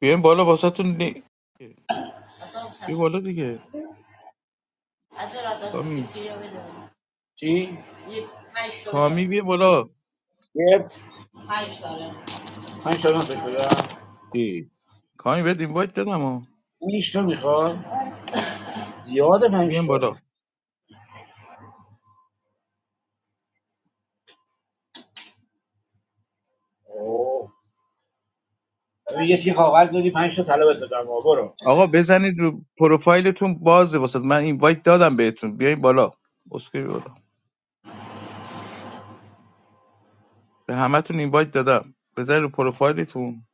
بیاین بالا واسهتون نی... بیا بالا دیگه کامی چی؟ کامی بیا بالا یه پنج تا نفش بدم ای. کامی بهت اینوایت دادم ها پنج تا میخواد زیاد پنج بیاین تا بالا اوه. ببین، یه تیر کاغذ دادی پنج تا طلا بهت دادم آه، برو آقا بزنید رو پروفایلتون بازه واسه من اینوایت دادم بهتون بیاین بالا اسکی بیا بالا به همتون اینوایت دادم بزنید رو پروفایلتون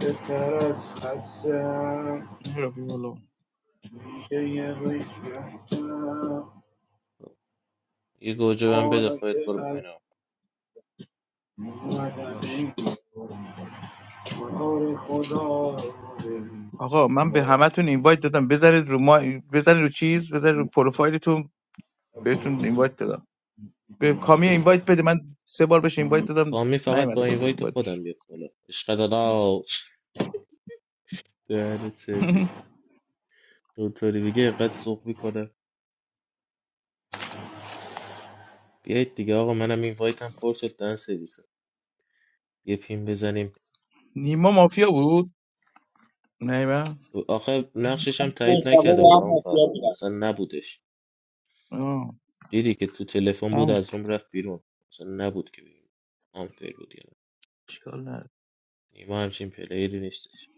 بهتر از خستم مهراب، بیا بالا میشه یه روی رفتم یه گوجه بهم بده حالا خودت که برو از پایین آقا. باش مدنی کار خدا رو ببین. آقا من به با همتون اینوایت دادم بزنید رو ما بزنید رو چیز بزنید رو پروفایلتون بهتون اینوایت دادم به کامی اینوایت بده من سه بار بهش اینوایت دادم کامی فقط نیومده با بالا اینوایت اینوایت بشه خودم بیاد بالا عشق دادا دهنت سرویس اونطوری بگه قد سوق میکنه بیایید دیگه آقا منم اینوایت هم پر شد دهن سرویس یه پین بزنیم نیما مافیا بود نیما آخه نقشش هم تایید مصطفی نکرده به بود هم اما مافیا فرهاد اصلا نبودش آه دیدی که تو تلفن بود تموم از روم رفت بیرون اصلا نبود که بگیم آنفیر بود یعنی اشکال نداره. نیما همچین پلیری نیستش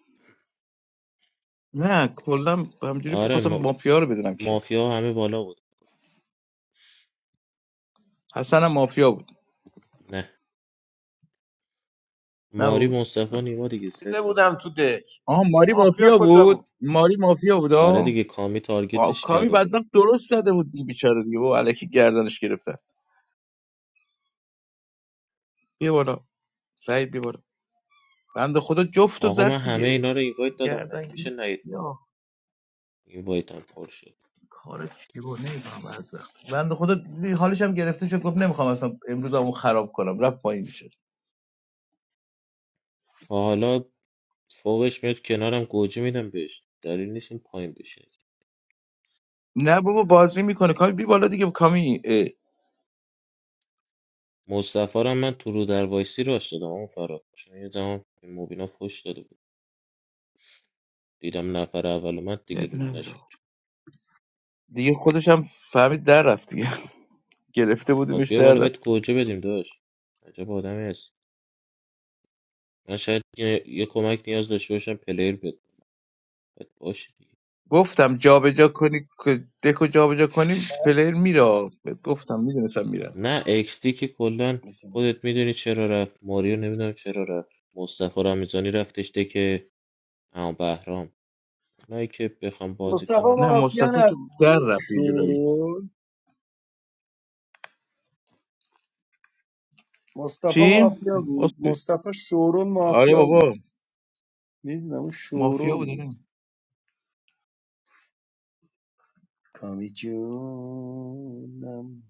نه کلا همجوری آره بخواستم ما... مافیا رو بدونم کیه مافیا همه بالا بود حسن هم مافیا بود نه ماری نبود مصطفی نیما دیگه سه دیده تا بودم تو دک آها ماری مافیا مافیا کجا بود بود ماری مافیا بود آره آه دیگه کامی آه، تارگتش کامی کرده بود بدبخت درست زده بود دیگه بیچاره دیگه با الکی گردنش گرفتن بیا بالا سعید بیا بالا بنده خدا جفت و آقا من زد همه دیگه اینا رو اینوایت دادم مگه گردن میشه نیت بالا یا اینوایت هم پر شد کار چی بود نمیفهم از وقت بنده خدا دیدی حالش هم گرفته شد گفت نمیخوام اصلا امروز همون خراب کنم رفت پایین و حالا فوقش میاد کنارم گوجه میدم بهش دلیل نیست این پایین بشه نه بابا بازی میکنه کامی بی بالا دیگه کامی اه. مصطفی رو هم من تو رو در وایسی راست دادم اون فرار چون یه زمان به مبینا فوش داده بود دیدم نفر اول من دیگه عیب رو نداره نشد دیگه خودش هم فهمید در رفت دیگه گرفته خب بودیمش بیا در بالا بهت رفت گوجه بدیم داشت عجب آدمی هست من شاید یه, یه کمک نیاز داشته باشم پلیر بده باشه دیگه. گفتم جابجا کنی دکو جابجا کنیم پلیر میره گفتم میدونستم میره نه اکستی که کلا خودت میدونی چرا رفت ماریو نمیدونم چرا رفت مصطفی رمضانی رفتش که اما بهرام اونایی که بخوام بازی مصطفی کنن نه مافیا مصطفی که نبود در رفت یه جورایی شورول مصطفی چی مافیا بود اسکوئی. مصطفی شورول آره مافیا بود بابا میدونم اون مافیا شورول بود بود نه کامی جونم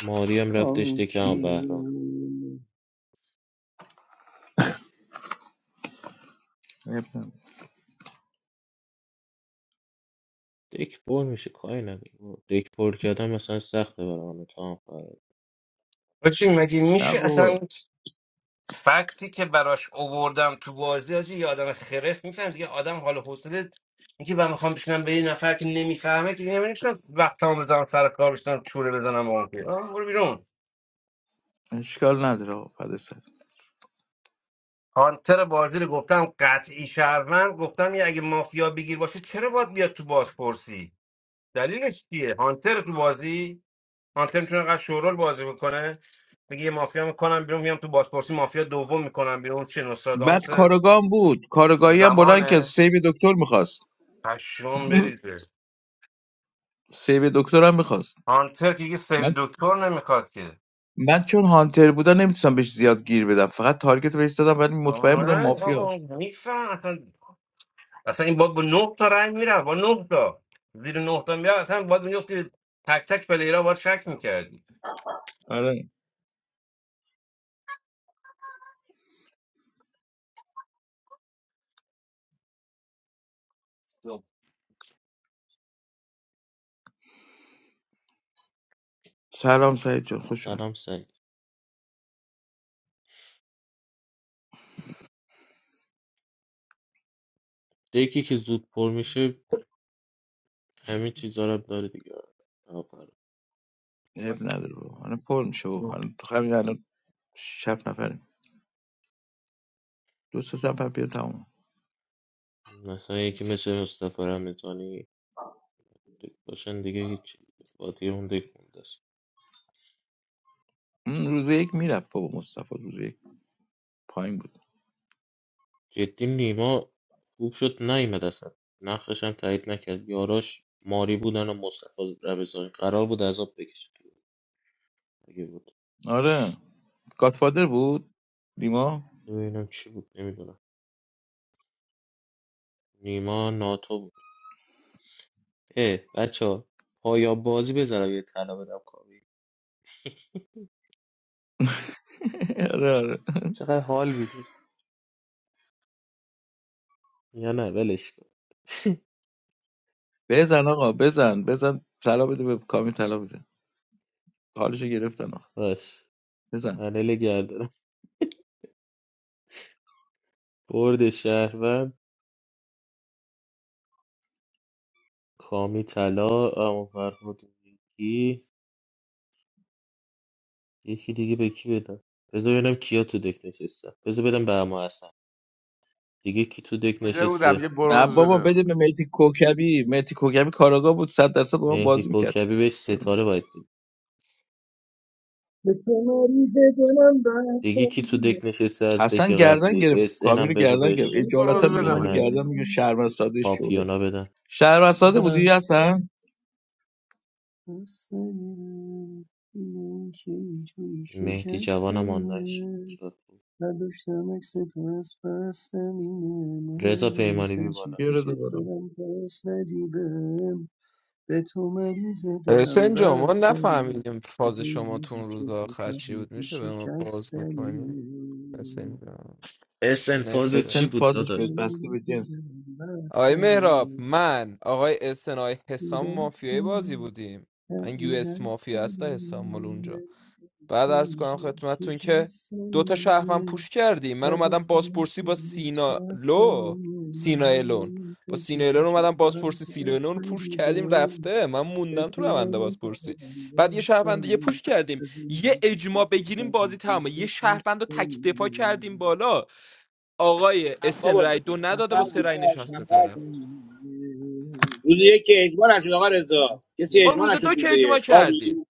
ماری هم رفتش کامی دک اما بهرام جون عیب نداره. دک پر میشه کاری نداره بابا. دک پر کردن مثلا سخته برام تا هم فرار. آجی مگه نه میشه اصلا بابا اون فکتی که براش اووردم تو بازی آجی یه آدم خرف میفهم دیگه آدم حال و حوصله میگه من میخوام بشینم به یه نفر که نمیفهمه که دیگه نمیشم وقت هم بزنم سر کار بشینم چوره بزنم به اون که. آه، برو بیرون اشکال نداره آقا، فدا سر. هانتر بازی رو گفتم قطعی شهروند گفتم یه اگه مافیا بگیر باشه چرا باید بیاد تو بازپرسی دلیلش چیه هانتر تو بازی هانتر میتونه قد شورول بازی بکنه میگه یه مافیا میکنم بیرون میام تو بازپرسی مافیا دوم میکنم بیرون چه نوستراداموس بعد کارگاه هم بود کارگاهی هم بلند که زمانه سیب دکتر میخواست پشم بریزه سیب دکتر هم میخواست هانتر که یه سیو دکتر نمیخواد که من چون هانتر بودم نمیتونستم بهش زیاد گیر بدم فقط تارگت بهش زدم ولی مطمئن بودم آره آقا مافیاست میفهم اصلا اصلا این با با نه تا رنگ میره با نه تا زیر نه تا میره اصلا باید میگفتی تک تک پلیرها باید شک میکردی آره سلام سعید جان خوش اومد سلام سعید دکی که زود پر میشه همین چیزا رو هم داره دیگه آفر عیب نداره بابا الان پر میشه بابا الان تو همین الان شب نفریم دو سه تا نفر بیاد تمام مثلا یکی مثل مصطفی رمضانی دک باشن دیگه هیچ قاطی اون دک مونده است. روز یک میرفت بابا مصطفی روز یک پایین بود جدی نیما خوب شد نیومد اصلا نقشش هم تایید نکرد یاراش ماری بودن و مصطفی ربزانی قرار بود عذاب بکشه تو بازی. اگه بود آره گاتفادر بود دیما ببینم چی بود نمیدونم نیما ناتو بود اه بچه پایا بازی بذارم یه طلا بدم کاوی آره آره چقدر حال میده یا نه ولش کن بزن آقا بزن بزن طلا بده به کامی طلا بده حالشو گرفتن آقا باش بزن پنل گردم برد شهروند کامی طلا اما فرهاد میگی یکی دیگه به کی بدم بذار ببینم کیا تو دک نشستن بذار بدم به اما حسن دیگه کی تو دک دیده بودم نشسته یه نه برونز بابا بده من. بده به مهدی کوکبی مهدی کوکبی کاراگاه بود صد درصد با ما مهدی بازی میکرد کوکبی بهش ستاره باید بده به تو مریض دلم دیگه بستم، کی تو دک نشسته از دک حسن گردن قبلی گرفت اس ان کامی رو هم بذار گردن گرفت بهش اجالتا برونز میگه یه بده ما اینو دونه من از این گردن میگه بستم. شهروند ساده شروع پاپیونا بدم شهروند ساده بودی حسن بستم اینه که اینجوری مهدی شکستم جوانم آنلاش اینه. هر داشتم عکس تو از پس زمینه مهم رضا پیمانی نیست بی هرچی بالا بیا رضا پیشت بالا دارم پس ندی بهم به تو مریض دلم حسین جان ما بستنی نفهمیدیم فاز از اون شما تو روزی اون که روز تو آخر چی بود فهمیدی میشه به ما باز شکستنیه بکنیم حسین جان اس ان فاز نمیشه چی اسن بود به فازش تو به داداش بسته مریض به جنس دلم آقای مهراب بستنیه من آقای اسنای رو حسام مافیای بازی دستنی بودیم هر من یو رو اس مافیا هست دستنی حسام مال اونجا نگی بعد که عرض کنم اینجور خدمتتون که دوتا شهروند شکستنیه پوش کردیم من اگه اومدم بازپرسی فرسی با بس سینا لو پسنیه سینا من الون با نیسه چی سینا الون پیشه اومدم دارم بازپرسی سینا الون رو پوش پسنی به کردیم رفته من به موندم تو تو روند مریسه بازپرسی بدم بعد یه شهروند دیگه بسنی پوش کردیم از این یه روزی که اجماع تو بگیریم بازی فهمیدی تمامه یه شهروند رو تک دفاع شکستنی کردیم بالا آقای میدم روزی اسن بابا که تو رای تو دو نه نداده نفر با سه بود فهمیدی رای تو هشت نشسته نفر بود طرف شکستنی روز یک که اجماع نشد آقا رضا کسی خب بستنی. روز اجماع نشد دو که روز اجماع یک کردیم خوابی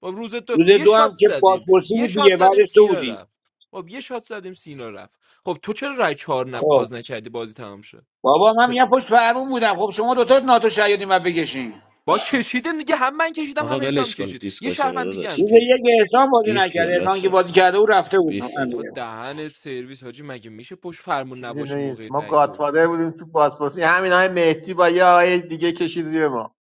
خب روز تو روز یه دو شات هم که زدیم پاسپورتی یه بود دیگه شات زدیم بعدش تو سینا بودی رفت خب یه شات زدیم سینا رفت خب تو چرا رای چهار نب... خب باز نکردی بازی تمام شد بابا من میگم پشت فرمون بودم خب شما دوتا ناتو شهیدی من بکشین با کشیدیم دیگه هم من کشیدم آقا هم حسام ولش کن کشید یه دیسکاشن رو شهروند دیگه هم داداش روز کشید یک احسان بازی بی نکرده خیال احسان که بچه بازی کرده او رفته بود بی خیال با امیر دهنت سرویس حاجی مگه میشه پشت فرمون چیزی نباشی موقع نیست ما رای دو گاتفادر بودیم تو پاسپورتی همین های مهدی با یه آقای دیگه کشید زیر ما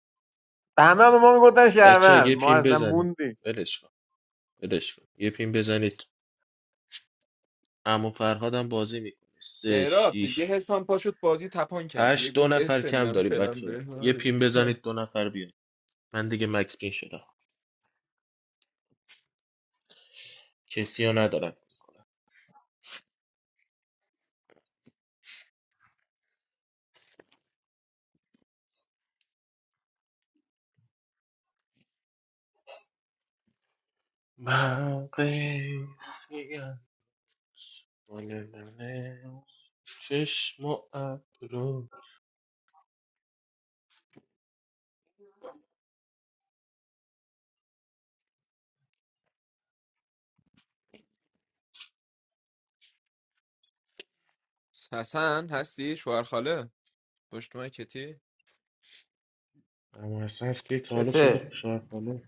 به همه به ما میگفتن بچه شهروند یه ما پین اصلا بزنید موندیم ولش کن ولش کن یه پین بزنید عمو فرهادم بازی میکنه سه مهراب دیگه شیش حسام پاشد بازی تپان کرد یه هشت دو گفت نفر کم اسنم داریم فلان بچه به یه پین بزنید دو نفر بیان من دیگه مکس پین شدم کسی رو ندارم من قیفیم. بله، بله. چشم و ابرو حسن هستی شوهر خاله پشت کتی اما اصلا از که تا حالا شده چته شاید بالا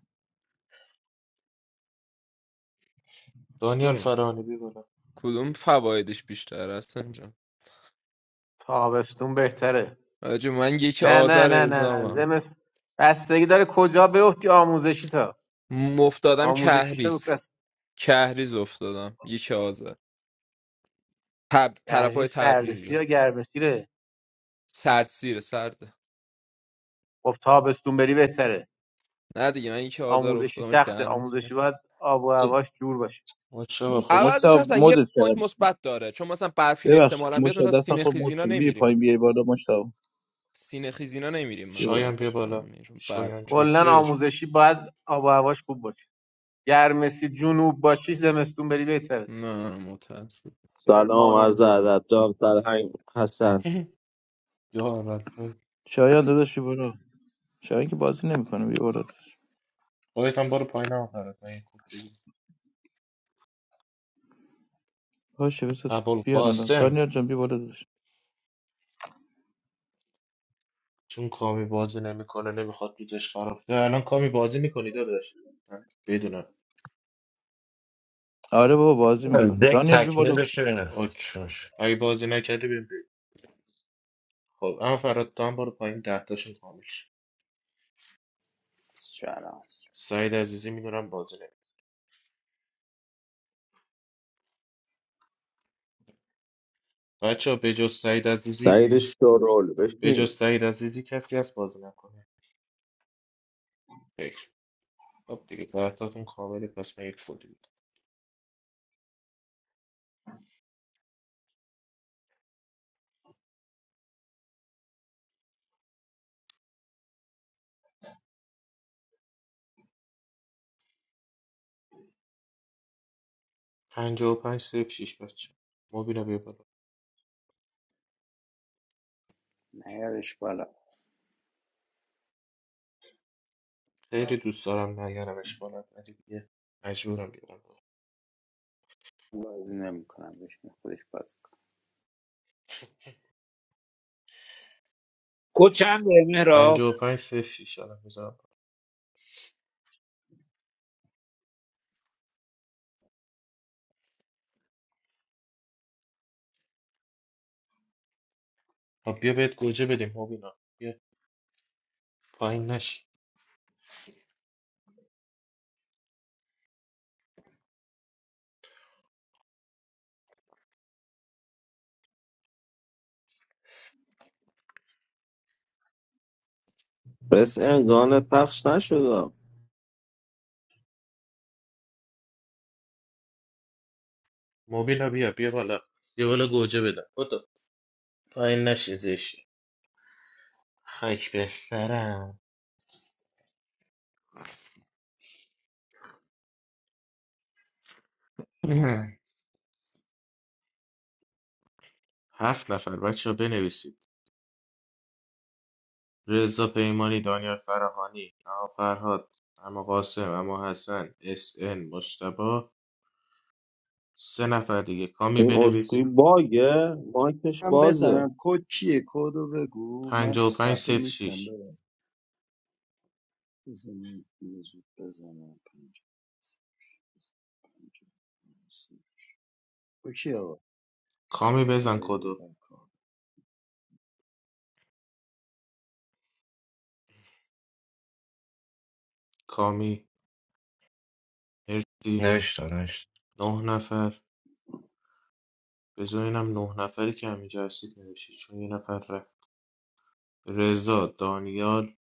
دانیال استون فرانی بی بالا کدوم فوایدش بیشتر هستن تابستون بهتره آجی من یک نه نه آذر نه نه نه اعزامم زمست بستگی داره کجا بیفتی آموزشی تا مفتادم آموزشی شو کهریز بس کهریز افتادم یک آذر تب... طرف گرمی های سردسی تبریزه یا گرمسیره سرد سیره سرده خب تابستون بری بهتره نه دیگه من یک آذر آموزشی افتادم آجی سخته دهنم سیره آموزشی باید آب و هواش جور باشه ماچه با خوش اومد. عوضش مشتا هستن یه مدت پوینت کردم مثبت داره چون مثلا برفین ببخشید احتمالا بیاد مشتا مثلا دستم سینه خود مد خیزینا شده بیا نمیریم پایین بیا دیگه بالا مشتا سینه خیزینا نمیریم بیا بالا مثلا شایان فکر بیا کنم بالا میریم بعد شایان کلا جوکر آموزشی باید آب و هواش خوب باشه گرمسی جنوب باشی زمستون بری بهتره نه متاسف سلام کرمان و عرض اونجا ادب دام فرهنگ حسن یا اول شایان داداش بیا بالا شایان که بازی نمیکنه بیا بالا داداش. خودت هم برو پایین هم فرد من یه کوپ بگیر باشه بس بیان الان ابوالقاسم دانیال جان بیا بالا داداش. چون کامی بازی نمیکنه نمیخواد دوزش خراب شه الان کامی بازی میکنی داداش من بدونم آره بابا بازی میکنه دک دانیل بی تکمیل بالا بشه نه اوکی چونش اگه بازی نکردی بیم بریم. بیرون. خب اما فراد تو هم برو پایین دهتاشون کامل شه سلام سعید عزیزی میدونم بازی نمیکنه بچه به جز سعید عزیزی سعید شورول به جز بشین سعید عزیزی کسی هست بازی نکنه فکر خب دیگه دهتاتون کامله پس من یک فوری میدم پنجاه و پنج صفر شیش بچه مبینا بیا بالا نیارش بالا خیلی دوست دارم نیارمش بالا ولی دیگه مجبورم بیارم بالا بازی نمیکنم بشین خودش بازی کن کد چند مهراب پنجاه و پنج صفر شیش الان خب بیا بهت گوجه بدیم مبینا بیا پایین نش بس انگان پخش نشده مبینا بیا بیا بالا یه بالا گوجه بدم بدو پایین نشین زشتی خاک به سرم هفت نفر بچه ها بنویسید رضا پیمانی دانیال فراهانی اما فرهاد اما قاسم اما حسن اس ان مشتبا سه نفر دیگه کامی اون اسکوی بنویس باگه مایکش من بازه بزنم کد چیه کدو بگو من پنجا تو و پنج صفحه صفر نیستم شیش ببر بزنم اینو زود بزنم پنج اوکی آقا کامی ما بزن بریم کدو بر کار کامی مرسی نوشتا نوشتا نه نفر بذار اینم نه نفری که همینجا هستید نوشید چون یه نفر رفت رضا دانیال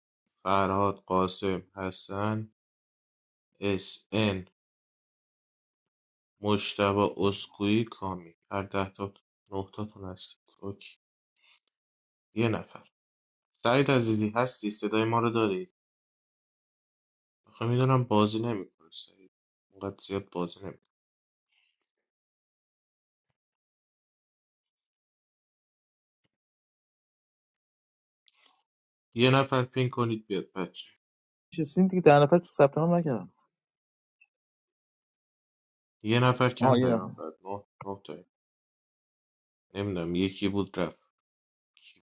فرهاد قاسم حسن اس ان مشتبه اسکوئی کامی هر ده تا نه تاتون هستید اوکی یه نفر سعید عزیزی هستی صدای ما رو دارید آخه میدونم بازی نمیکنه سعید اونقدر زیاد بازی نمیکنه یه نفر پین کنید بیاد بچه نشستین دیگه در نفر ثبت نام نکردم یه نفر آها کم یه داریم من دفعه. فقط نه نه تاییم نمیدونم یکی بود رفت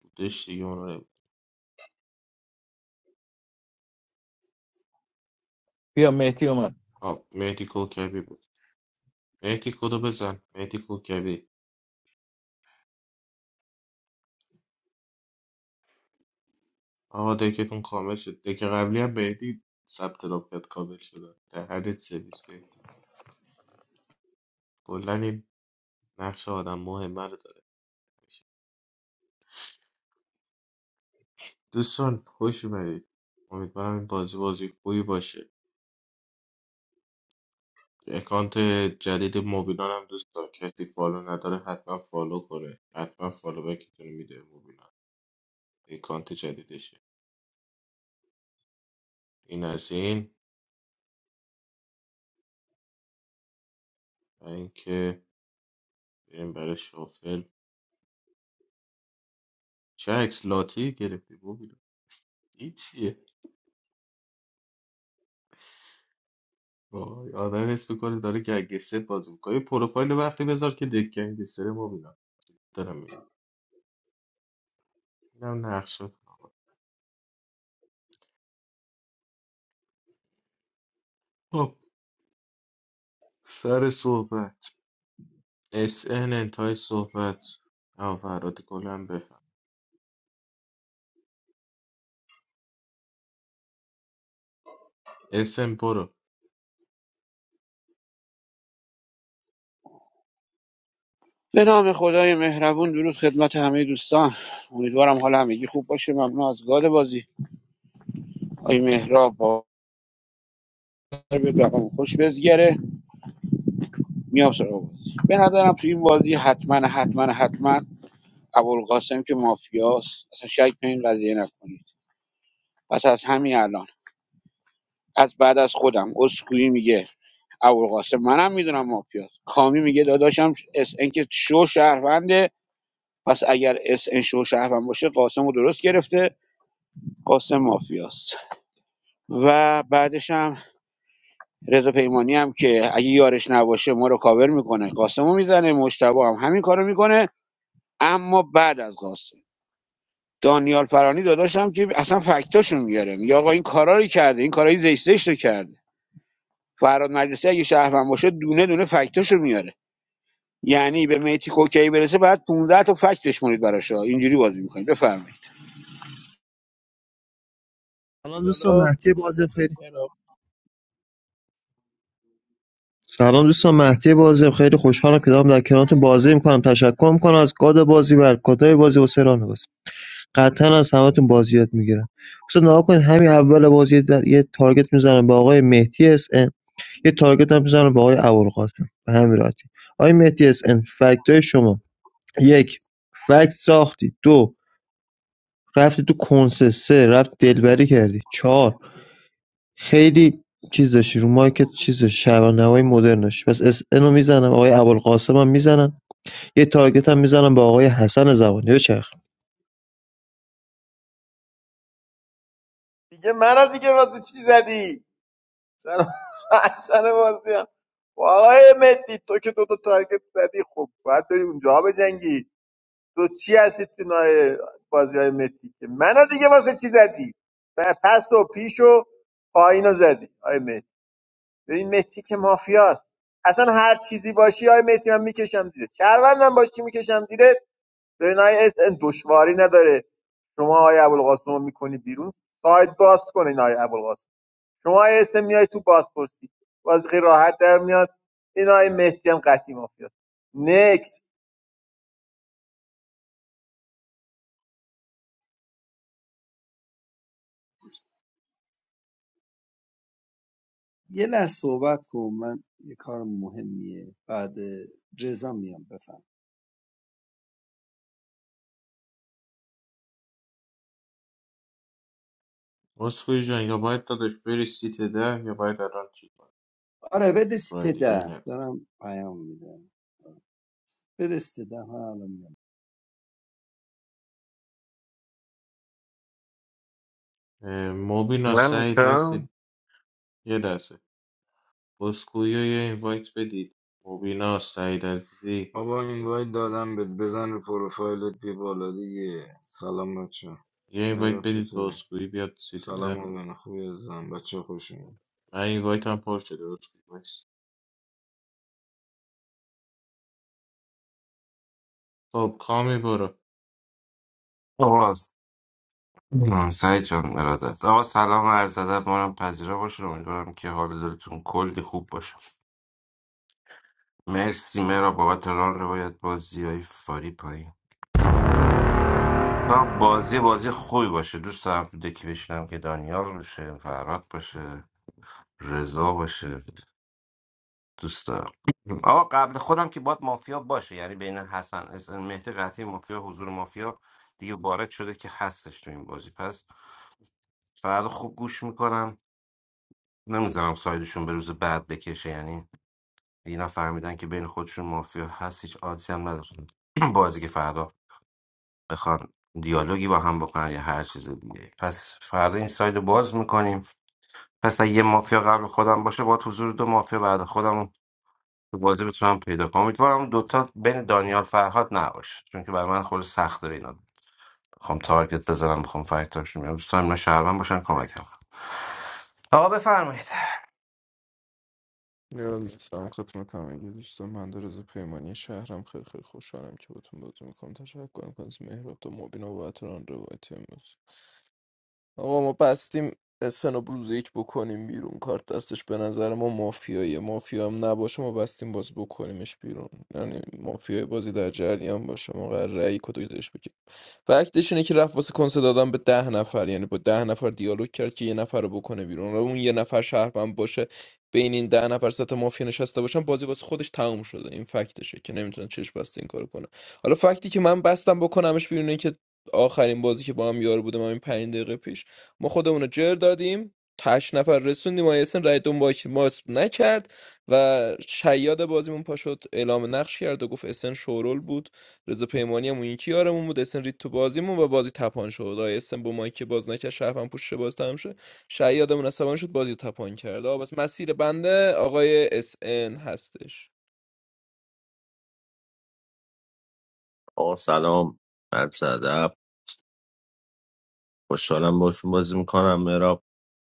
بودش دیگه اونو نمی‌دونم. بیا مهدی اومد آه، مهدی کوکبی بود مهدی کدو بزن مهدی کوکبی آقا دکتون کامل شد دک قبلی هم مهدی ثبت نام کرد کامل شد دهنت سرویس مهدی کلا این نقش آدم مهمه رو داره دوستان خوش اومدید امیدوارم این بازی بازی خوبی باشه اکانت جدید موبیلان هم دوستان کسی فالو نداره حتما فالو کنه حتما فالو بکتون میده موبیلان اکانت جدیدشه این از این و اینکه بریم برای شافل چه عکس لاتی گرفتی موبیلان این چیه وای آدم حس میکنه داره گگسه بازی میکنه یه پروفایل وقتی بذار که دک گنگستر ما بیدم دارم میگم اینم نقشه خب سر صحبت اس ان انتهای صحبت او فراد گلم بفهم اس ان برو به نام خدای مهربون درود خدمت همه دوستان امیدوارم حال همگی خوب باشه ممنون از گاد بازی آی مهراب با به رقم خوش بزگره میام سراغ بازی به نظرم تو این بازی حتما حتما حتما ابوالقاسم که مافیاست اصلا شک به این قضیه نکنید پس از همین الان از بعد از خودم اسکوئی میگه ابوالقاسم منم میدونم مافیاست کامی میگه داداشم اس ان که شو شهرونده پس اگر اس ان شو شهروند باشه قاسم رو درست گرفته قاسم مافیاست و بعدش هم رضا پیمانی هم که اگه یارش نباشه ما رو کاور میکنه قاسم رو میزنه مشتبه هم همین کارو میکنه اما بعد از قاسم دانیال فرانی داداشم که اصلا فکتاشون میاره میگه آقا این کارا رو کرده این کارای زشت زشت رو کرده فراد مجلسی اگه شهروند باشه دونه دونه فکتاشو میاره یعنی به میتی کوکی برسه بعد 15 تا فکت بشمونید براش اینجوری بازی میکنید بفرمایید بی سلام دوستان بالا مهدی بازم خیلی مهراب سلام دوستان مهدی بازم خیلی خوشحالم که دارم در کنارتون بازی میکنم تشکر میکنم از گاد بازی و الکادای بازی و سران بازی قطعا از همتون بازی یاد میگیرم دوستان نها کنید همین اول بازی یه د- یه تارگت میزنم به آقای مهدی اس ام یه تارگت هم میزنم به آقای ابوالقاسم به همین راحتی آقای مهدی اس ام فکتای شما یک فکت ساختی دو رفتی تو کنسه سه رفت دلبری کردی چهار خیلی چیز داشتی رو مایکت چیز داشتی شبانهوای مدرن داشتی پس اس اینو میزنم آقای ابوالقاسم هم میزنم یه تارگت هم میزنم به آقای حسن زمانی بچرخ دیگه منو دیگه واسه چی زدی سر اصلا بازی هم. آقای مهدی تو که دو تا تارگت زدی خب باید بری اونجا بجنگی تو چی هستی تو نای بازی های مهدی که منو دیگه واسه چی زدی پ- پس و پیش و پایین رو زدی آقای مهدی ببین مهدی که مافیاست اصلا هر چیزی باشی آقای مهدی من میکشم دیره شهروندم باشی میکشم دیره ببین آقای SN دشواری نداره شما آقای ابوالقاسم رو میکنی بیرون سایت باز کنین آقای ابوالقاسم شما آقای SN میای تو بازپرسی بازی خیلی راحت در میاد این آقای مهدی هم قطعی مافیاست نکس یه لحظه صحبت کن من یه کار مهمیه بعد رضا میام بفهم مسکوی جان یا باید داداش بری سیت ده یا باید الان چی کنی آره بده رای سیت دیگه ده دارم پیام میدم بده سیت ده من الان میام نه موبینا من سعید می‌گم. هستید یه لحظه بسکویی رو یه اینوایت بدید موبینا سعید عزیزی Abba invite dadam bed bezan r por filet bevaladi ye salamatcha. یه اینوایت Meran بدید به chetere. بسکویی بیاد سیت ده Salamavan, khui azam. Bacheko shoon. من این وایت هم پر شده درست نیست. خب کامی برو آقا آه، سعید جان ارادت آقا سلام و عرض ادب مارم پذیرا باشین امیدوارم که حال دلتون کلی خوب باشه مرسی مرا بابت ران روایت بازی های فاری پایین تا بازی بازی خوبی باشه دوست دارم تو دکی بشینم که دانیال باشه فراد باشه رضا باشه دوست دارم آقا قبل خودم که باید مافیا باشه یعنی بین حسن اسن مهدی قطعی مافیا حضور مافیا دیگه وارد شده که هستش تو این بازی پس فردا خوب گوش میکنم نمیذارم سایدشون به روز بعد بکشه یعنی اینا فهمیدن که بین خودشون مافیا هست هیچ آدسی هم ندارن بازی که فردا بخوان دیالوگی با هم بکنن یا هر چیز دیگه پس فردا این ساید رو باز میکنیم پس اگه یه مافیا قبل خودم باشه باید حضور دو مافیا بعد خودم تو بازی بتونم پیدا کنم امیدوارم اون دوتا بین دانیال فرهاد نباشه چون که برای من خود سخت داره اینا بخوام تارگت بزنم بخوام فایتاشون میام دوست دارم اینا شهروند باشن کمکم کنن. آقا بفرمایید یاد نیستم خدمت همه دوستان من در رضا پیمانی شهرم خیلی خیلی خوشحالم که باتون بازی میکنم تشکر میکنم از مهراب تا مبین و بابت ران روایتی امروز آقا ما بستیم اسن رو روز یک بکنیم بیرون کارت دستش به نظر ما مافیاییه مافیا هم نباشه ما بستیم باز بکنیمش بیرون یعنی مافیای بازی در جریان باشه ما قرار رأی کدویدش فکتش اینه که رفت واسه کنسه دادن به ده نفر یعنی با ده نفر دیالوگ کرد که یه نفر رو بکنه بیرون و اون یه نفر شهروند باشه بین این ده نفر سطح مافیا نشسته باشن بازی واسه خودش تموم شده این فکتشه که نمیتونه چشم بسته این کارو کنه حالا فکتی که من بستم بکنمش بیرونه که آخرین بازی که با هم یار بودم همین پنج دقیقه پیش ما خودمون رو جر دادیم تاش نفر رسوندیم و یاسین رای دون باک ما نکرد و شیاد بازیمون پاشد اعلام نقش کرد و گفت اسن شورول بود رضا پیمانی هم اون یکی یارمون بود اسن رید تو بازیمون و بازی تپان شد آیا اسن با مایک باز نکرد شرفم پوش شه باز تمام شد شیادمون عصبانی شد بازی تپان کرد آه، بس مسیر بنده آقای اس ان هستش آقا سلام عرض ادب خوشحالم باشون بازی میکنم مراب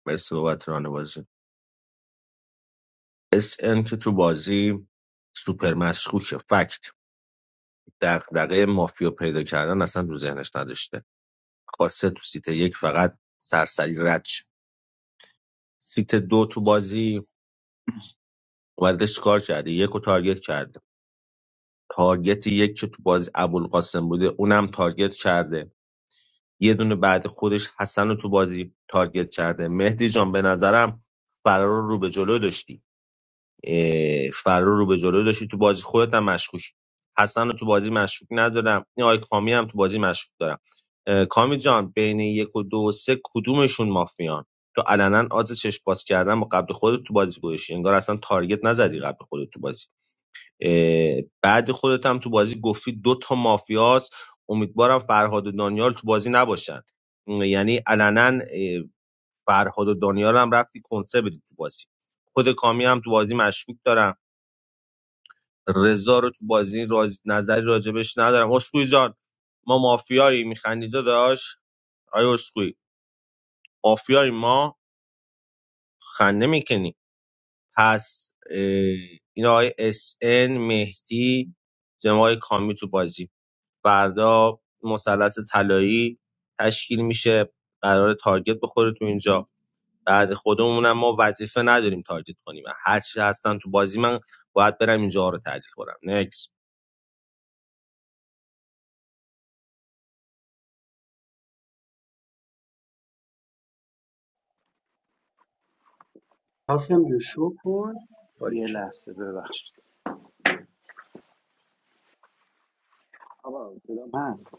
مرسی بابت ران بازی اس ان که تو بازی سوپر مشکوکه فکت دغدغه مافیا پیدا کردن اصلا رو ذهنش نداشته خواسته تو سیت یک فقط سرسری رد شه. سیت دو تو بازی اومده چیکار کرده یک رو تارگت کرده تارگت یک که تو بازی ابوالقاسم بوده اونم تارگت کرده یه دونه بعد خودش حسن رو تو بازی تارگت کرده مهدی جان به نظرم فرار رو به جلو داشتی اه، فرار رو به جلو داشتی تو بازی خودت هم مشکوک حسن رو تو بازی مشکوک ندارم این آقای کامی هم تو بازی مشکوک دارم اه، کامی جان بین یک و دو و سه کدومشون مافیان تو علنا آز چشم باز کردن با قبل خودت تو بازی گوشی انگار اصلا تارگت نزدی قبل خودت تو بازی بعد خودت هم تو بازی گفتی دو تا مافیاست امیدوارم فرهاد و دانیال تو بازی نباشن یعنی علنا اه، فرهاد و دانیال هم رفتی کنسه بدی تو بازی خود کامی هم تو بازی مشکوک دارم رضا رو تو بازی راج... نظری راجبش ندارم اسکوئی جان ما مافیایی میخندی داداش آیا اسکوئی مافیایی ما خنده میکنی پس اه، این آقای اس ان مهدی جناب آقای کامی تو بازی فردا مثلث طلایی تشکیل میشه قرار تارگت بخوره تو اینجا بعد خودمونم ما وظیفه نداریم تارگت کنیم هر چی هستن تو بازی من باید برم اینجا رو تحلیل کنم نکس قاسم جو شو کن یه باریکلا. لحظه ببخشید آقا صدام هست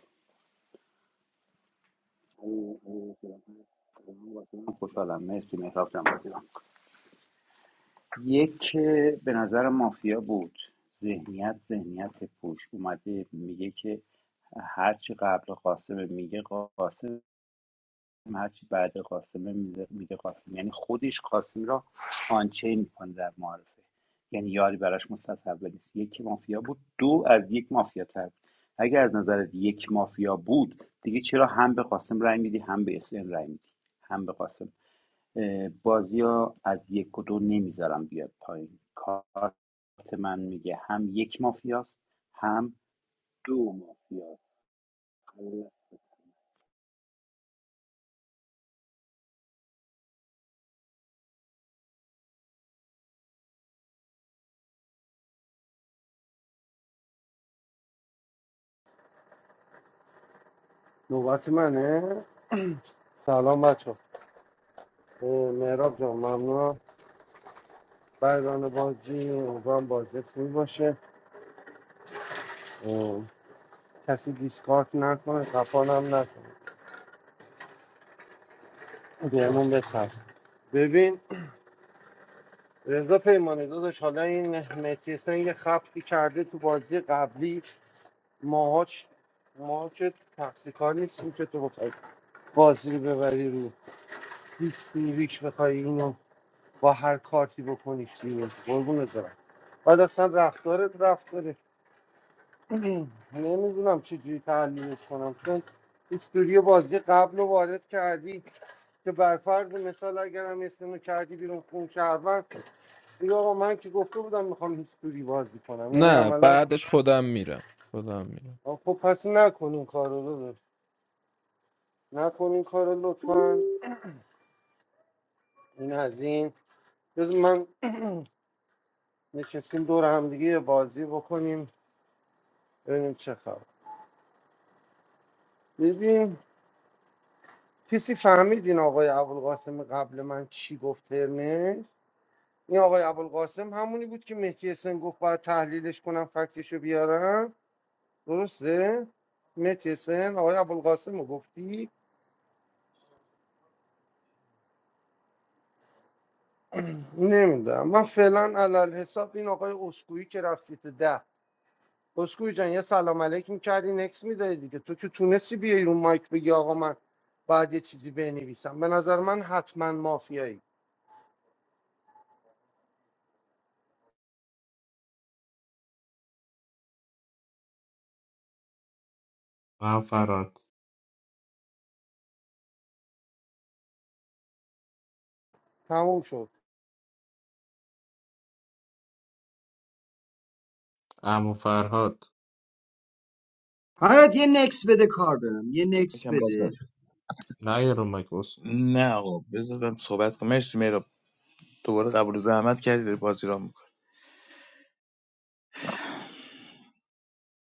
الو، الو، صدام هست. من واقعا خوشحالم مرسی مهراب جان یک به نظر مافیا بود ذهنیت ذهنیت پوش اومده میگه که هرچی قبل قاسم میگه قاسم هرچی بعد قاسمه میده قاسم یعنی خودش قاسم را آنچین میکنه در معارفه یعنی یاری براش متصور نیست یک مافیا بود دو از یک مافیا تر بود اگر از نظرت یک مافیا بود دیگه چرا هم به قاسم رای میدی هم به اسم رای میدی هم به قاسم اه، بازی ها از یک و دو نمیذارم بیاد پایین کارت من میگه هم یک مافیاست هم دو مافیاست نوبت منه سلام بچه ها، مهراب جان ممنون برگان بازی امیدوارم بازی خوبی باشه کسی دیسکارت نکنه خفانم نکنه بهمون بچسب ببین رضا پیمانی داداش حالا این متیسن یه خبتی کرده تو بازی قبلی ماهاش ما که تقصیر کار نیستیم که تو بخوای بازی رو ببری رو هیچ بخوای اینو با هر کارتی بکنیش بیرون قربونت برم بعد اصلا رفتارت رفتار نمیدونم چجوری تحلیلش کنم چون استودیو بازی قبل رو وارد کردی که بر فرض مثال اگرم اسمو کردی بیرون خون شهروند دیگه آقا من که گفته بودم میخوام هیستوری بازی کنم یعنی نه عملا بعدش خودم میرم خودم میرم آقا خب پس نکن این کار رو داداش. نکن این کار رو لطفا این از این بذار من نشستیم دور هم یه بازی بکنیم ببینیم چه خبر ببین کسی فهمید این آقای ابوالقاسم قبل من چی گفت ترنش این آقای ابوالقاسم همونی بود که مهدی حسن گفت باید تحلیلش کنم فکتش رو بیارم درسته مهدی حسن آقای ابوالقاسم رو گفتی نمیدونم من فعلا علل حساب این آقای اسکویی که رفت سیت ده اسکویی جان یه سلام علیک میکردی نکس میدادی دیگه تو که تونستی بیای رو مایک بگی آقا من باید یه چیزی بنویسم به نظر من حتما مافیایی من فراد تموم شد امو فرهاد فرات یه نکس بده کار دارم یه نکس یکم باز بده نشد نه یه رو مایک اسکی نه آقا بذار من صحبت کنم مرسی مهراب دوباره قبول زحمت کردی داری بازی را میکنه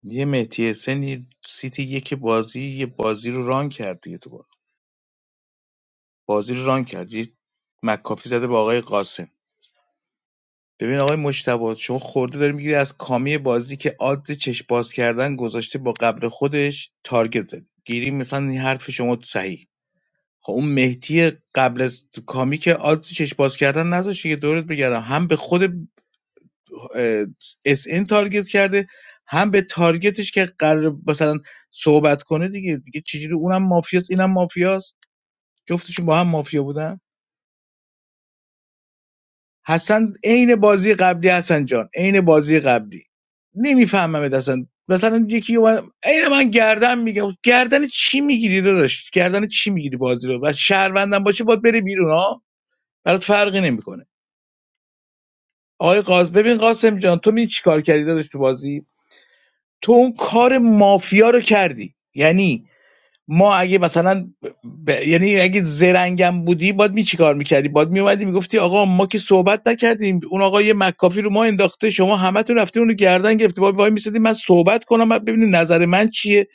یه مهدی حسینی سیتی یک بازی یه بازی رو ران کرد دیگه تو بازی بازی رو ران کرد یه مکافی زده با آقای قاسمی ببین آقای مجتبی شما خورده داری میگیری از کامی بازی که آدز چشم باز کردن گذاشته با قبل خودش تارگت زد گیری مثلا این حرف شما صحیح خب اون مهدی قبل از کامی که آدز چشم باز کردن نذاشته که دورت بگردم هم به خود اس ان تارگت کرده هم به تارگتش که قرار مثلا صحبت کنه دیگه دیگه چجوری اونم مافیاست اینم مافیاست جفتشون با هم مافیا بودن حسن عین بازی قبلی حسن جان عین بازی قبلی نمیفهمم اصلا مثلا یکی اومد عین من گردن میگم گردن چی میگیری داداش گردن چی میگیری بازی رو و شهروندم باشه باید بره بیرون ها برات فرقی نمیکنه آقای قاسم ببین قاسم جان تو می چیکار کردی داداش تو بازی تو اون کار مافیا رو کردی یعنی ما اگه مثلا ب... یعنی اگه زرنگم بودی باید می چی کار میکردی باید میومدی میگفتی آقا ما که صحبت نکردیم اون آقا یه مکافی رو ما انداخته شما همه تون رفتین اونو گردن گرفتی باید وای میسیدی من صحبت کنم من ببینید نظر من چیه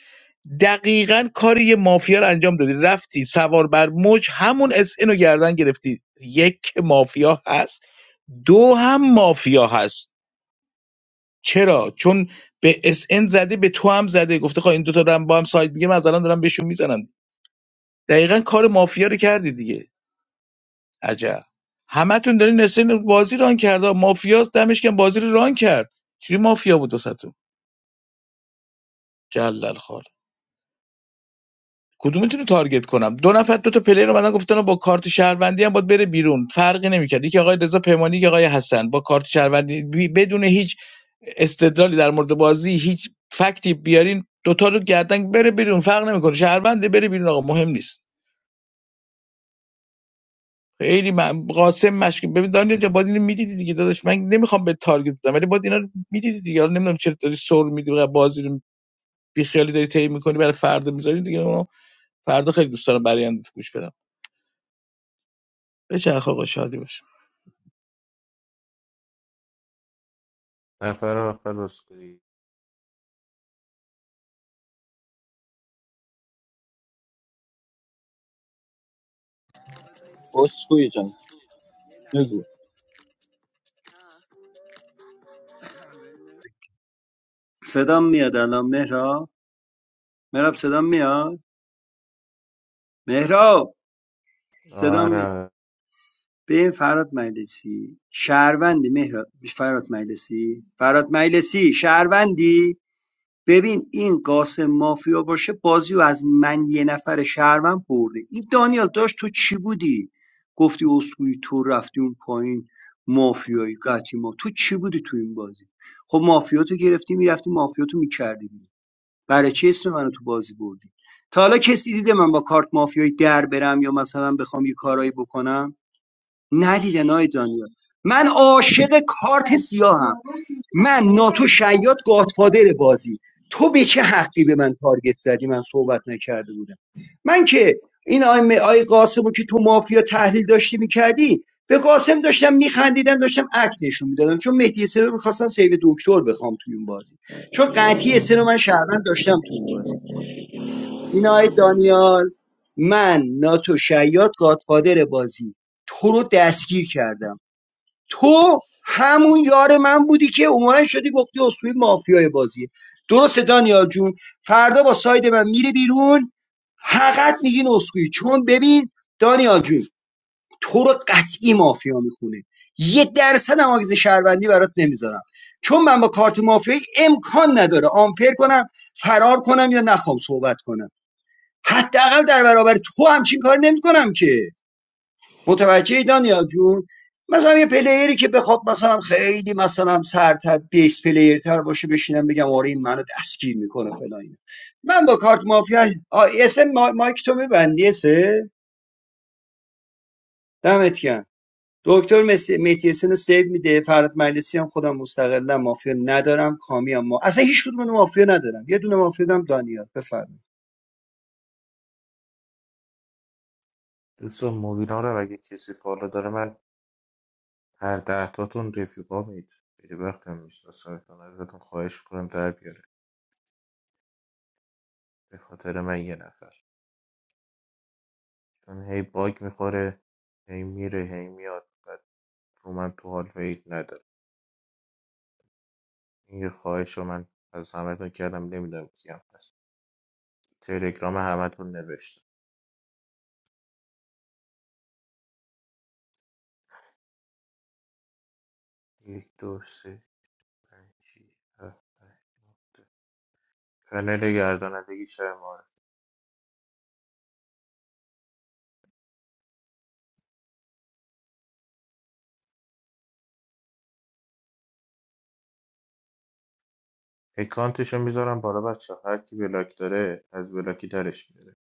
دقیقا کاری یه مافیا رو انجام دادی رفتی سوار بر موج همون اس اینو گردن گرفتی یک مافیا هست دو هم مافیا هست چرا چون به اس ان زده به تو هم زده گفته خب این دوتا دارن با هم سایت میگه از الان دارم بهشون میزنم دقیقا کار مافیا رو کردی دیگه عجب همتون دارین اسن بازی ران کرده مافیا دمش کم بازی رو ران کرد چی مافیا بود وسطتون جلل خال کدومتون رو تارگت کنم دو نفر دو تا پلیر رو بعدن گفتن با کارت شهروندی هم باید بره بیرون فرقی نمیکرد یکی آقای رضا پیمانی یکی آقای حسن با کارت شهروندی بی- بدون هیچ استدلالی در مورد بازی هیچ فکتی بیارین دوتا رو گردن بره بیرون فرق نمیکنه شهرونده بره بیرون آقا مهم نیست خیلی من قاسم مشکل ببین دانیل جان باید اینو میدیدی دیگه داداش من نمیخوام به تارگت بزنم ولی باید اینا رو میدیدی دیگه حالا نمیدونم چرا داری سر میدی و بازی رو بیخیالی داری طی میکنی برای فردا میذاری دیگه اونو فردا خیلی دوست دارم برای اندازه گوش بدم بچرخ آقا شادی باشه نفر آخر اسکی Oskoojan, look. صدام میاد الان مهراب مهراب صدام میاد مهراب صدام میاد آره ببین فرات مجلسی شهروندی مهراد فرات مجلسی فرات مجلسی شهروندی ببین این قاسم مافیا باشه بازی و از من یه نفر شهروند برده این دانیال داشت تو چی بودی گفتی اسکوئی تو رفتی اون پایین مافیایی قطعی ما تو چی بودی تو این بازی خب مافیا تو گرفتی میرفتی مافیا تو میکردی برای چی اسم منو تو بازی بردی تا حالا کسی دیده من با کارت مافیایی در برم یا مثلا بخوام یه کارایی بکنم ندیدن نای دانیال من عاشق کارت سیاهم من ناتو شیاد گادفادر بازی تو به چه حقی به من تارگت زدی من صحبت نکرده بودم من که این آی, م- آی قاسم که تو مافیا تحلیل داشتی میکردی به قاسم داشتم میخندیدم داشتم اک نشون میدادم چون مهدی سه رو میخواستم سیو دکتر بخوام توی اون بازی چون قطعی سه رو من شهروند داشتم توی اون بازی این آی دانیال من ناتو شیاد گادفادر بازی تو رو دستگیر کردم تو همون یار من بودی که اومدن شدی گفتی اصولی مافیای بازیه درسته دانیال جون فردا با ساید من میره بیرون فقط میگین اسکوئی چون ببین دانیال جون تو رو قطعی مافیا میخونه یه درصد هم آگز شهروندی برات نمیذارم چون من با کارت مافیایی امکان نداره آنفر کنم فرار کنم یا نخوام صحبت کنم حداقل در برابر تو همچین کار نمیکنم که متوجه دانیال جون مثلا یه پلیری که بخواد مثلا خیلی مثلا سرتر بیس پلیر تر باشه بشینم بگم آره این منو دستگیر میکنه فلان اینا. من با کارت مافیا اسم ما... مایک تو میبندی اسه دمت گرم دکتر مسی اسن رو سیو میده فرات مجلسی هم خودم مستقلا مافیا ندارم کامی هم ما... اصلا هیچ کدوم اینا مافیا ندارم یه دونه مافیا دارم دانیال بفرمایید دوستان موبینا رو اگه کسی فالو داره من هر ده تاتون رفیقا مید خیلی وقت هم میشناسمتون ازتون خواهش کنم در بیاره به خاطر من یه نفر چون هی باگ میخوره هی میره هی میاد بعد رو من تو حال وید نداره این خواهش رو من از همتون کردم نمیدونم کیم هست تلگرام همتون نوشتم یک دو سه پنج شیش هفت هشت نه ده. کانال گردانندگی شب معارف اکانتشو میذارم بالا بچه هر کی بلاک داره از بلاکی درش میره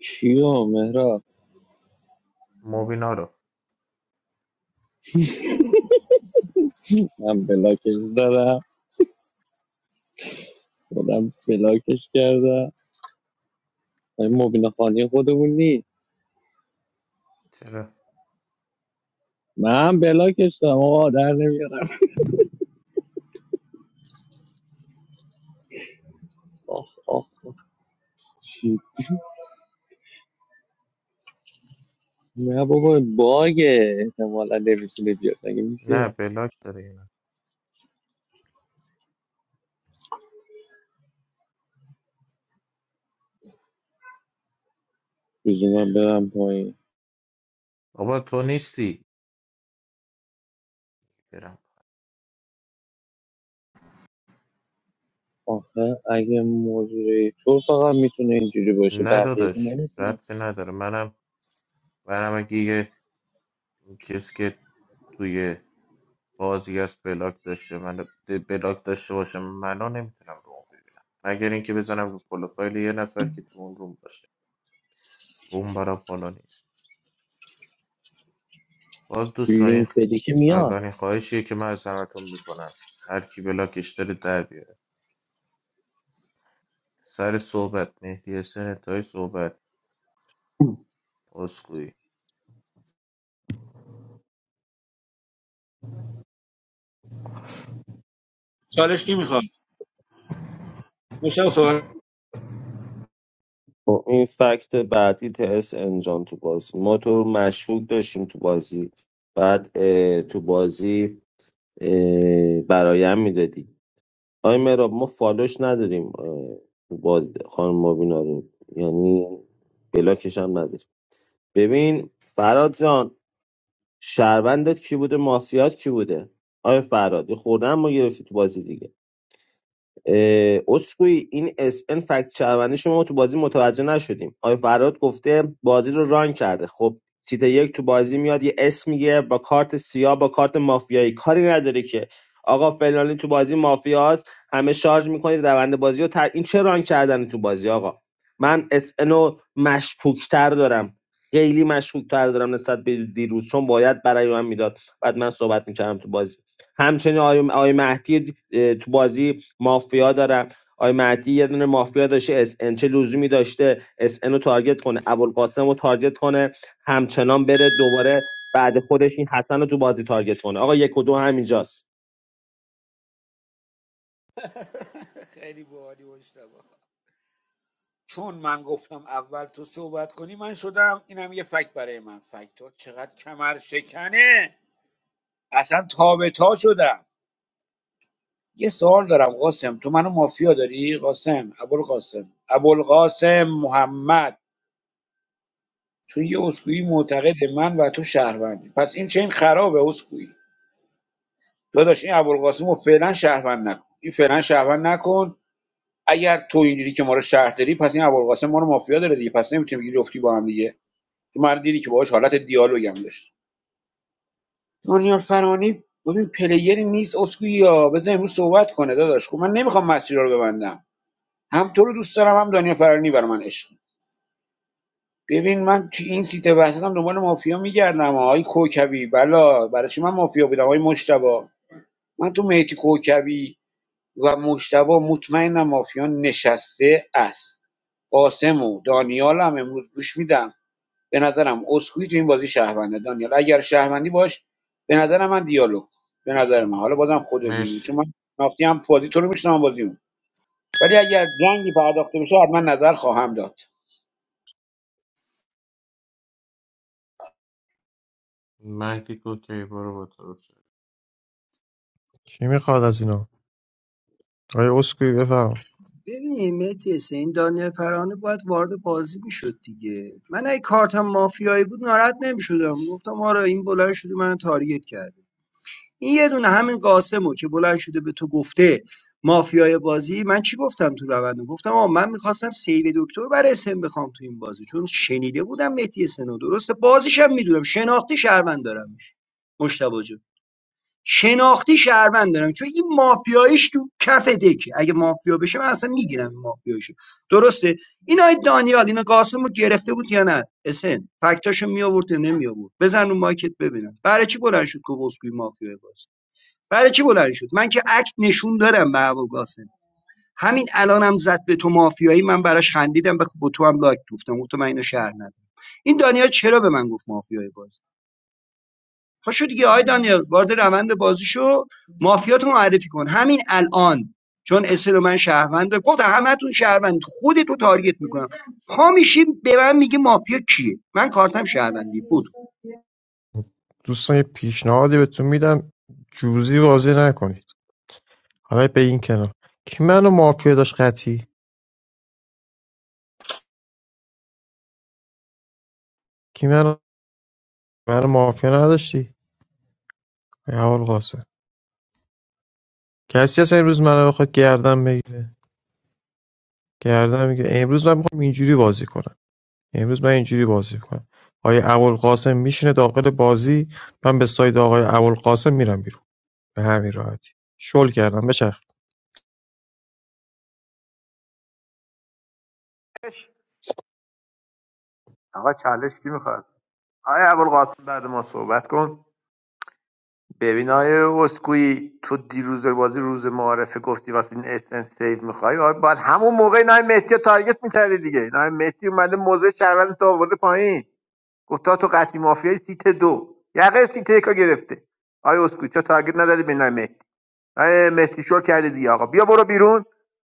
Kia mera? موبینا رو I'm bela kesh dar da. I'm bela kesh dar da. I'm not eating my own food. چرا I'm bela kesh, I don't know. Oh, oh. Mehboob, bagh. I'm not going to give نه you. بلاک داره اینا You don't want to go. بابا تو نیستی برم Oh, if you're interested, you can be. نه But you داداش can't. ربطی نداره منم منم اگه یه کسی که توی بازی از بلاک داشته من بلاک داشته باشه منو نمیتونم رو اون ببینم مگر اینکه بزنم رو پروفایل یه نفر که تو اون روم باشه روم برا بالا نیست باز دوستان این Link, did you hear me? اولین خواهشیه که من از همتون میکنم هر کی بلاکش داره در بیاره سر صحبت مهدی حسین انتهای صحبت اسکوئی چالش کی میخوام میشه صحبت خب این فکت بعدی تس انجام تو بازی ما تو رو مشهود داشتیم تو بازی بعد اه، تو بازی اه، برایم میدادی آی مراب ما فالوش نداریم اه، تو بازی خانم مابینا رو یعنی بلاکش هم نداریم ببین فراد جان شهروندت کی بوده مافیات کی بوده آیا فراد یه خوردن ما گرفتی تو بازی دیگه اه، اسکوئی این اس ان فکت شهروندی شما ما تو بازی متوجه نشدیم آقای فراد گفته بازی رو ران کرده خب سیت یک تو بازی میاد یه اسم میگه با کارت سیاه با کارت مافیایی کاری نداره که آقا فلانی تو بازی مافیاست همه شارژ میکنید روند بازی رو تر... این چه ران کردن تو بازی آقا من اس ان رو مشکوکتر دارم خیلی مشکوکتر دارم نسبت به دیروز چون باید برای من میداد بعد من صحبت میکردم تو بازی همچنین آقای آقای مهدی تو بازی مافیا دارم آی مهدی یه دونه مافیا داشته اس ان چه لزومی داشته اس ان رو تارگت کنه ابوالقاسم رو تارگت کنه همچنان بره دوباره بعد خودش این حسن رو تو بازی تارگت کنه آقا یک و دو همینجاست چون من گفتم اول تو صحبت کنی من شدم اینم یه فکت برای من فکت تو چقدر کمر شکنه اصلا تابه تا شدم یه سوال دارم قاسم تو منو مافیا داری قاسم ابوالقاسم ابوالقاسم محمد تو یه اسکوئی معتقد من و تو شهروندی پس این چه این خرابه اسکوئی داداش این ابوالقاسم رو فعلا شهروند نکن این فعلا شهروند نکن اگر تو اینجوری که ما رو شهر داری پس این ابوالقاسم ما رو مافیا داره دیگه پس نمیتونیم بگی جفتی با هم دیگه تو من دیدی که باهاش حالت دیالوگ هم داشت دانیال فرانی ببین پلیری نیست اسکوئی یا بذار امروز صحبت کنه داداش خب من نمیخوام مسیر رو ببندم هم تو رو دوست دارم هم دنیا فرانی برای من عشق ببین من تو این سیت بحثم دنبال مافیا میگردم آقای کوکبی بلا برای چی من مافیا بودم آقای مشتبا من تو میتی کوکبی و مشتبا مطمئنم مافیا نشسته است قاسم و دانیال هم امروز گوش میدم به نظرم اسکوی تو این بازی شهرونده دانیال اگر شهروندی باش به نظر من دیالوگ کن. به نظر من حالا بازم خودت میدونی چون من مرسی نافتی هم بازی تو رو میشنم بازی اون. ولی اگر جنگی پرداخته بشه حتما نظر خواهم داد مهدی کوکی برو با طرف شد کی میخواد از اینا آیا اسکوی بفرما ببین مهدی حسین، این دانیل فرانه باید وارد بازی میشد دیگه من اگه کارتم مافیایی بود ناراحت نمیشدم گفتم آره این بلند شده من تارگت کرده این یه دونه همین قاسمو که بلند شده به تو گفته مافیای بازی من چی گفتم تو روند گفتم آه من میخواستم سیو دکتر برای اسم بخوام تو این بازی چون شنیده بودم مهدی سنو درسته بازیشم میدونم شناختی شهروند دارمش مشتبه جون. شناختی شهروند دارم چون این مافیاییش تو کف دکه اگه مافیا بشه من اصلا میگیرم این مافیاییشو درسته این آی دانیال اینا قاسم رو گرفته بود یا نه اسن فکتاشو می آورد یا نمی آورد بزن رو مایکت ببینم برای چی بلند شد که وسکوی مافیا باز برای چی بلند شد من که عکس نشون دارم به هوا قاسم همین الانم زد به تو مافیایی من براش خندیدم به به تو هم لایک گفتم گفتم من اینو شهر ندارم این دانیال چرا به من گفت مافیای بازی پاشو دیگه آقای دانیال باز روند بازیشو مافیاتو معرفی کن همین الان چون اسل من شهرونده گفت همتون شهروند خودت رو تارگت میکنم پا میشی به من میگه مافیا کیه من کارتم شهروندی بود دوستان یه پیشنهادی بهتون میدم جوزی بازی نکنید حالا به این کنار کی منو مافیا داشت قطی کی منو منو مافیا نداشتی آیا اول قاسم کسی هست امروز منو بخواد گردن بگیره گردن میگیره امروز من میخوام اینجوری بازی کنم امروز من اینجوری بازی کنم. آیا ابوالقاسم میشینه داخل بازی من به ساید آقای ابوالقاسم میرم بیرون به همین راحتی شل کردم بچخ آقا چالش کی میخواد آقای ابوالقاسم بعد ما صحبت کن ببین آقای اسکوئی تو دیروز بازی روز معارفه گفتی واسه این اس ان سیو میخوای آقا باید همون موقع این آقای مهدی رو تارگت میکردی دیگه این آقای مهدی اومده موزه شهروند تو آورده پایین گفتا تو قطعی مافیای سیت دو یقه سیت یکا گرفته آیا اسکوچا تارگت نداری به نام مهدی آیا مهدی شو کرده دیگه آقا بیا برو بیرون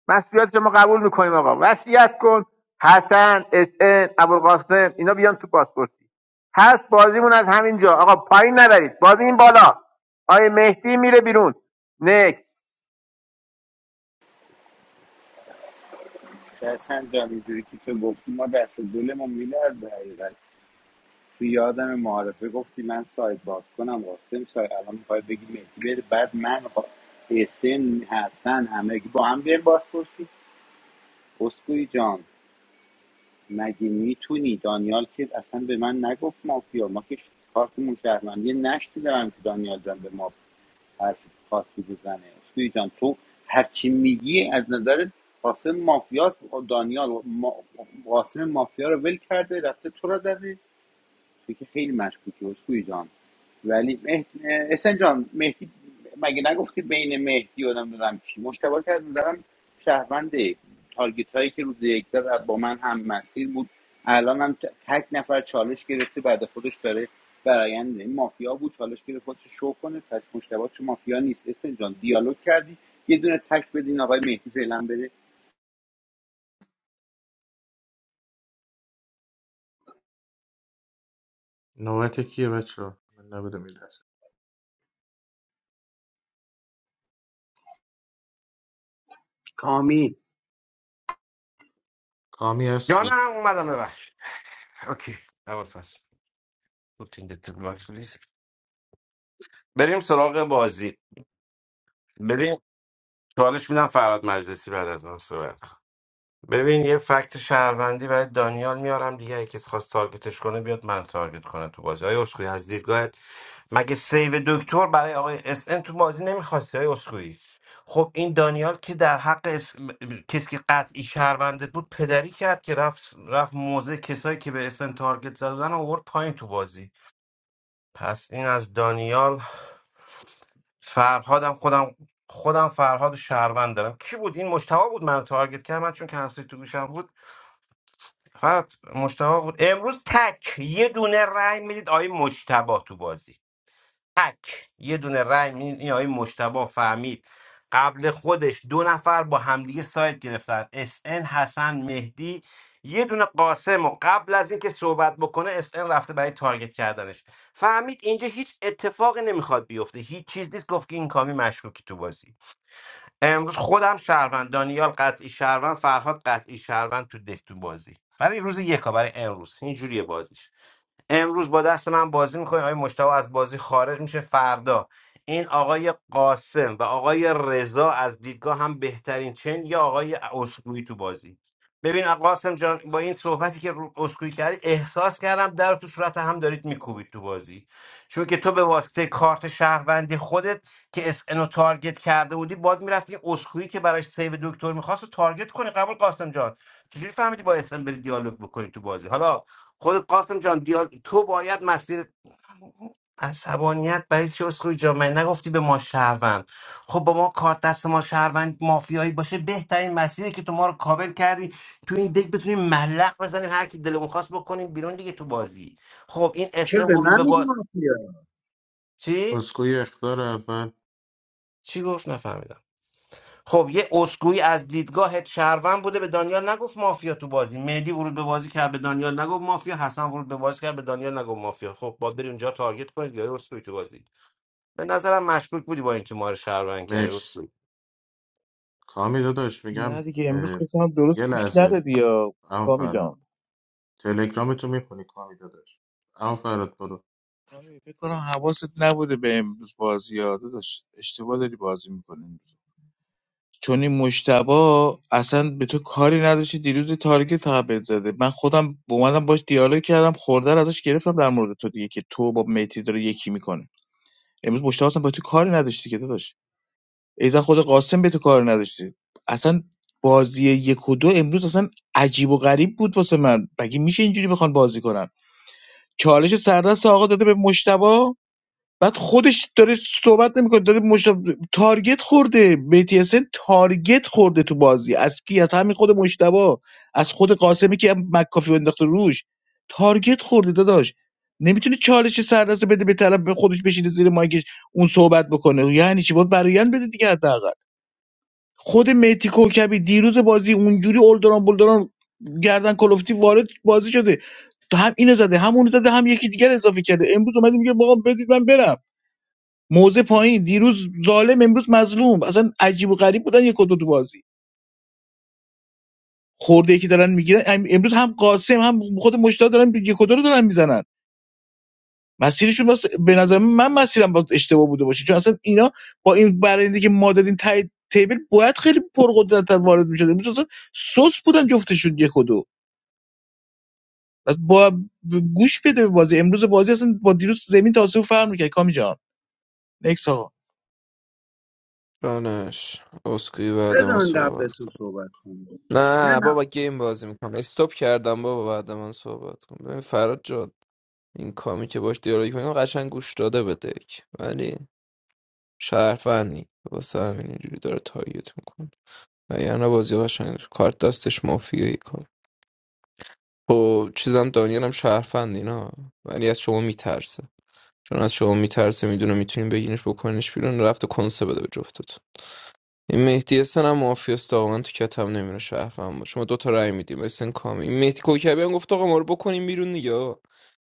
مسئولیت ما قبول میکنیم آقا وصیت کن حسن اس ان ابوالقاسم اینا بیان تو پاسپورتی هست بازیمون از همینجا آقا پایین نبرید بازی این بالا آیا مهدی میره بیرون نکس درسم جان اینجوری که تو گفتی ما دست و دلمون میلرزه حقیقت تو یادم معارفه گفتی من سایت باز کنم قاسم سایت الان میخوای بگی مهدی بره بعد من خوا- حسین حسن همه که با هم بیایم باز پرسی اسکوئی جان مگه میتونی دانیال که اصلا به من نگفت مافیا ما که کارت شهروندی نشتی دارم که دانیال جان به مافیا حرف خاصی بزنه توی جان تو هر چی میگی از نظر قاسم مافیاست دانیال ما- قاسم مافیا رو ول کرده رفته تو رو زده تو که خیلی مشکوکی اسکوی جان ولی مهد... اسن جان مهدی مگه نگفتی بین مهدی و نمیدونم چی؟ مشتبه که از نظرم شهرونده تارگیت هایی که روز یک داد با من هم مسیر بود الان هم تک نفر چالش گرفته بعد خودش داره برایند این مافیا بود چالش گرفت خودش شو کنه پس مشتبه تو مافیا نیست اسن جان دیالوگ کردی یه دونه تک بدین آقای مهدی فعلا بره نوبت کیه بچه ها؟ من نبودم این لحظه کامی کامی هستی جانم اومدم ببخش اوکی اول فصل روتین دت ماکس پلیز. بریم سراغ بازی بریم چالش میدم فرهاد مجلسی بعد از من صحبت کن. ببین یه فکت شهروندی برای دانیال میارم دیگه اگه کسی خواست تارگتش کنه بیاد من تارگت کنه تو بازی های اسکوئی از دیدگاهت مگه سیو دکتر برای آقای اس ان تو بازی نمیخواستی آیا اسکوئی خب این دانیال که در حق اس... کسی که قطعی شهروندت بود پدری کرد که رفت رفت موزه کسایی که به اسن تارگت زدن آورد پایین تو بازی پس این از دانیال فرهادم خودم خودم فرهاد شهروند دارم کی بود این مشتبه بود من تارگت کرد من چون کنسل تو گوشم بود فقط مشتبه بود امروز تک یه دونه رای میدید آقای مجتبا تو بازی تک یه دونه رای میدید این آقای مجتبا فهمید قبل خودش دو نفر با همدیگه سایت گرفتن اس ان، حسن مهدی یه دونه قاسم و قبل از اینکه صحبت بکنه اس ان رفته برای تارگت کردنش فهمید اینجا هیچ اتفاقی نمیخواد بیفته هیچ چیز نیست گفت که این کامی مشکوکی تو بازی امروز خودم شهروند دانیال قطعی شهروند فرهاد قطعی شهروند تو دک تو بازی برای روز یکا برای امروز اینجوریه بازیش امروز با دست من بازی میکنین آقای مشتاق از بازی خارج میشه فردا این آقای قاسم و آقای رضا از دیدگاه هم بهترین چن یا آقای اسکوئی تو بازی ببین آقا قاسم جان با این صحبتی که رو اسکوئی کردی احساس کردم در تو صورت هم دارید میکوبید تو بازی چون که تو به واسطه کارت شهروندی خودت که اس رو تارگت کرده بودی باد میرفتی اسکوئی که براش سیو دکتر میخواست تارگت کنی قبول قاسم جان چجوری فهمیدی با اس بری دیالوگ بکنی تو بازی حالا خود قاسم جان دیال... تو باید مسیر عصبانیت برای چی اسخوی جان من نگفتی به ما شهروند خب با ما کارت دست ما شهروند مافیایی باشه بهترین مسیری که تو ما رو کاور کردی تو این دک بتونیم ملق بزنیم هر کی دلمون خواست بکنیم بیرون دیگه تو بازی خب این چرا اسم به ورود من به میگی باز مافیا چی اسکوئی اختار اول چی گفت نفهمیدم خب یه اسکوئی از دیدگاه شهروند بوده به دانیال نگفت مافیا تو بازی مهدی ورود به بازی کرد به دانیال نگفت مافیا حسن ورود به بازی کرد به دانیال نگفت مافیا خب باید بری اونجا تارگت کنید یا اسکوئی تو بازی به نظرم مشکوک بودی با اینکه ما رو شهروند کردی مرسی اسکوئی. کامی داداش نه میگم دیگه امروز فکر کنم درست یه پوش لحظه ندادی یا اما کامی فرهاد جان تلگرامتو میخونی کامی داداش اما فرهاد برو کامی، فکر کنم حواست نبوده به امروز بازی یاد داشت اشتباه داری بازی میکنی چون این مجتبی اصلا به تو کاری نداشته دیروز یه تارگت فقط بهت زده من خودم اومدم باش دیالوگ کردم خورده ازش گرفتم در مورد تو دیگه که تو با مهدی داره یکی میکنه امروز مجتبی اصلا به تو کاری نداشتی که داداش ایزن خود قاسم به تو کاری نداشتی اصلا بازی یک و دو امروز اصلا عجیب و غریب بود واسه من مگه میشه اینجوری بخوان بازی کنن چالش سردست آقا داده به مشتبه بعد خودش داره صحبت نمیکنه داره مشت... تارگت خورده مهدی تارگت خورده تو بازی از کی از همین خود مشتبا از خود قاسمی که هم مکافی انداخته روش تارگت خورده داداش نمیتونه چالش سردسته بده به طرف به خودش بشینه زیر مایکش اون صحبت بکنه یعنی چی باید برایند بده دیگه حداقل خود مهدی کوکبی دیروز بازی اونجوری اولدران بولدران گردن کلفتی وارد بازی شده هم اینو زده هم اونو زده هم یکی دیگر اضافه کرده امروز اومده میگه بابا بدید من برم موزه پایین دیروز ظالم امروز مظلوم اصلا عجیب و غریب بودن یک و دو تو بازی خورده که دارن میگیرن امروز هم قاسم هم خود مشتاق دارن یک و دو رو دارن میزنن مسیرشون راست به نظر من مسیرم باید اشتباه بوده باشه چون اصلا اینا با این برنده که ما دادیم تای تیبل باید خیلی پرقدرت‌تر وارد میشد امروز اصلا سوس بودن جفتشون یک و دو پس با گوش بده به بازی امروز بازی اصلا با دیروز زمین تاسو فرق میکرد کامی جان نکس آقا دانش اسکی بعد بذار من من قبل صحبت تو کن صحبت کنم نه نه نه بابا گیم بازی میکنم استوب کردم بابا بعد من صحبت کن ببین فراد جاد این کامی که باش دیالوگ کنیم قشنگ گوش داده به دک ولی شرفندی واسه همین اینجوری داره تارگت میکنه وگرنه بازی قشنگ کارت دستش مافیایی کنه خب چیزم دانیل هم شهرفند اینا ولی از شما میترسه چون از شما میترسه میدونه میتونیم بگینش بکنش بیرون رفته کنسه بده به جفتتون این مهدی حسن هم مافیاس دامن تو کتم نمیره شهروند باشه ما دوتا رأی میدیم اسن کامی این مهدی کوکبی هم گفت آقا ما رو بکنیم بیرون دیگه آقا.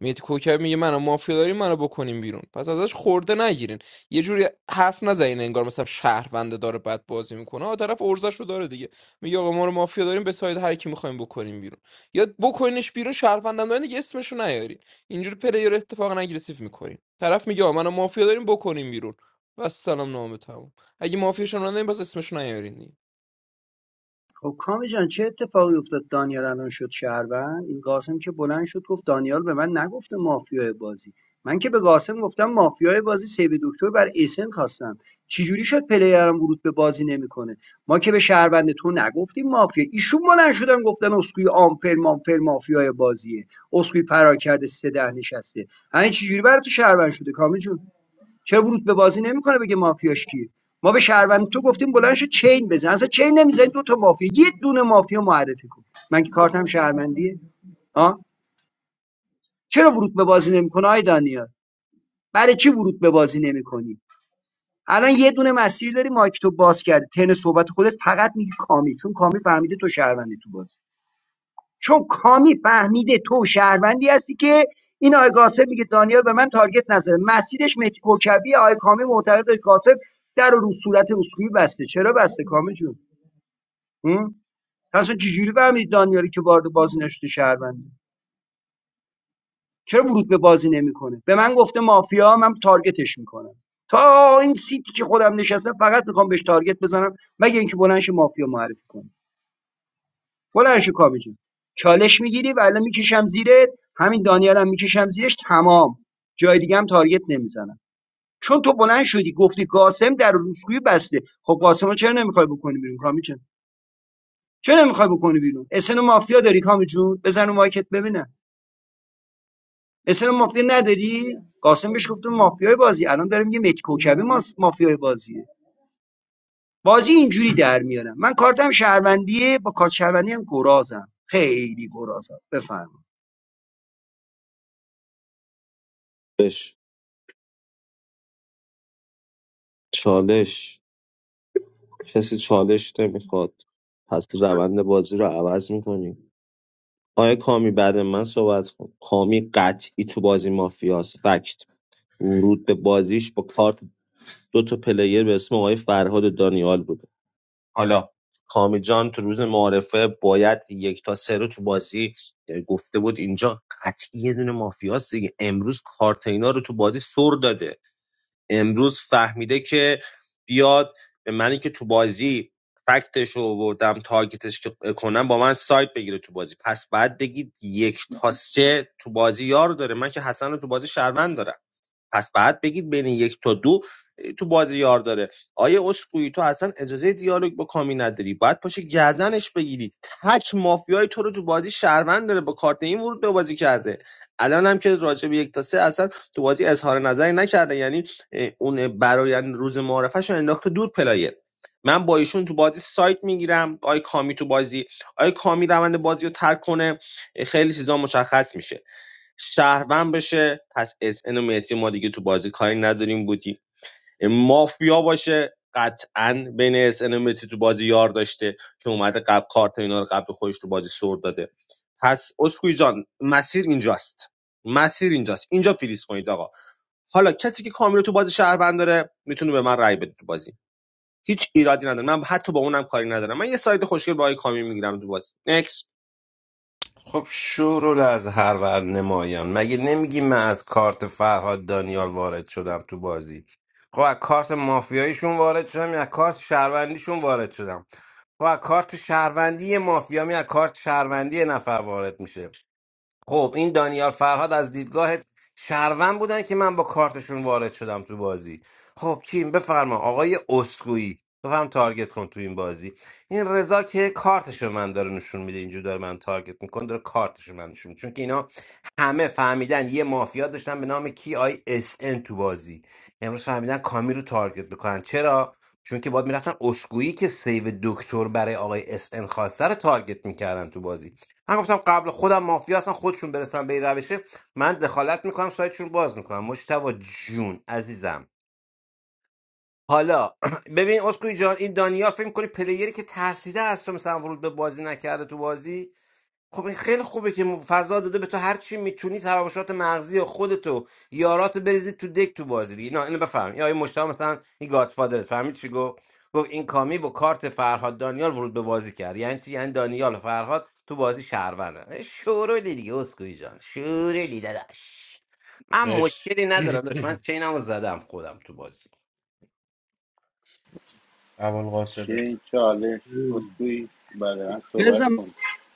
مهدی کوکبی میگه منو مافیا داریم منو بکنیم بیرون پس ازش خورده نگیرین یه جوری حرف نزنین انگار مثلا شهرونده داره بد بازی میکنه آ طرف ارزش رو داره دیگه میگه آقا ما رو مافیا داریم به ساید هر کی میخوایم بکنیم بیرون یا بکنینش بیرون شهروندم دارین دیگه اسمش رو نیارین اینجوری پلیر اتفاقا اگریسیو میکنین طرف میگه آقا منو مافیا داریم بکنیم بیرون و سلام نامه تموم اگه مافیاشم رانه باز اسمشو نیارین دیگه خب کامی جان چه اتفاقی افتاد دانیال الان شد شهروند این قاسم که بلند شد گفت دانیال به من نگفته مافیای بازی من که به قاسم گفتم مافیای بازی سیو دکتر بر اسن خواستم چجوری شد پلیرم ورود به بازی نمیکنه ما که به شهروند تو نگفتیم مافیا ایشون بلند شدن گفتن اسکوی آمپر مامپر مافیای بازیه اسکوی فرار کرده سه ده نشسته همین چجوری برای تو شهروند شده کامی جون چرا ورود به بازی نمیکنه بگه مافیاش کیه ما به شهروند تو گفتیم بلند شو چین بزن اصلا چین نمیزنی دو تا مافیا یه دونه مافیا معرفی کن من که کارتم شهروندیه ها چرا ورود به بازی نمیکنه آی دانیال برای چی ورود به بازی نمیکنی الان یه دونه مسیر داری مایک تو باز کرد تن صحبت خودت فقط میگی کامی چون کامی فهمیده تو شهروندی تو بازی چون کامی فهمیده تو شهروندی هستی که این آقای قاسم میگه دانیال به من تارگت نزده مسیرش مهدی کوکبی آقای کامی معتقد قاسم در رو صورت اسکوئی بسته چرا بسته کامی جون هم؟ پس تو چجوری فهمیدی دانیالی که وارد بازی نشده شهرونده چرا ورود به بازی نمیکنه به من گفته مافیا من تارگتش میکنم تا این سیتی که خودم نشستم فقط میخوام بهش تارگت بزنم مگه اینکه بلنش مافیا معرفی کنه بلند شو کابه جون چالش میگیری و الان میکشم زیرت همین دانیالم هم میکشم زیرش تمام جای دیگه هم تارگت نمیزنم چون تو بلند شدی گفتی قاسم در روسکویی بسته خب قاسمو چرا نمیخوای بکنی بیرون کامی جون چرا نمیخوای بکنی بیرون اسن مافیا داری کامی جون بزن رو مایکت ببینم اسن مافیا نداری قاسم بهش گفتم مافیای بازی الان داره میگه مت کوکبی ماس- مافیای بازیه بازی اینجوری در میارم من کارتم شهروندیه با کارت شهروندی هم گرازم خیلی گرازم بفرما بش. چالش کسی چالش نمیخواد پس روند بازی رو عوض میکنیم آیا کامی بعد من صحبت کن کامی قطعی تو بازی مافیاس فکت ورود به بازیش با کارت دو تا پلیر به اسم آقای فرهاد و دانیال بود حالا کامی جان تو روز معارفه باید یک تا سه رو تو بازی گفته بود اینجا قطعی یه دونه مافیاست دیگه امروز کارت اینا رو تو بازی سر داده امروز فهمیده که بیاد به منی که تو بازی فکتش رو آوردم تارگتش که- کنم با من سایت بگیره تو بازی پس بعد بگید یک تا سه تو بازی یار داره من که حسن رو تو بازی شهروند دارم پس بعد بگید بین یک تا دو تو بازی یار داره آیه اسکوئی تو اصلا اجازه دیالوگ با کامی نداری باید پاشی گردنش بگیری تک مافیای تو رو تو بازی شهروند داره با کارت این ورود به بازی کرده الان هم که راجع به یک تا سه اصلا تو بازی اظهار نظری نکرده یعنی اه، اون برایند روز معرفش رو انداخته دور پلایه من با ایشون تو بازی سایت میگیرم آی کامی تو بازی آی کامی روند بازی رو ترک کنه اه، خیلی چیزا مشخص میشه شهروند بشه پس اس ان و مهدی ما دیگه تو بازی کاری نداریم بودی مافیا باشه قطعا بین اس ان و مهدی تو بازی یار داشته چون اومده قبل کارت اینا رو قبل خودش تو بازی سر داده پس اسکوی جان مسیر اینجاست مسیر اینجاست اینجا فریز کنید آقا حالا کسی که کامیو تو بازی شهروند داره میتونه به من رأی بده تو بازی هیچ ایرادی نداره من حتی با اونم کاری ندارم من یه ساید خوشگل با آقای کامی میگیرم تو بازی نکس خب شورو از هر ور نمایان مگه نمیگی من از کارت فرهاد دانیال وارد شدم تو بازی خب از کارت مافیاییشون وارد شدم یا از کارت شهروندیشون وارد شدم خب از کارت شهروندی مافیا می از کارت شهروندی یه نفر وارد میشه خب این دانیال فرهاد از دیدگاه شهروند بودن که من با کارتشون وارد شدم تو بازی خب کیم بفرما آقای اسکویی بفرم تارگت کن تو این بازی این رضا که کارتش به من داره نشون میده اینجور داره من تارگت میکنه داره کارتش به من نشون میده چون که اینا همه فهمیدن یه مافیا داشتن به نام کی آی اس ان تو بازی امروز فهمیدن کامی رو تارگت بکنن چرا چون که باید میرفتن اسکویی که سیو دکتر برای آقای اس ان خواسته رو تارگت میکردن تو بازی من گفتم قبل خودم مافیا اصلا خودشون برسن به این روشه من دخالت میکنم سایتشون باز میکنم مشتبه جون عزیزم حالا ببین اسکوئی جان این دانیال فکر میکنی پلیری که ترسیده از تو مثلا ورود به بازی نکرده تو بازی خب خیلی خوبه که م- فضا داده به تو هر چی میتونی تراوشات مغزی و خودتو یاراتو بریزی تو دک تو بازی دیگه نه اینو بفهم یا این مشتاق مثلا این گادفادرت فهمید چی گفت گفت این کامی با کارت فرهاد دانیال ورود به بازی کرد یعنی چی یعنی دانیال و فرهاد تو بازی شهروندن شورولی دیگه اسکوئی جان شورولی داداش من مرسی مشکلی ندارم داشت من چینمو زدم خودم تو بازی اول قاسم چه چالش اسکوئی بعد من صحبت بزن کن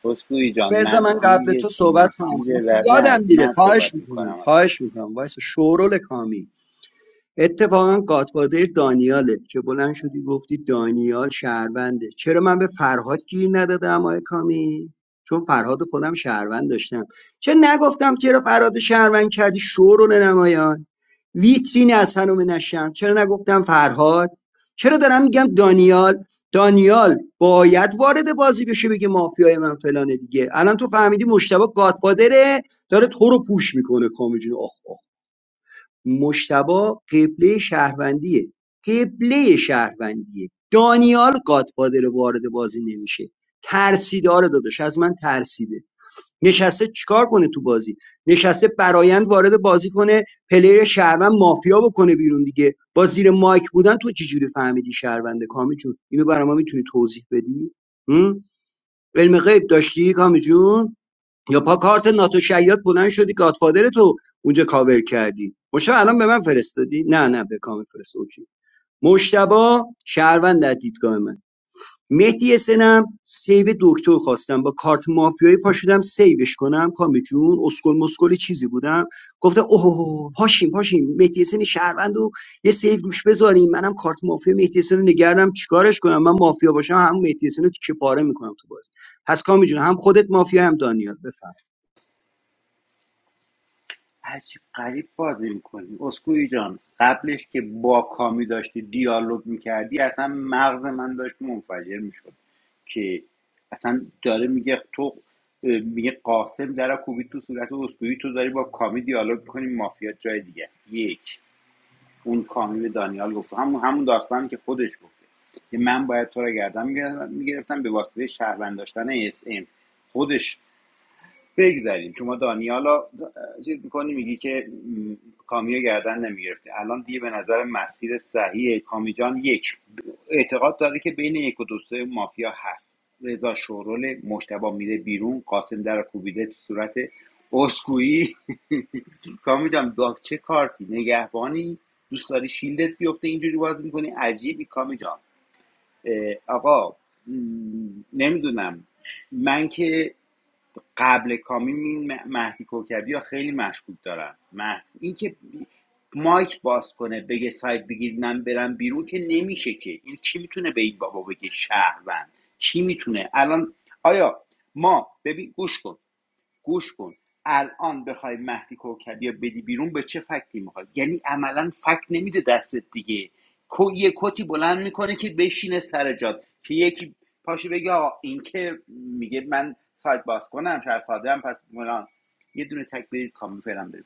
اسکوئی جان بذار من قبل مسیر تو صحبت کنم مسیر اصلا ر... نه یادم میره من صحبت خواهش میکنم میکنم خواهش میکنم وایس شورول کامی اتفاقا گاتفادر دانیاله که بلند شدی گفتی دانیال شهرونده چرا من به فرهاد گیر ندادم آقای کامی چون فرهاد خودم شهروند داشتم چه نگفتم چرا فرهاد رو شهروند کردی شورو نمایان ویترین از هنوم نشم چرا نگفتم فرهاد چرا دارم میگم دانیال دانیال باید وارد بازی بشه بگه مافیای من فلانه دیگه الان تو فهمیدی مشتبه گاتفادره داره تو رو پوش میکنه کامی جون آخ آخ مجتبی قبلۀ شهروندیه قبلۀ شهروندیه دانیال گادفادر وارد بازی نمیشه ترسیداره آره داداش از من ترسیده نشسته چیکار کنه تو بازی نشسته برایند وارد بازی کنه پلیر شهروند مافیا بکنه بیرون دیگه با زیر مایک بودن تو چجوری فهمیدی شهرونده کامی جون اینو برای ما میتونی توضیح بدی هم؟ علم غیب داشتی کامی جون یا پا کارت ناتو شیاد بلند شدی گادفادر تو اونجا کاور کردی مشتبه الان به من فرستادی نه نه به کامل فرست اوکی مشتبا شهروند در دیدگاه من مهدی سنم سیو دکتر خواستم با کارت مافیایی پاشدم سیوش کنم کامی جون اسکل مسکل چیزی بودم گفتم اوه پاشیم پاشیم مهدی سن شهروند و یه سیو روش بذاریم منم کارت مافیا مهدی سن رو نگردم چیکارش کنم من مافیا باشم هم مهدی سن رو تیکه پاره میکنم تو بازی پس کامی جون هم خودت مافیا هم دانیال بفهم هرچی قریب بازی میکنی اسکوئی جان قبلش که با کامی داشتی دیالوگ میکردی اصلا مغز من داشت منفجر میشد که اصلا داره میگه تو میگه قاسم در کوبی تو صورت اسکوئی تو داری با کامی دیالوگ میکنی مافیا جای دیگه است. یک اون کامی به دانیال گفت همون همون داستانی که خودش گفته که من باید تو را گردن میگرفتم به واسطه شهروند داشتن اس ام خودش بگذریم شما دانیالا چیز میکنی میگی که م، کامیو گردن نمیگرفتی الان دیگه به نظر مسیر صحیح کامی جان یک اعتقاد داره که بین یک و دو سه مافیا هست رضا شورول مشتبه میره بیرون قاسم در رو کوبیده تو صورت اسکویی کامی جان چه کارتی نگهبانی دوست داری شیلدت بیفته اینجوری بازی میکنی عجیبی کامی جان آقا نمیدونم من که قبل کامی این مهدی کوکبی ها خیلی مشکوک دارم مهدی اینکه مایک باز کنه بگه سایت بگیر من برم بیرون که نمیشه که این چی میتونه به این بابا بگه شهروند چی میتونه الان آیا ما ببین گوش کن گوش کن الان بخوای مهدی کوکبی یا بدی بیرون به چه فکتی میخواد یعنی عملا فکت نمیده دستت دیگه یه کتی بلند میکنه که بشینه سر جات که یکی پاشو بگه آقا این که میگه من سایت باز کنم شهر ساده هم پس فلان یه دونه تک برید کامل فعلا برید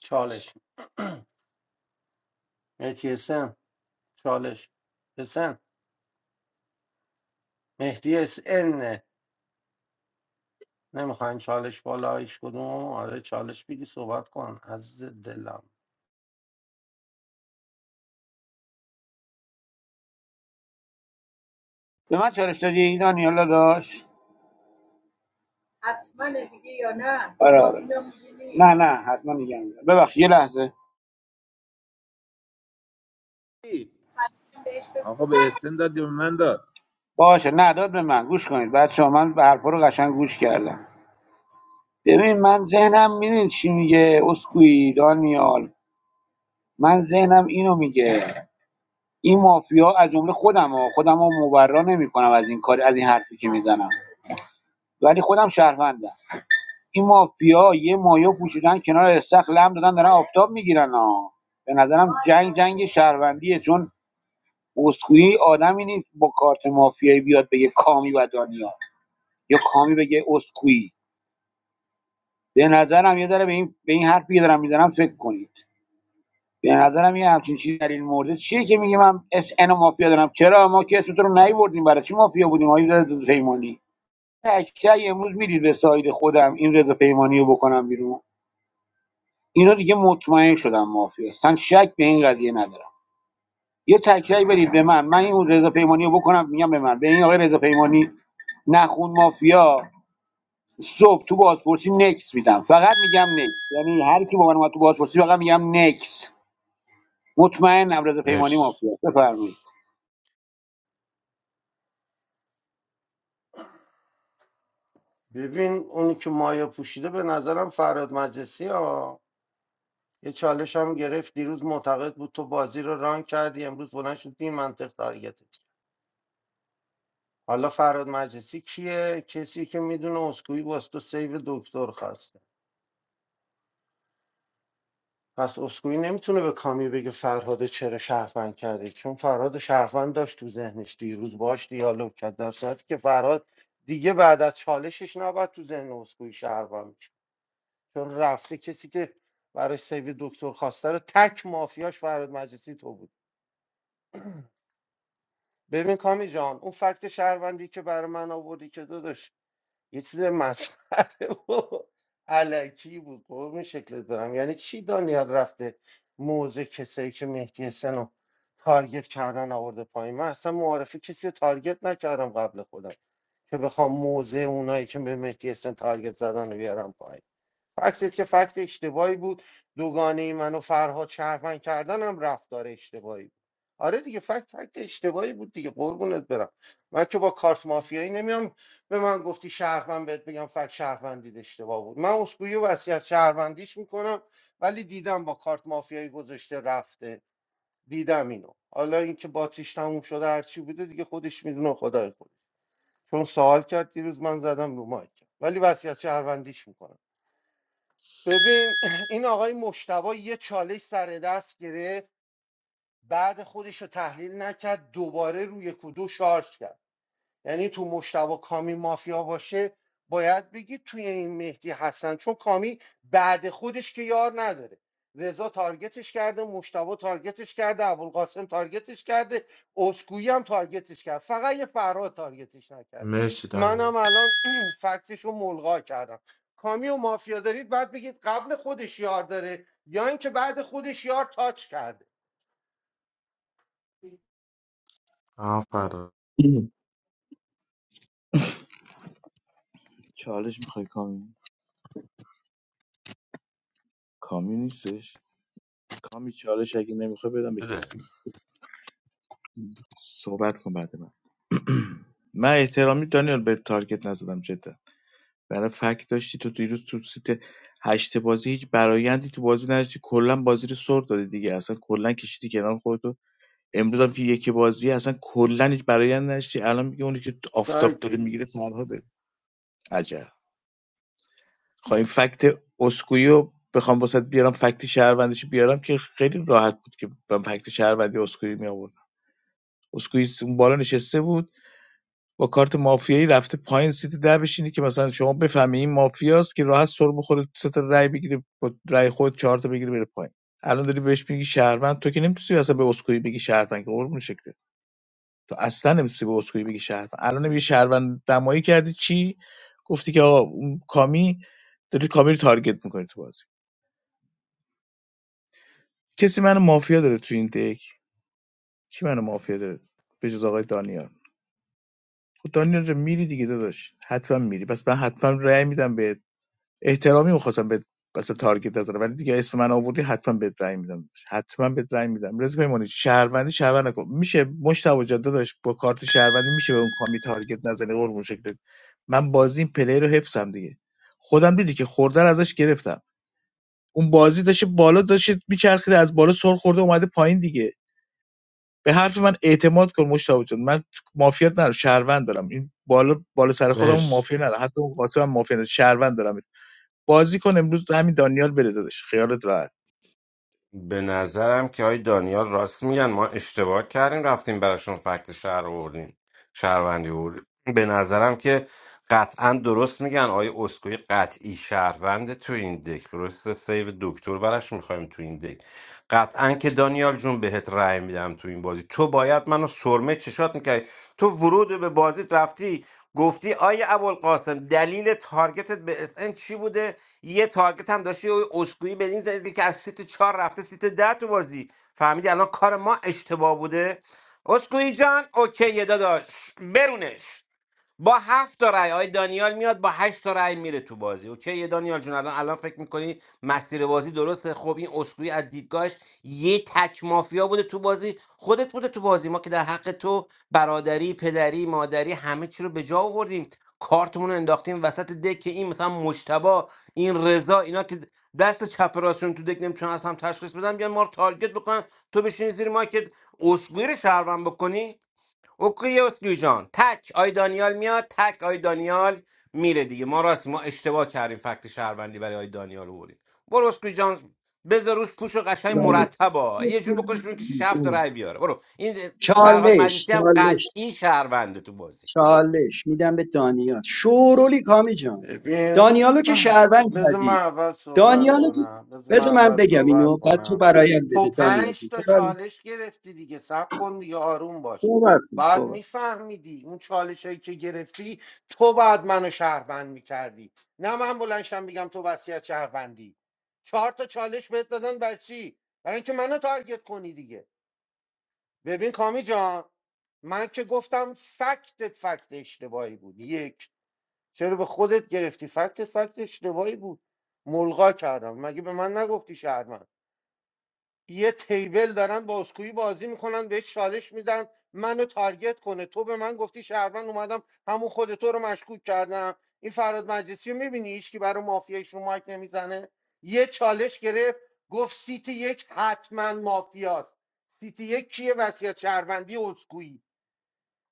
چالش مهدی حسن چالش حسن مهدی حسن نمیخواین چالش بالا هیچ کدوم آره چالش بگی صحبت کن عزیز دلم به من چالش دادی دانیالا داشت حتما دیگه یا نه؟ آره آره. نه نه حتما میگم ببخشید یه لحظه آقا به اسم داد یا به من داد باشه نداد به من گوش کنید بچه من به حرفا رو قشنگ گوش کردم ببین من ذهنم میدین چی میگه اسکوئی دانیال من ذهنم اینو میگه این مافیا از جمله خودم ها خودم ها مبرا نمیکنم از این کار از این حرفی که میزنم ولی خودم شهروندم این مافیا یه مایا پوشیدن کنار استخ لم دادن دارن آفتاب میگیرن ها به نظرم جنگ جنگ شهروندیه چون اسکوئی آدمی نیست با کارت مافیایی بیاد بگه کامی و دانیال یا کامی بگه اسکوئی به نظرم یه داره به این به این حرفی که دارم میزنم فکر کنید به نظرم یه همچین چیزی در این مورد چیه که میگه من اس ان مافیا دارم چرا ما که اسم تو رو نیوردیم برای چی مافیا بودیم آقای رضا پیمانی تکچه امروز میدید به ساید خودم این رضا پیمانی رو بکنم بیرون اینا دیگه مطمئن شدم مافیا اصلا شک به این قضیه ندارم یه تکرای بدید به من من این رضا پیمانی رو بکنم میگم به من به این آقای رضا پیمانی نخون مافیا صبح تو بازپرسی نکس میدم فقط میگم نکس یعنی هر کی با من اومد تو بازپرسی فقط میگم نکس مطمئنم رضا پیمانی مرسی مافیا است. بفرمایید ببین اونی که مایه پوشیده به نظرم فراد مجلسی ها یه چالش هم گرفت دیروز معتقد بود تو بازی رو ران کردی امروز بلند شد بی منطق تارگتت کرد. حالا فراد مجلسی کیه کسی که میدونه اسکوئی باز تو سیو دکتر خواسته پس اسکوئی نمیتونه به کامی بگه فرهاد چرا شهروند کرده چون فرهاد شهروند داشت تو ذهنش دیروز باش دیالوگ کرد در صورتی که فرهاد دیگه بعد از چالشش نباید تو ذهن اسکوئی شهروند میشه چون رفته کسی که برای سیو دکتر خواسته رو تک مافیاش فرهاد مجلسی تو بود ببین کامی جان اون فکت شهروندی که برای من آوردی که داداش یه چیز مسخره و علکی بود قرم شکلت برم یعنی چی دانیال رفته موضع کسایی که مهدی حسن رو تارگت کردن آورده پایین من اصلا معارفه کسی رو تارگت نکردم قبل خودم که بخوام موضع اونایی که به مهدی حسن تارگت زدن رو بیارم پایین فکست که فکت اشتباهی بود دوگانه من و فرهاد شهروند کردن هم رفتار اشتباهی بود آره دیگه فکت فکت اشتباهی بود دیگه قربونت برم من که با کارت مافیایی نمیام به من گفتی شهروند بهت بگم فکت شهروندید اشتباه بود من اسکوئی و وصیت شهروندیش میکنم ولی دیدم با کارت مافیایی گذاشته رفته دیدم اینو حالا اینکه باتیش تموم شده هرچی بوده دیگه خودش میدونه خدای خودش چون سوال کرد دیروز من زدم رو مایک ولی وصیت شهروندیش میکنم ببین این آقای مشتبا یه چالش سر دست گرفت بعد خودش رو تحلیل نکرد دوباره روی کدو شارژ کرد یعنی تو مشتبه کامی مافیا باشه باید بگی توی این مهدی حسن چون کامی بعد خودش که یار نداره رضا تارگتش کرده مشتبه تارگتش کرده ابوالقاسم تارگتش کرده اسکویی هم تارگتش کرد فقط یه فراد تارگتش نکرده مرسی منم دانیا الان فکسش رو ملغا کردم کامی و مافیا دارید بعد بگید قبل خودش یار داره یا اینکه بعد خودش یار تاچ کرده آفرین چالش میخوای کامی کامی نیستش کامی چالش اگه نمیخوای بدم به کسی صحبت کن بعد من من احترامی دانیال به تارگت نزدم جدا برای فکت داشتی تو دیروز تو سیت هشت بازی هیچ برایندی تو بازی نداشتی کلا بازی رو سر دادی دیگه اصلا کلا کشیدی کنار خودتو امروز هم که یکی بازی اصلا کلا هیچ برایند نداشتی الان میگه اونی که سایت آفتاب داره بگید میگیره فرهاده عجب خواهیم فکت اسکویی رو بخوام واسه بیارم فکت شهروندیش بیارم که خیلی راحت بود که من فکت شهروندی اسکویی می آوردم. اسکوئیز اون بالا نشسته بود با کارت مافیایی رفته پایین سیت ده بشینه که مثلا شما بفهمی این مافیاست که راحت سر بخوره سه تا رای بگیره با رای خود چهار تا بگیره بره پایین الان داری بهش میگی شهروند تو که نمیتونی اصلا به اسکوئی بگی شهروند که قربون شکله تو اصلا نمیتونی به اسکوئی بگی شهروند الان یه شهروند دمایی کردی چی گفتی که آقا اون کامی داری کامی رو تارگت میکنی تو بازی کسی منو مافیا داره تو این دک کی منو مافیا داره به جز آقای دانیال خب دانیال جان میری دیگه داداش حتما میری پس من حتما رأی میدم به احترامی میخواستم به بس تارگت نزنم ولی دیگه اسم من آوردی حتما بهت رأی میدم حتما بهت رأی میدم رضا پیمانی شهروندی شهروند نکن میشه مشتاق جان داداش با کارت شهروندی میشه به اون کامی تارگت نزنی قربون شکلت من بازی این پلی رو حفظم دیگه خودم دیدی که خوردن ازش گرفتم اون بازی داشته بالا داشت میچرخید از بالا سر خورده اومده پایین دیگه به حرف من اعتماد کن مشتاق جان من مافیات ندارم شهروند دارم این بالا بالا سر خودم مرسی مافیا نرم حتی اون قاسم هم مافیا نرم شهروند دارم بازی کن امروز همین دانیال بره دادش خیالت راحت به نظرم که های دانیال راست میگن ما اشتباه کردیم رفتیم براشون فکت شهر آوردیم شهروندی آوردیم به نظرم که قطعا درست میگن آقای اسکوی قطعی شهرونده تو این دک درسته سیو دکتر براش میخوایم تو این دک قطعا که دانیال جون بهت رأی میدم تو این بازی تو باید منو سرمه چشات میکردی تو ورود به بازیت رفتی گفتی آیا ابوالقاسم دلیل تارگتت به اس ان چی بوده یه تارگت هم داشتی اوی اسکوئی به این دلیل که از سیت چهار رفته سیت ده تو بازی فهمیدی الان کار ما اشتباه بوده اسکوئی جان اوکی داداش برونش با هفت تا رأی آقای دانیال میاد با هشت تا رأی میره تو بازی اوکی یه دانیال جون الان الان فکر میکنی مسیر بازی درسته خب این اسکوئی از دیدگاهش یه تک مافیا بوده تو بازی خودت بوده تو بازی ما که در حق تو برادری پدری مادری همه چی رو به جا آوردیم کارتمون رو انداختیم وسط دک که این مثلا مجتبا این رضا اینا که دست چپ راستشون تو دک نمیتونن از هم تشخیص بدن بیان ما رو تارگت بکنن تو بشینی زیر ما که اسکوئی رو شهروند بکنی اوکیوس جان تک آی دانیال میاد تک آی دانیال میره دیگه ما راست ما اشتباه کردیم فکت شهروندی برای آی دانیال آوردیم برو اسکوی جان بذار روش پوش و قشنگ چالش مرتبا یه جور بکنش بیرون که شیش هفت رای بیاره برو این فرهاد چالش مجلسی هم چالش قطعی شهرونده تو بازی چالش میدم به دانیال شورولی کامی جان ببین دانیالو که شهروند بذار من کردی اول صحبت دانیالو که کنم بذار من بذار من اول بگم صحبت اینو بعد تو کنم برایم تو بده دانیال پنج جون تو تا بر- چالش گرفتی دیگه سب کن دیگه آروم باش صحبت کن بعد صحبت میفهمیدی اون چالش هایی که گرفتی تو بعد منو شهروند میکردی نه من بلنشم بگم تو وصیت شهروندی چهار تا چالش بهت دادن بر چی برای اینکه منو تارگت کنی دیگه ببین کامی جان من که گفتم فکتت فکت اشتباهی بود یک چرا به خودت گرفتی فکت فکت اشتباهی بود ملغا کردم مگه به من نگفتی شهرمند یه تیبل دارن بازگویی بازی میکنن بهش چالش میدن منو تارگت کنه تو به من گفتی شهروند اومدم همون خود تو رو مشکوک کردم این فراد مجلسی رو میبینی هیچکی برای مافیایش رو مایک نمیزنه یه چالش گرفت گفت سیت یک حتما مافیاست سیت یک کیه وصیت شهروندی اسکویی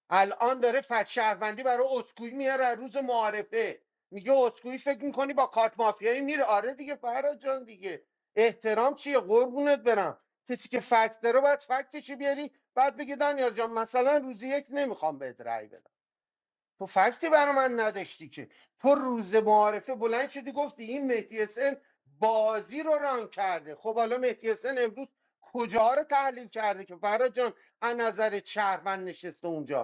الان داره فت شهروندی برای اسکوئی میاره از روز معارفه میگه اسکوئی فکر میکنی با کارت مافیایی میره آره دیگه فرهاد جان دیگه احترام چیه قربونت برم کسی که فکت داره باید فکتش رو بیاری بعد بگی دانیال جان مثلا روزی یک نمیخوام بهت رأی بدم تو فکتی برای من نداشتی که تو روز معارفه بلند شدی گفتی این مهدی حسین بازی رو ران کرده خب حالا مهدی حسین امروز کجاها رو تحلیل کرده که فرهاد جان از نظر شهروند نشسته اونجا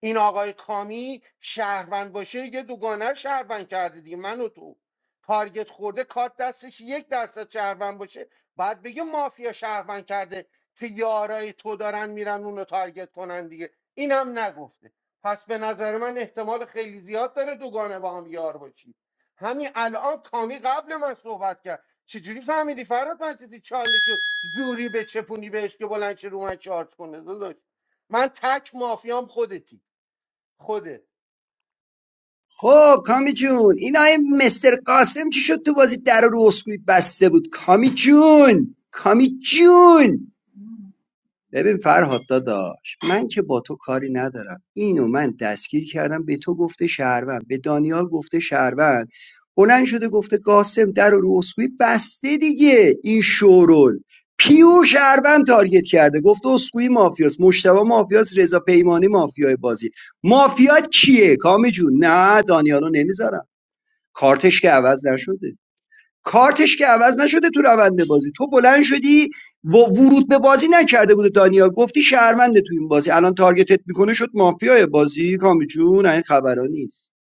این آقای کامی شهروند باشه یه دوگانه رو شهروند کرده دیگه من و تو تارگت خورده کارت دستش یک درصد شهروند باشه بعد بگه مافیا شهروند کرده که یارای تو دارن میرن اونو تارگت کنن دیگه اینم نگفته پس به نظر من احتمال خیلی زیاد داره دوگانه با هم یار باشی همین الان کامی قبل من صحبت کرد چجوری فهمیدی فرات من چیزی چالشو زوری به چپونی بهش که بلند شه رو من چارج کنه داداش من تک مافیام خودتی خودت خب کامی جون این آقای مستر قاسم چی شد تو بازی در رو اسکوی بسته بود کامی جون کامی جون ببین فرهاد داداش من که با تو کاری ندارم اینو من دستگیر کردم به تو گفته شهروند به دانیال گفته شهروند بلند شده گفته قاسم در و رو اسکوئی بسته دیگه این شورول پیور شهروند تارگت کرده گفته اسکوئی مافیاس مشتبه مافیاس رضا پیمانی مافیای بازی مافیات کیه کامی جون نه دانیالو نمیذارم کارتش که عوض نشده کارتش که عوض نشده تو روند بازی تو بلند شدی و ورود به بازی نکرده بود دانیال گفتی شهرمنده تو این بازی الان تارگتت میکنه شد مافیای بازی کامی جون این خبرا نیست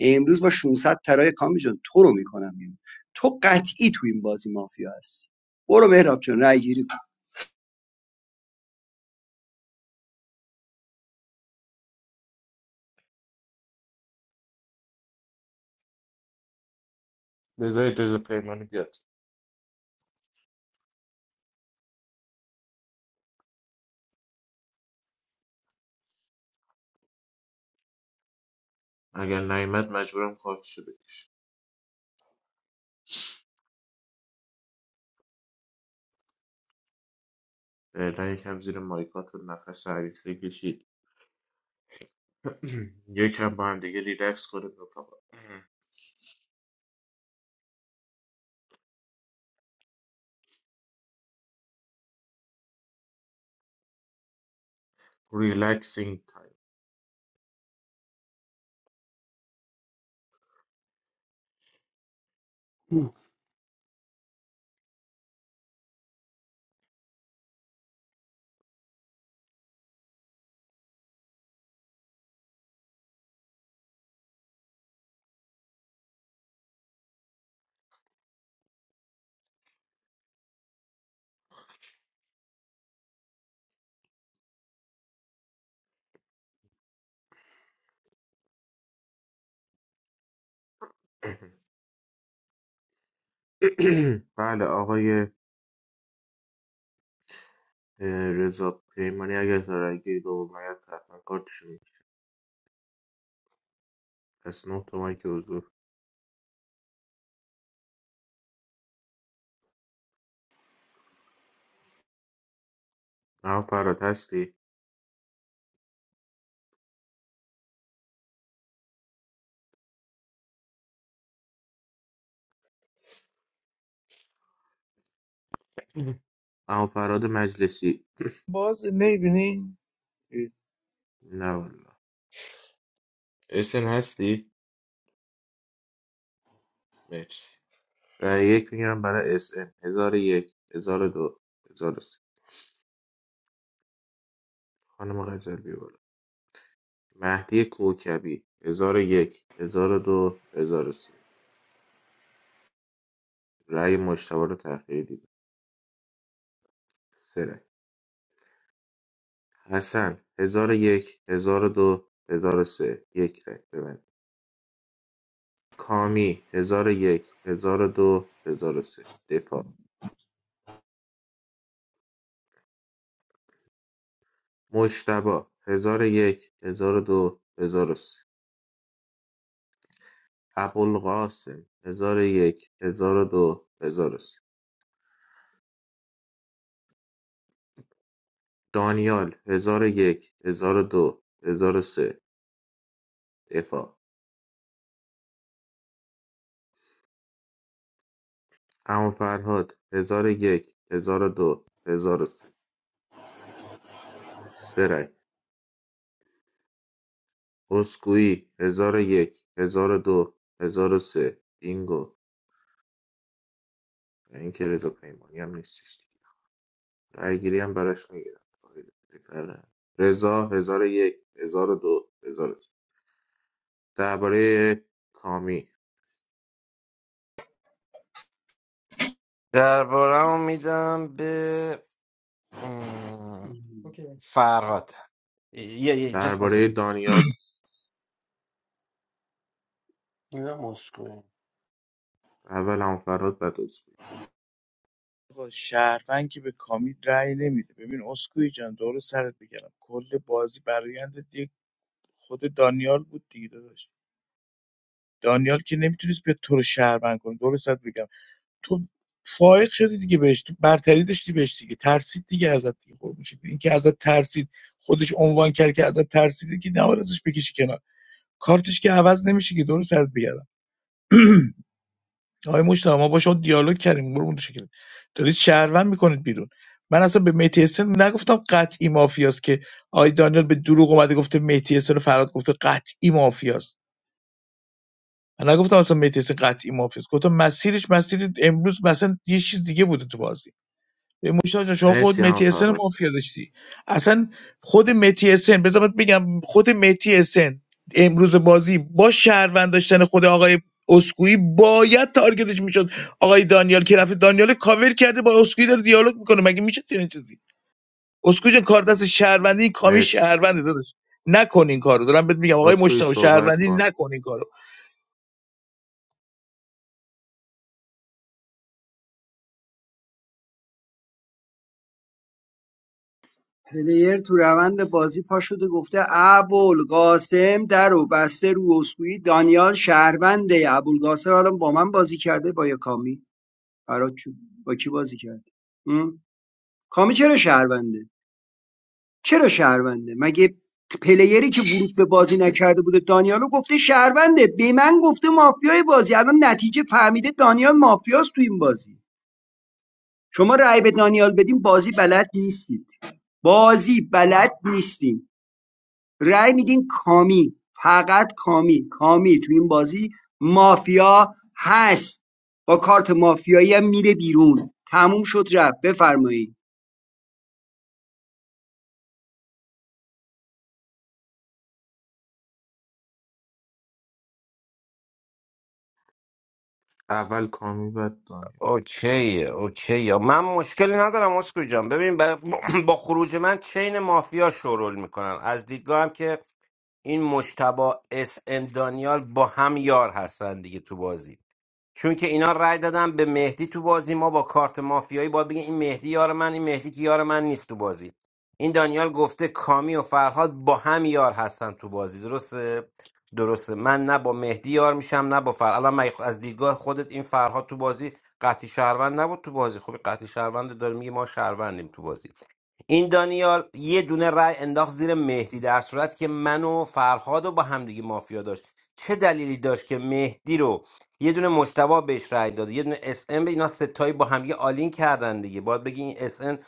امروز با 600 ترای کامی جون تو رو میکنم بیرون تو قطعی تو این بازی مافیا هستی برو مهراب جون رای گیری کن. بذار اجازه پیمانی بیاد اگر نیمد مجبورم خودشو بکشه فعلا یکم زیر مایکاتون نفس عریض بکشید یکم با هم دیگه ریلکس کنید رفقا ریلکسینگ تایم بله آقای اه، رضا پیمانی اگر زارگیری به اومد حتما کارتشو می‌کشه. پس نه تومن که حضور اما فراد هستی اما فراد مجلسی باز نمیبینی نه والا اسن هستی مرسی رأی یک میگیرم برای اس ام 1001 1002 1003 خانم غزل بی بالا مهدی کوکبی 1001 1002 1003 رأی مجتبی رو تأخیری دیدم سه رأی حسن 1001 1002 1003 یک رأی ببند کامی 1001 1002 1003 دفاع مجتبی 1001 1002 1003 ابوالقاسم 1001 1002 1003 دانیال، هزار و یک، هزار و دو، هزار و سه، دفاع، اما فرهاد، هزار و یک، هزار و دو، هزار و سه، سه رای، اسکویی، هزار و یک، هزار و دو، هزار و سه، بینگو، و اینکه رضا پیمانی هم نیستیش. دیگه. رای گیری هم براش میگیرم. رضا، هزار و یک، هزار و دو، هزار و سه. درباره کامی، دربارم میدم به ام، فرهاد یه یه just one درباره second. دانیال، اینا مسکوی اول هم فرهاد بعد اسکویی. شهروند که به کامی رأی نمیده ببین اسکوئی جان دور سرت بگردم کل بازی برایند دیگه خود دانیال بود دیگه داداش دانیال که نمیتونست بیاد تو رو شهروند کنه دور سرت بگم تو فائق شدی دیگه بهش تو برتری داشتی بهش دیگه ترسید دیگه ازت دیگه خور میشه این که ازت ترسید خودش عنوان کرد که ازت ترسیده که نباید ازش بکشی کنار کارتش که عوض نمیشه که دور سرت بگردم آقای مجتبی ما با شما دیالوگ کردیم برو اون شکل دارید شهروند میکنید بیرون من اصلا به مهدی حسین نگفتم قطعی مافیاست که آقای دانیال به دروغ اومده گفته مهدی حسین فراد گفته قطعی مافیاست من نگفتم اصلا مهدی حسین قطعی مافیاست گفتم مسیرش مسیر امروز مثلا یه چیز دیگه بوده تو بازی به مشتاق جان شما خود مرسی هم متی اسن فرهاد، مافیا داشتی اصلا خود متی اسن بذار بهت بگم خود متی اسن امروز بازی با شهروند داشتن خود آقای اسکوئی باید تارگتش میشد آقای دانیال که رفته دانیال کاور کرده با اسکوئی داره دیالوگ میکنه مگه میشه چنین چیزی اسکوئی جان کار دست شهروندی این کامی مرسی. شهرونده داداش نکن این کارو دارم بهت میگم آقای اسکوئی مشتاق صحبت شهروندی کن نکن این کارو پلیر تو روند بازی پا شده گفته ابوالقاسم در و بسته رو اسکوئی دانیال شهرونده ابوالقاسم الان با من بازی کرده با یه کامی برات چوب- با کی بازی کرد م؟ کامی چرا شهرونده چرا شهرونده مگه پلیری که ورود به بازی نکرده بوده دانیالو گفته شهرونده به من گفته مافیای بازی الان نتیجه فهمیده دانیال مافیاست تو این بازی شما رأی به دانیال بدین بازی بلد نیستید بازی بلد نیستین رأی میدین کامی فقط کامی کامی تو این بازی مافیا هست با کارت مافیایی هم میره بیرون تموم شد رفت بفرمایید اول کامی بعد دانیال اوکی اوکی من مشکلی ندارم اسکو جان ببین با با خروج من چین مافیا شورول میکنم از دیدگاه هم که این مشتبا اس ان دانیال با هم یار هستن دیگه تو بازی چون که اینا رأی دادن به مهدی تو بازی ما با کارت مافیایی باید بگیم این مهدی یار من این مهدی که یار من نیست تو بازی این دانیال گفته کامی و فرهاد با هم یار هستن تو بازی درسته درسته من نه با مهدی یار میشم نه با فرهاد الان مگه از دیدگاه خودت این فرهاد تو بازی قطعی شهروند نبود تو بازی خب قطعی شهروند داره میگه ما شهروندیم تو بازی این دانیال یه دونه رای انداخت زیر مهدی در صورت که من و فرهاد رو با همدیگه مافیا داشت چه دلیلی داشت که مهدی رو یه دونه مشتبه بهش رای داد یه دونه اس ام، به اینا ستایی با همدیگه آلین کردن دیگه باید بگی این اس ان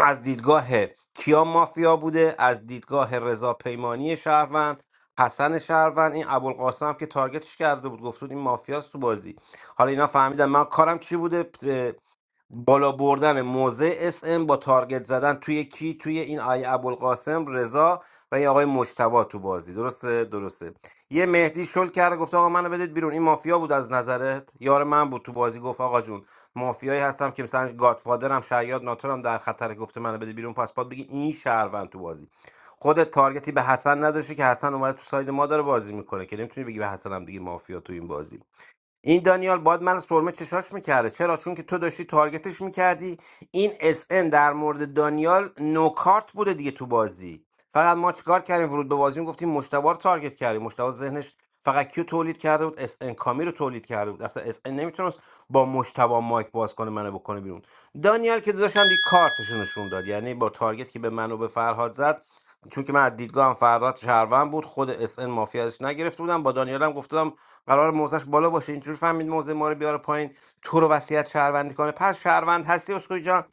از دیدگاه کیا مافیا بوده از دیدگاه رضا پیمانی شهروند حسن شهروند این ابوالقاسم هم که تارگتش کرده بود گفت بود این مافیاست تو بازی حالا اینا فهمیدن من کارم چی بوده بالا بردن موضع اس ام با تارگت زدن توی کی توی این آی ابوالقاسم رضا و یه آقای مجتبی تو بازی درسته درسته یه مهدی شل کرده گفت آقا منو بدید بیرون این مافیا بود از نظرت یار من بود تو بازی گفت آقا جون مافیایی هستم که مثلا گادفادرم شیاد ناتورم در خطر گفته منو بدید بیرون پس باید بگی این شهروند تو بازی خودت تارگتی به حسن نداشته که حسن اومده تو ساید ما داره بازی میکنه که نمیتونی بگی به حسن هم دیگه مافیا تو این بازی این دانیال باید من سرمه چشاش میکرده چرا چون که تو داشتی تارگتش میکردی این اس ان در مورد دانیال نوکارت بوده دیگه تو بازی فقط ما چیکار کردیم ورود به بازی گفتیم مشتبه رو تارگت کردیم مشتبه ذهنش فقط کیو تولید کرده بود اس ان کامی رو تولید کرده بود اصلا اس ان نمیتونست با مشتبه مایک باز کنه منو بکنه بیرون دانیال که داشتم دی کارتشو نشون داد یعنی با تارگت که به منو به فرهاد زد چون که من از دیدگاه هم فرات شهروند بود خود اس ان مافی ازش نگرفته بودم با دانیال هم گفتم قرار موضعش بالا باشه اینجور فهمید موزه ما رو بیاره پایین تو رو وصیت شهروندی کنه پس شهروند هستی اسکوئی جان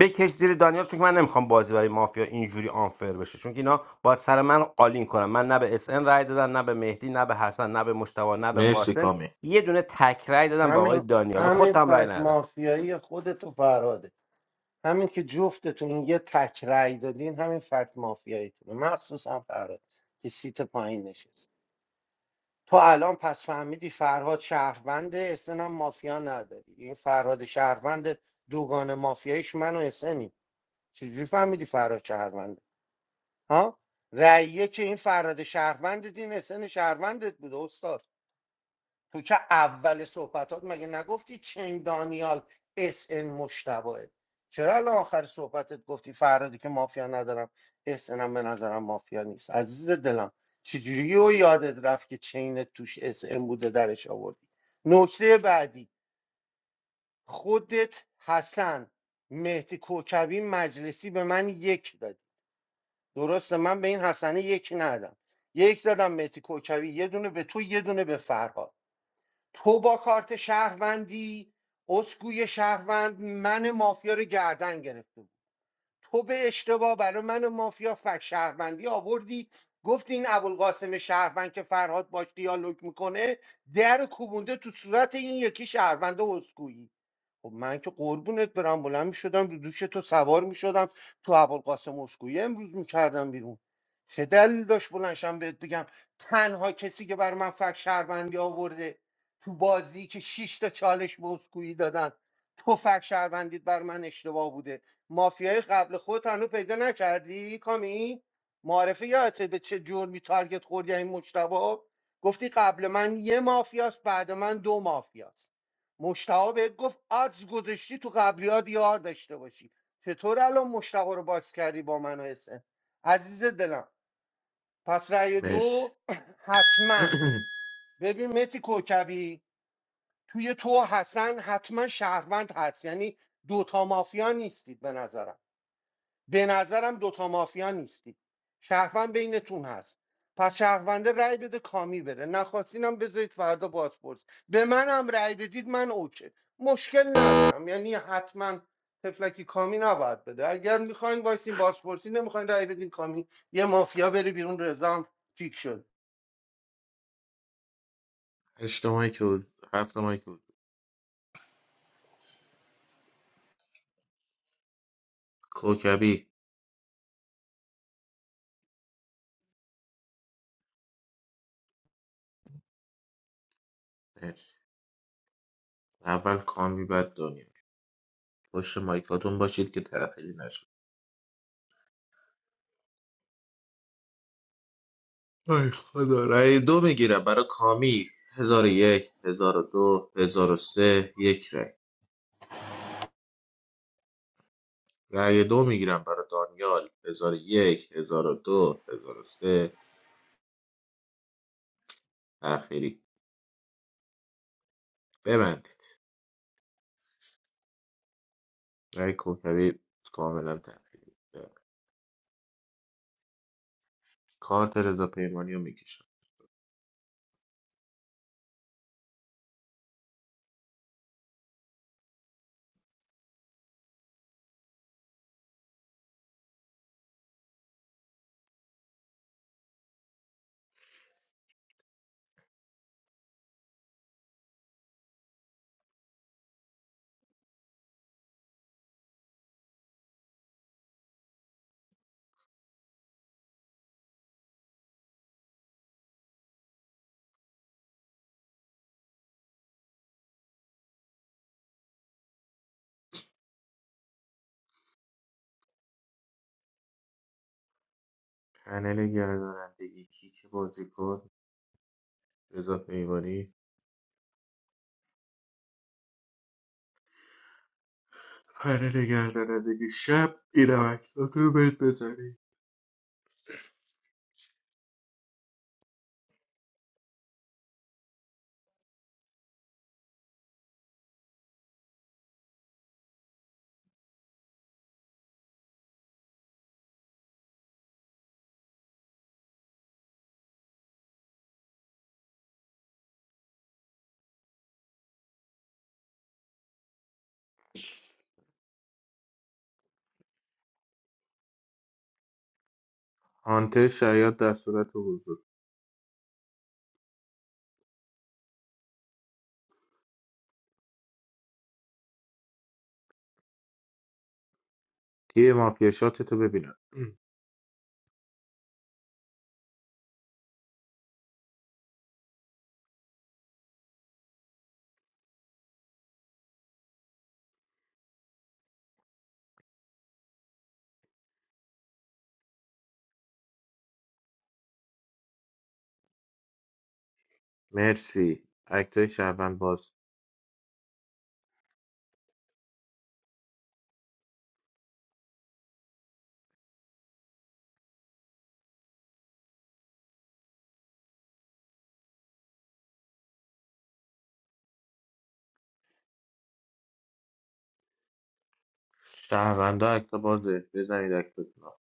بکش زیر دانیال چون که من نمیخوام بازی برای مافیا اینجوری آنفر بشه چون که اینا باید سر من قالین کنن من نه به اس ان رای دادم نه به مهدی نه به حسن نه به مشتبه نه به مرسی قاسم کامی یه دونه تک رای دادم به آقای همین دانیال به همین خودم رای فکت ندادم مافیایی خودتو فراده همین که جفتتون یه تک رأی دادین همین فکت مافیاییتونه مخصوصا فراد که سیت پایین نشست تو الان پس فهمیدی فرهاد شهرونده اسن هم مافیا نداری این فرهاد شهروند دوگان مافیاییش من و اسنی چجوری فهمیدی فرهاد شهرونده ها رأیه که این فرهاد شهروندت این اسن شهروندت بوده استاد تو که اول صحبتات مگه نگفتی چنگ دانیال اس ان مشتبهه چرا الان آخر صحبتت گفتی فرادی که مافیا ندارم اس ان هم به نظرم مافیا نیست عزیز دلم چجوری و یادت رفت که چین توش اس ان بوده درش آوردی نکته بعدی خودت حسن مهدی کوکبی مجلسی به من یک دادی درسته من به این حسنه یک ندادم یک دادم مهدی کوکبی یه دونه به تو یه دونه به فرهاد تو با کارت شهروندی اسکوی شهروند من مافیا رو گردن گرفته بود تو به اشتباه برای من مافیا فک شهروندی آوردی گفت این ابوالقاسم شهروند که فرهاد باش دیالوگ میکنه در کوبونده تو صورت این یکی شهروند اسکویی خب من که قربونت برم بلند میشدم رو دوش تو سوار میشدم تو ابوالقاسم اسکویه امروز میکردم بیرون چه دلیل داشت بلنشم بهت بگم تنها کسی که بر من فک شهروندی آورده تو بازی که شش تا چالش به اسکویی دادن تو فک شهروندیت بر من اشتباه بوده مافیای قبل خود هنوز پیدا نکردی کامی معرفه یادته به چه جرمی تارگت خوردی این مجتبا گفتی قبل من یه مافیاست بعد من دو مافیاست مشتاق بهت گفت از گذاشتی تو قبلیات یار داشته باشی چطور الان مشتاق رو باکس کردی با من و حسین عزیز دلم پس رأی مرسی دو حتما ببین متی کوکبی توی تو و حسن حتما شهروند هست یعنی دوتا مافیا نیستید به نظرم به نظرم دوتا مافیا نیستی شهروند بینتون هست پس شهرونده رأی بده کامی بره نخواستینم بذارید فردا بازپرس به منم رأی بدید من اوکی مشکل ندارم یعنی حتما تفلکی کامی نباید بده اگر میخواین وایسین بازپرسی نمیخواین رأی بدین کامی یه مافیا بره بیرون رزام فیک شد هشت مایک حضور هفت مایک حضور کوکبی مرسی اول کامی بعد دانیال پشت مایکاتون باشید که تأخیری نشه ای خدا رأی دو میگیرم برای کامی هزار و یک هزار و دو هزار و سه یک رأی رأی دو میگیرم برای دانیال هزار و یک هزار و دو هزار و سه تأخیری ببندید رأی کوکبی کاملا تأخیری کارت رضا پیمانی رو میکشم پنل گردانندگی کیک بازیکن رضا پیمانی پنل گردانندگی شب این عکسات رو بهت بزنی هانتر شاید در صورت حضور تیر مافیا شاتتو ببینم مرسی اکتای شهروند باز شهروندا اکتا بازه بزنید اکتاتون رو.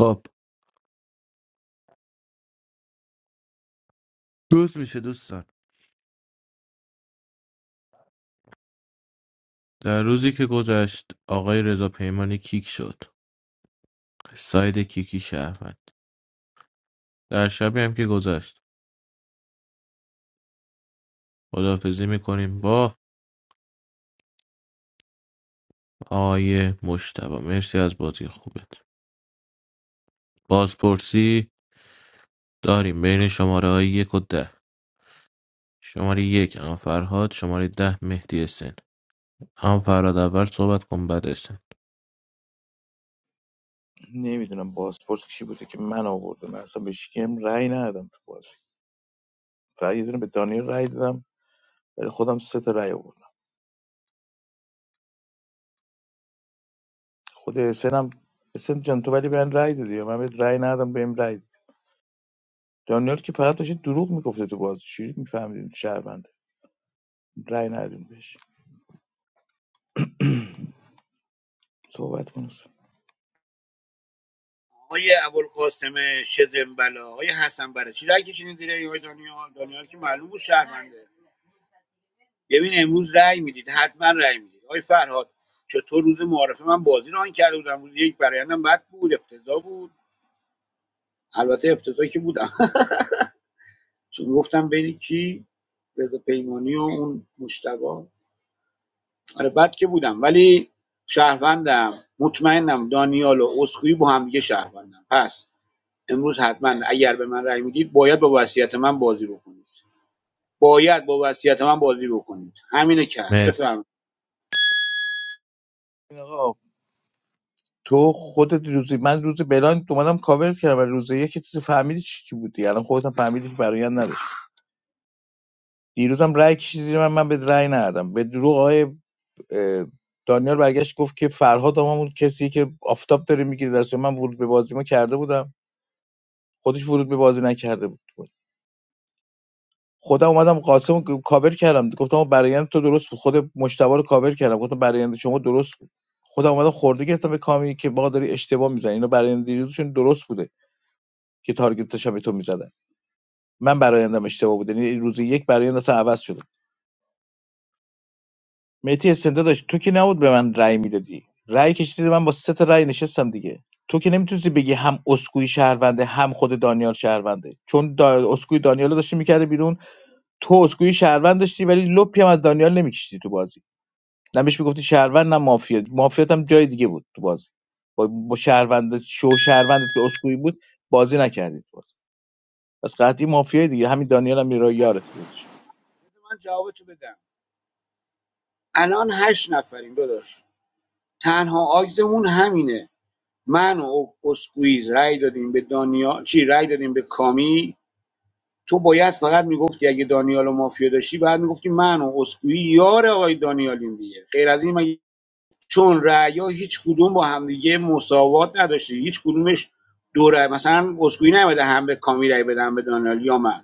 خب روز میشه دوستان در روزی که گذشت آقای رضا پیمانی کیک شد ساید کیکی شهروند در شبی هم که گذشت خداحافظی میکنیم با آیه مشتبه مرسی از بازی خوبت بازپرسی داریم بین شماره های یک و ده شماره یک هم فرهاد شماره ده مهدی سن هم فرهاد اول صحبت کن بعد اسن نمیدونم بازپرس کی بوده که من آوردم من اصلا به شکم رأی ندادم تو بازی فقط یه دونه به دانیال رأی دادم ولی خودم سه تا رأی آوردم خود حسینم حسین جان تو ولی به بهم رأی دادی من بهت رأی ندادم بهم رأی دادی. دانیال که فقط داشت دروغ میگفته تو بازی چی میفهمیدین شهرونده رأی ندادیم بهش صحبت کن حسین. آقای ابوالقاسم شزنبلا آقای حسن برچی رای کشیدین زیر آقای دانیال دانیال که معلوم بود شهرمنده ببین امروز رأی میدید حتما رأی میدید آقای فرهاد چطور روز معارفه من بازی ران کرده بودم روز یک برایندم بد بود افتضاح بود البته افتضاحی که بودم چون گفتم بین کی رضا پیمانی و اون مشتبا آره بد که بودم ولی شهروندم مطمئنم دانیال و اسکوئی با هم دیگه شهروندم پس امروز حتما اگر به من رأی میدید باید با وصیت من بازی بکنید باید با وصیت من بازی بکنید همینه که هست مرسی بفرمایید این آقا تو خودت روزی من روز بلاین اومدم کاور کردم ولی روز یکی تو فهمیدی چی چی بودی الان خودت هم فهمیدی که برایند نداشت دیروزم رأی کشیدی من من به رأی ندادم به دروغ آقای اه، دانیال برگشت گفت که فرهاد هم همون کسی که آفتاب داره میگیره درس من ورود به بازی ما کرده بودم خودش ورود به بازی نکرده بود خودم اومدم قاسم رو کاور کردم گفتم آقا برایند تو درست بود خود مجتبی رو کاور کردم گفتم برایند شما درست بود خودم اومدم خورده گرفتم به کامی که با داری اشتباه میزنی اینا برایند دیروزشون درست بوده که تارگتش هم به تو میزدن من برایندم اشتباه بود یعنی روز یک برایند اصلا عوض شده مهدی استنده داشت تو که نبود به من رأی میدادی رأی کشیدی من با سه تا رأی نشستم دیگه تو که نمیتونستی بگی هم اسکوئی شهرونده هم خود دانیال شهرونده چون دا... اسکوئی دانیال رو داشتی میکرده بیرون تو اسکوئی شهروند داشتی ولی لپی هم از دانیال نمیکشیدی تو بازی نه بهش میگفتی شهروند نه مافیا مافیات هم جای دیگه بود تو بازی با, با شهروند شو شهروندت که اسکوئی بود بازی نکردی تو بازی پس قطعی مافیای دیگه همین دانیال هم یارو یارت بودش بذار من جوابتو بدم الان هشت نفریم داداش تنها آگزمون همینه من و اسکویز رأی دادیم به دانیال چی رای دادیم به کامی تو باید فقط میگفتی اگه دانیال و مافیا داشتی بعد میگفتی من و اسکوئی یار آقای دانیالیم دیگه غیر از این مگه چون رأیا هیچ کدوم با همدیگه مساوات نداشتی هیچ کدومش دو رأی مثلا اسکوئی نمیده هم به کامی رأی بدم به دانیال یا من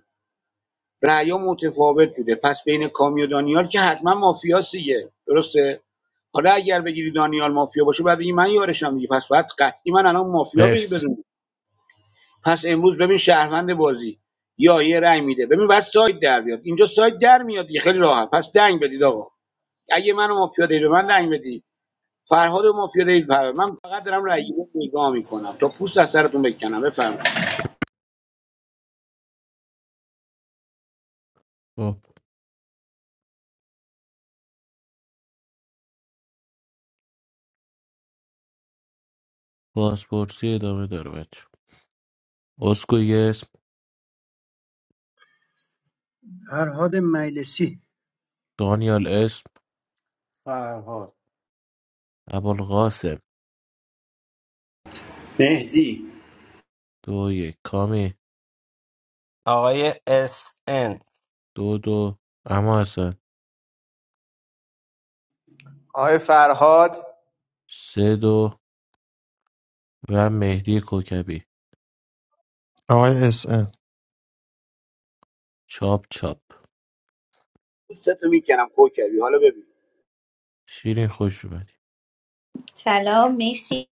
رأیا متفاوت بوده پس بین کامی و دانیال که حتما مافیاست دیگه درسته حالا اگر بگیری دانیال مافیا باشه بعد بگی من یارشم دیگه پس باید قطعی من الان مافیا بگی مرسی بدون پس امروز ببین شهروند بازی یا یه رأی میده ببین بعد سایت در بیاد اینجا سایت در میاد دیگه خیلی راحت پس دنگ بدید آقا اگه من مافیا دارید به من دنگ بدید فرهاد مافیا دارید پر من فقط دارم رأی رو نگاه میکنم تا پوست از سرتون بکنم بفرمایید خب، بازپرسی ادامه داره بچه اسکو یه اسم فرهاد مجلسی دانیال اسم فرهاد ابوالقاسم مهدی دو یک کامی آقای اس دو دو اما حسن آقای فرهاد سه دو و مهدی کوکبی آقای اس ان چاپ چاپ پوستتو میکنم کوکبی حالا ببین شیرین خوش اومدی سلام میسی.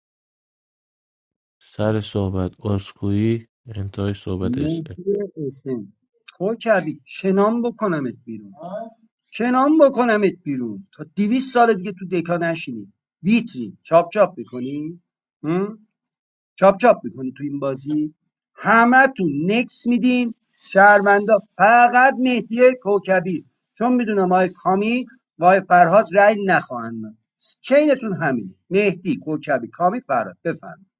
سر صحبت اسکوئی انتهای صحبت اسعد مهدی اسن تو کبی کنام بکنمت بیرون کنام بکنمت بیرون تا دیویس سال دیگه تو دکا نشینی ویتری چاپ چاپ میکنی چاپ چاپ میکنی تو این بازی همه تو نکس میدین شهروندا فقط مهدی کوکبی چون میدونم آقای کامی و آقای فرهاد رأی نخواهند داد. چینتون همینه مهدی کوکبی کامی فرهاد بفرمایید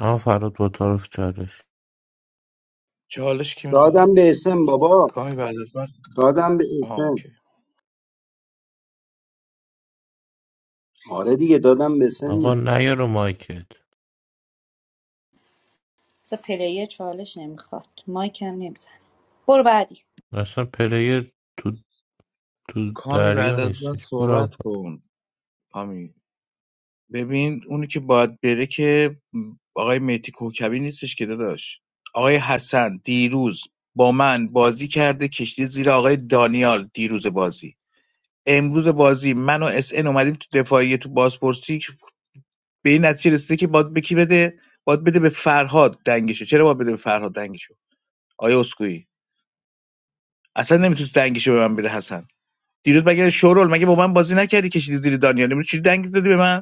اما فراد با طرف چالش چالش کی میخواد دادم به اسم بابا کامی بعد از من دادم به این آه سن اوکی آره دیگه دادم به سن آقا دیگه. نیا رو مایکت بذار پلیر چالش نمیخواد مایک هم نمیزنه برو بعدی اصلا پلیر تو تو کامی دریا بعد از من نیستش برو صحبت آقا. کن کامی ببین اونی که باید بره که آقای مهدی کوکبی نیستش که داداش آقای حسن دیروز با من بازی کرده کشتی زیر آقای دانیال دیروز بازی امروز بازی من و اس ان اومدیم تو دفاعیه تو بازپرسی به این نتیجه رسیده که باید بکی بده باید بده به فرهاد دنگشو چرا باید بده به فرهاد دنگشو آیا اسکوئی اصلا نمیتونست دنگشو به من بده حسن دیروز مگه شورول مگه با من بازی نکردی کشیدی زیر دانیال امروز چی دنگ زدی به من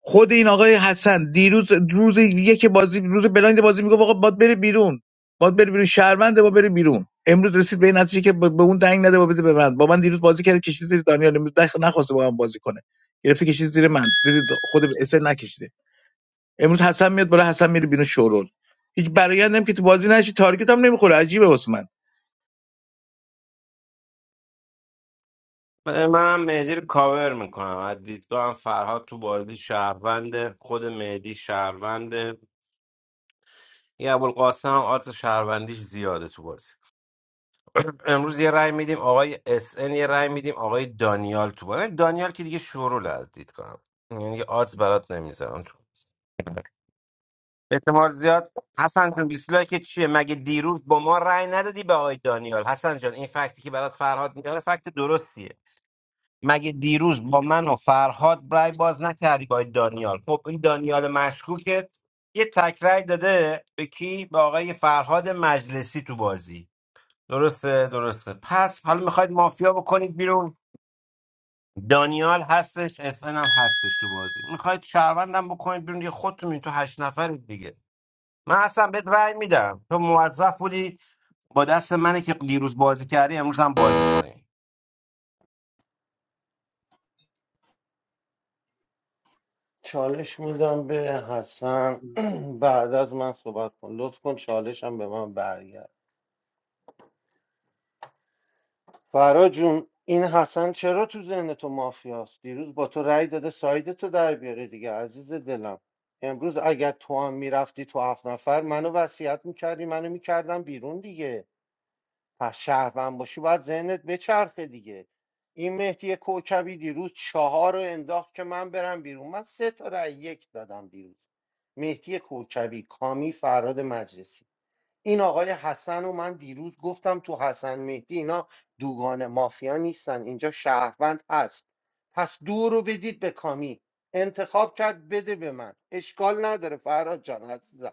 خود این آقای حسن دیروز روز یک بازی روز بلایند بازی میگه آقا باد بره بیرون باد بره بیرون شهرونده با بره بیرون امروز رسید به این نتیجه که به به اون دنگ نده با بده به من با من دیروز بازی کرد کشید زیر دانیال امروز دخ- نخواسته با من بازی کنه گرفته کشید زیر من زیر خود اسر نکشیده امروز حسن میاد بالا حسن میره بیرون شورول هیچ برایندم که تو بازی نشی تارگت هم نمیخوره عجیبه واسه من منم مهدی رو کاور میکنم از دیدگاه هم فرهاد تو بازی شهرونده خود مهدی شهرونده یه ابوالقاسم هم آدرس شهروندیش زیاده تو بازی امروز یه رأی میدیم آقای اس ان، یه رأی میدیم آقای دانیال تو بازی دانیال که دیگه شورول از دیدگاه هم. یعنی آدز برات نمیذارم تو احتمال زیاد حسن جون دیسلایک چیه مگه دیروز با ما رأی ندادی به آقای دانیال حسن جان این فکتی که برات فرهاد میاره فکت درستیه مگه دیروز با من و فرهاد رای باز نکردی با این دانیال خب این دانیال مشکوکت یه تک رای داده به کی به آقای فرهاد مجلسی تو بازی درسته درسته پس حالا میخواید مافیا بکنید بیرون دانیال هستش SN هم هستش تو بازی میخواید شهروندم بکنید بیرون یه خودتون این تو هشت نفر دیگه من اصلا بهت رأی میدم تو موظف بودی با دست منی که دیروز بازی کردی امروز هم بازی کنی چالش میدم به حسن بعد از من صحبت کن لطف کن چالشم به من برگرد فرا جون این حسن چرا تو ذهن تو مافیاست دیروز با تو رأی داده ساید تو در بیاره دیگه عزیز دلم امروز اگر تو هم میرفتی تو هفت نفر منو وصیت میکردی منو میکردم بیرون دیگه پس شهروند باشی باید ذهنت بچرخه دیگه این مهدی کوکبی دیروز چهار رو انداخت که من برم بیرون من سه تا رأی یک دادم دیروز مهدی کوکبی کامی فراد مجلسی این آقای حسن و من دیروز گفتم تو حسن مهدی اینا دوگان مافیا نیستن اینجا شهروند هست پس دو رو بدید به کامی انتخاب کرد بده به من اشکال نداره فرهاد جان عزیزم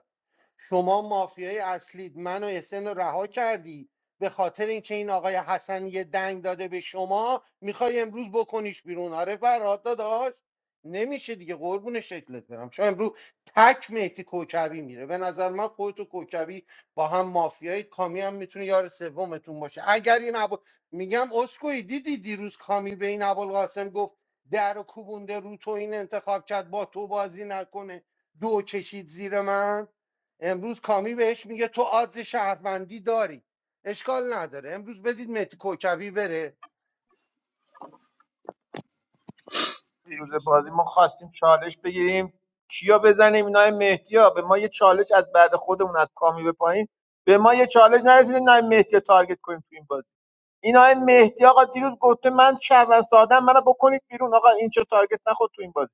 شما مافیای اصلید من و اسن رو رها کردی به خاطر اینکه این آقای حسن یه دنگ داده به شما میخوای امروز بکنیش بیرون آره فرهاد داداش نمیشه دیگه قربون شکلت برم چون امروز تک مهدی کوکبی میره به نظر من خودت و کوکبی با هم مافیایی کامی هم میتونه یار سومتون باشه اگر این ابو میگم اسکوئی دیدی دیروز کامی به این ابوالقاسم گفت در و کوبونده رو تو این انتخاب کرد با تو بازی نکنه دو کشید زیر من امروز کامی بهش میگه تو آدز شهروندی داری اشکال نداره امروز بدید مهدی کوکبی بره دیروز بازی ما خواستیم چالش بگیریم کیا بزنیم اینا مهدیا به ما یه چالش از بعد خودمون از کامی به پایین به ما یه چالش نرسید اینا مهدی تارگت کنیم تو این بازی اینا مهدی آقا دیروز گفته من شهروند سادم منو بکنید بیرون آقا این چه تارگت نخود تو این بازی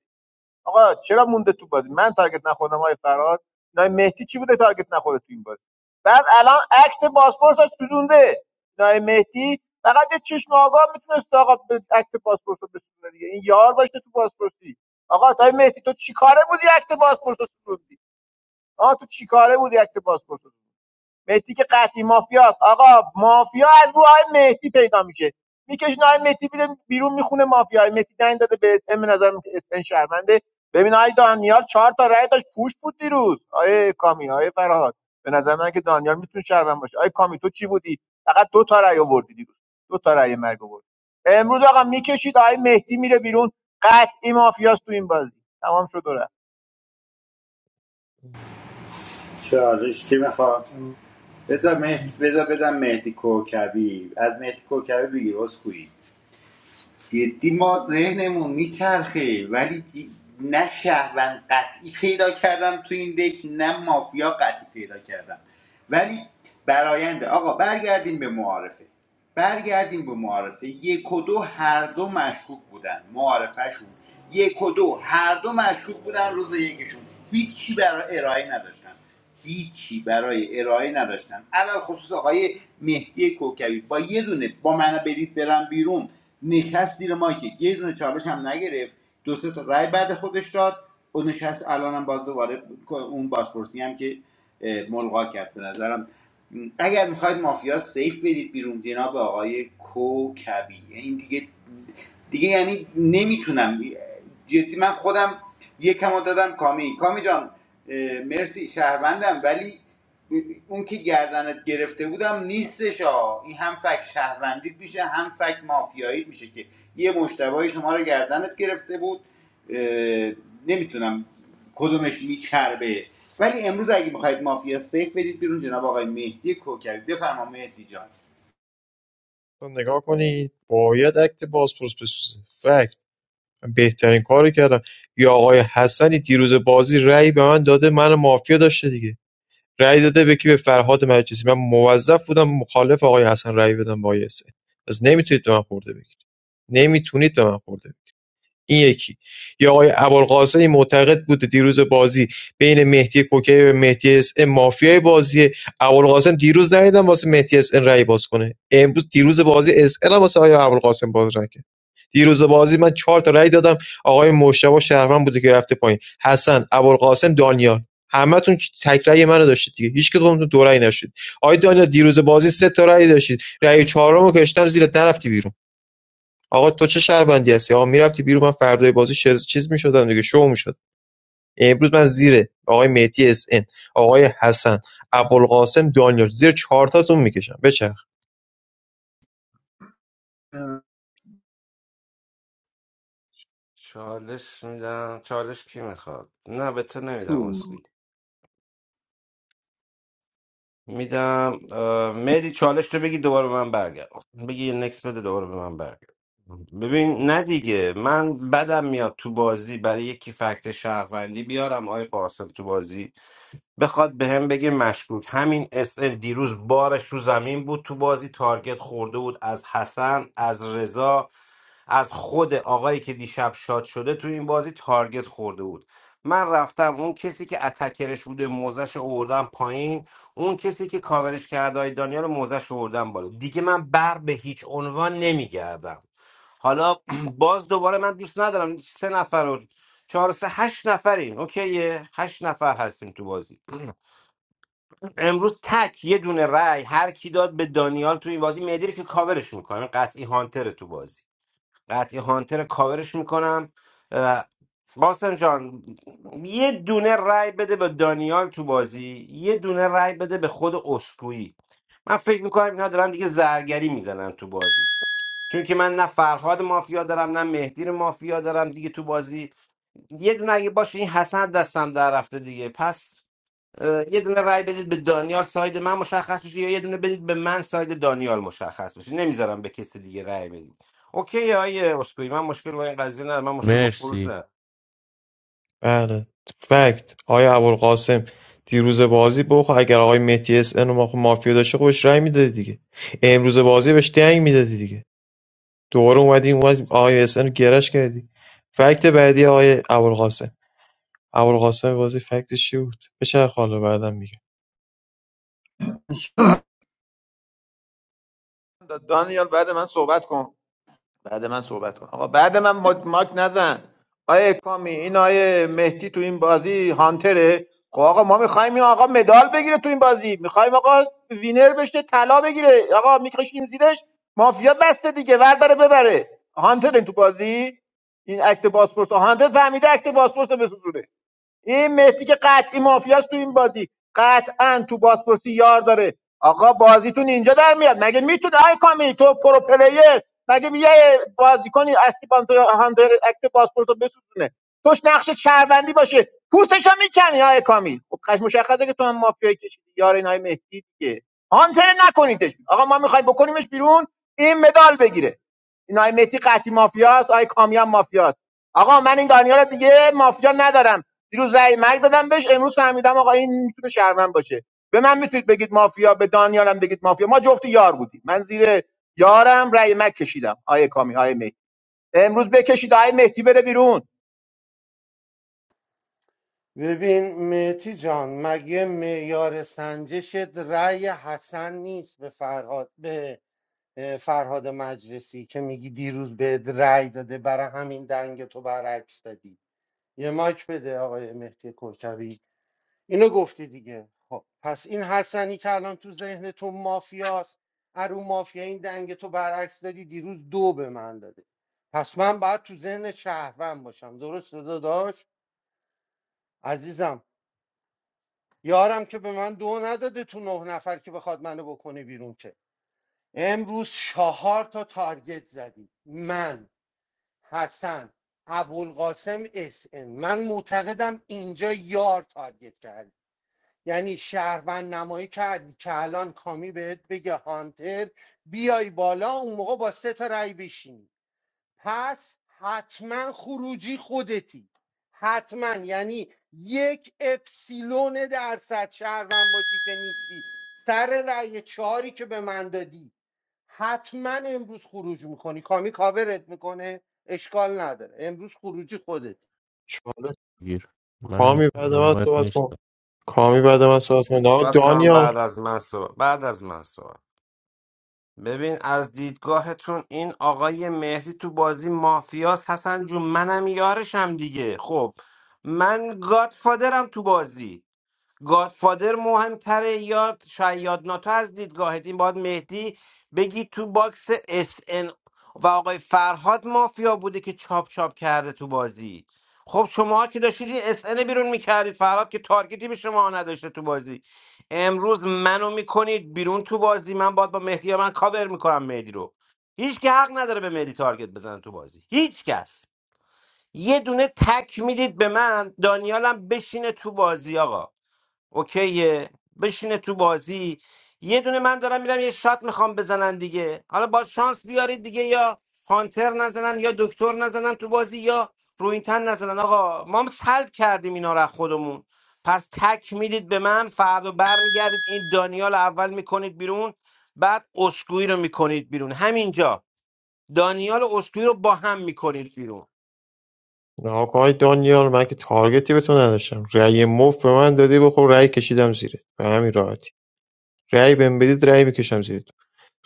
آقا چرا مونده تو بازی من تارگت نخوردم آقای فراد نای مهدی چی بوده تارگت نخورده تو این بازی بعد الان اکت پاسپورتش سوزونده نای مهدی فقط یه چشم آگاه میتونست آقا به اکت پاسپورت رو بسوزونه دیگه این یار داشته تو پاسپورتی آقا تای مهدی تو چیکاره بودی اکت پاسپورت رو سوزوندی آقا تو چیکاره بودی اکت پاسپورت مهدی که قطعی مافیاست آقا مافیا از رو های مهدی پیدا میشه میکشین های مهدی بیرون میخونه مافیا های مهدی دنگ داده به اسم به نظر اسم شرمنده ببین آی دانیال چهار تا رای داشت پوش بود دیروز آیه کامی آیه فرهاد به نظر من که دانیال میتونه شرمنده باشه آیه کامی تو چی بودی فقط دو تا رای آوردی دیروز دو تا رای مرگ آورد امروز آقا میکشید آیه مهدی میره بیرون قطعی مافیاست تو این بازی تمام شد و رفت. چالش چی میخواد بذار مهدی بذار بدم مهدی کوکبی از مهدی کوکبی بگیر از اسکوئی جدی ما ذهنمون میچرخه ولی جی... نه شهروند قطعی پیدا کردم تو این دک نه مافیا قطعی پیدا کردم ولی براینده آقا برگردیم به معارفه برگردیم به معارفه یک و دو هر دو مشکوک بودن معارفهشون یک و دو هر دو مشکوک بودن روز یکشون هیچی برای ارائه نداشتن هیچی برای ارائه نداشتن علل خصوص آقای مهدی کوکبی با یه دونه با من بدید برم بیرون نشست زیر مایکه یه دونه چالش هم نگرفت دو سه تا رای بعد خودش داد و نشست الانم باز دوباره اون بازپرسی هم که اه، ملغا کرد به نظرم اگر میخواید مافیا سیف بدید بیرون جناب آقای کوکبی این دیگه دیگه یعنی نمیتونم جدی من خودم یکم رو دادم کامی کامی جان مرسی شهروندم ولی اون که گردنت گرفته بودم نیستش ها این هم فک شهروندیت میشه هم فک مافیاییت میشه که یه مشتبه شما رو گردنت گرفته بود اه، نمیتونم کدومش میچربه ولی امروز اگه میخواید مافیا سیف بدید بیرون جناب آقای مهدی کوکبی بفرما مهدی جان تو نگاه کنید باید اکت بازپرس بسوزه فکت من بهترین کاری کردم یا آقای حسنی دیروز بازی رأی به من داده من مافیا داشته دیگه رأی داده به کی به فرهاد مجلسی من موظف بودم مخالف آقای حسن رأی بدم با آقای حسین پس نمیتونید به من خورده بگیرید نمیتونید به من خورده بگیرید. این یکی یا آقای ابوالقاسمی معتقد بود دیروز بازی بین مهدی کوکی و مهدی اس ام مافیای بازی ابوالقاسم دیروز ندیدم واسه مهدی اس ام رأی باز کنه امروز دیروز بازی اس ام هم واسه آقای ابوالقاسم باز رأی دیروز بازی من چهار تا رأی دادم آقای مشتبه شهروند بوده که رفته پایین حسن ابوالقاسم دانیال همتون تک رأی منو داشتید دیگه هیچ کدومتون دو رأی نشد آقای دانیال دیروز بازی سه تا رأی داشتید رأی چهارمو کشتم زیرت نرفتی بیرون آقا تو چه شهروندی هستی آقا میرفتی بیرون من فردای بازی چیز, چیز میشدم دیگه شو میشد امروز من زیر آقای مهدی اس ان، آقای حسن ابوالقاسم دانیال زیر چهار تاتون میکشم بچه چالش میدم چالش کی میخواد نه به تو نمیدم شور اسکوی میدم اه، مهدی چالش تو بگی دوباره به من برگرد بگی یه نکس بده دوباره به من برگرد ببین نه دیگه من بدم میاد تو بازی برای یکی فکت شهروندی بیارم آی قاسم تو بازی بخواد بهم بگه مشکوک همین اس ان دیروز بارش رو زمین بود تو بازی تارگت خورده بود از حسن از رضا از خود آقایی که دیشب شاد شده تو این بازی تارگت خورده بود من رفتم اون کسی که اتکرش بوده موزش اوردم پایین اون کسی که کاورش کرده های دانیال موزش اوردم بالا دیگه من بر به هیچ عنوان نمیگردم حالا باز دوباره من دوست ندارم سه نفر و چهار و سه هشت نفریم اوکیه هشت نفر هستیم تو بازی امروز تک یه دونه رای هر کی داد به دانیال تو این بازی مهدی رو که کاورش میکنم قطعی هانتر تو بازی قطعی هانتر کاورش میکنم قاسم جان یه دونه رای بده به دانیال تو بازی یه دونه رای بده به خود اسکویی من فکر میکنم اینا دارن دیگه زرگری میزنن تو بازی چون که من نه فرهاد مافیا دارم نه مهدی رو مافیا دارم دیگه تو بازی یه دونه اگه باشه این حسن دستم در رفته دیگه پس اه، یه دونه رای بدید به دانیال ساید من مشخص بشه یا یه دونه بدید به من ساید دانیال مشخص بشه نمیذارم به کسی دیگه رای بدید اوکی آیه اسکوئی من مشکل با این قضیه ندارم من مشکل با خروج مرسی ندارم بله فکت آیا ابوالقاسم دیروز بازی بخو اگر آقای مهدی اس ان ما خب مافیا داشته خب بهش رأی میدادی دیگه امروز بازی بهش دنگ میدادی دیگه دوباره اومدی اومد آقای اس ان رو گرش کردی فکت بعدی آقای ابوالقاسم ابوالقاسم بازی فکتش چی بود بشه حالا بعدم میگم دانیال بعد من صحبت کن بعد من صحبت کن آقا بعد من ما- ماک نزن آیه کامی این آیه مهدی تو این بازی هانتره خب آقا ما میخوایم این آقا مدال بگیره تو این بازی میخوایم آقا وینر بشه طلا بگیره آقا میکشیم زیرش مافیا بسته دیگه ورداره ببره هانتر این تو بازی این اکت باسپورس هانتر فهمیده اکت باسپورس رو بسوزونه این مهدی که قطعی مافیاست تو این بازی قطعا تو بازپرسی یار داره آقا بازیتون اینجا در میاد مگه میتونه آی کامی تو پرو پلیر مگه یه بازیکنی اکتی هاندر اکت بازپرس رو بسوزونه توش نقش شهروندی باشه پوستش هم میکنی آی کامی خب قش مشخصه که تو هم مافیایی کشیدی یار این های مهدی دیگه هانتر نکنیدش آقا ما میخوایم بکنیمش بیرون این مدال بگیره این های مهدی قطعی مافیاست آی کامی هم مافیاست آقا من این دانیال دیگه مافیا ندارم دیروز رأی مرگ دادم بهش امروز فهمیدم آقا این میتونه شرمن باشه به من میتونید بگید مافیا به دانیالم بگید مافیا ما جفتی یار بودیم من زیر یارم رأی مرگ کشیدم آیه کامی آیه مهدی امروز بکشید آیه مهدی بره بیرون ببین مهدی جان مگه معیار سنجشت رأی حسن نیست به فرهاد به اه، فرهاد مجلسی که میگی دیروز به رأی داده برای همین دنگ تو برعکس دادی یه ماک بده آقای مهدی کوکبی اینو گفتی دیگه خب پس این حسنی که الان تو ذهن تو مافیاست ارو مافیا این دنگ تو برعکس دادی دیروز دو به من داده پس من باید تو ذهن شهروند باشم درست داداش عزیزم یارم که به من دو نداده تو نه نفر که بخواد منو بکنه بیرون که امروز چهار تا تارگت زدی من حسن ابوالقاسم اس ان. من معتقدم اینجا یار تارگت کردی یعنی شهروند نمایی کردی که الان کامی بهت بگه هانتر بیای بالا اون موقع با سه تا رای بشینی پس حتما خروجی خودتی حتما یعنی یک اپسیلون درصد شهروند باشی که نیستی سر رأی چهاری که به من دادی حتما امروز خروج میکنی کامی کاورت میکنه اشکال نداره امروز خروجی خودتی. چالش گیر من کامی بعد من اونقدر صحبت کن نیستم کامی بعد من صحبت کن آقا باید کنم دانیال بعد از من صحبت بعد از من صحبت ببین از دیدگاهتون این آقای مهدی تو بازی مافیاس حسن جون منم یارشم دیگه خب من گادفادرم تو بازی گادفادر مهمتره یا شاید ناتو از دیدگاهت این باید مهدی بگی تو باکس اس ان و آقای فرهاد مافیا بوده که چاپ چاپ کرده تو بازی خب شما که داشتید این اس ان بیرون میکردید فرهاد که تارگتی به شما نداشته تو بازی امروز منو میکنید بیرون تو بازی من باید با مهدی یا من کاور میکنم مهدی رو هیچ که حق نداره به مهدی تارگت بزنه تو بازی هیچ کس یه دونه تک میدید به من دانیالم بشینه تو بازی آقا اوکیه بشینه تو بازی یه دونه من دارم میرم یه شات میخوام بزنن دیگه حالا با شانس بیارید دیگه یا هانتر نزنن یا دکتر نزنن تو بازی یا روینتن نزنن آقا ما هم سلب کردیم اینا رو از خودمون پس تک میدید به من فردا برمیگردید این دانیال رو اول میکنید بیرون بعد اسکوئی رو میکنید بیرون همینجا دانیال و اسکوئی رو با هم میکنید بیرون آقا آقای دانیال من که تارگتی بتون نداشتم رأی مفت به من دادی بخور رأی کشیدم زیره به همین راحتی رأی بهم بدید رأی بکشم زیر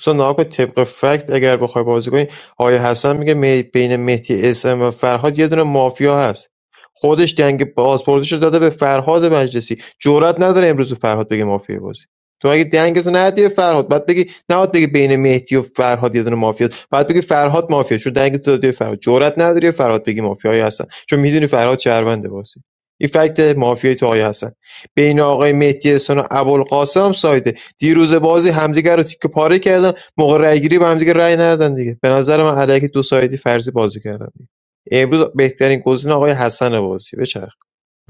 تو ناکو نها طبق فکت اگر بخوای بازی کنی آقای حسن میگه می- بین مهدی اسم و فرهاد یه دونه مافیا هست خودش دنگ بازپرسیش رو داده به فرهاد مجلسی جرئت نداره امروز به فرهاد بگه مافیا بازی تو اگه دنگتو ندی به فرهاد بعد بگی نهاد بگی بین مهدی و فرهاد یه دونه مافیا بعد بگی فرهاد مافیا چون دنگتو دادی به فرهاد جرئت نداری به فرهاد بگی مافیایی هستن چون میدونی فرهاد شهرونده بازی این فکت مافیای تو آقای حسن بین آقای مهدی احسان و ابوالقاسم هم ساید دیروزه بازی همدیگه رو تیکه پاره کردن موقع رأیگیری به همدیگه رأی ندادن دیگه به نظر من علیکی دو سایدی فرضی بازی کردن دیگه. امروز بهترین گزینه آقای حسن بازی بچرخ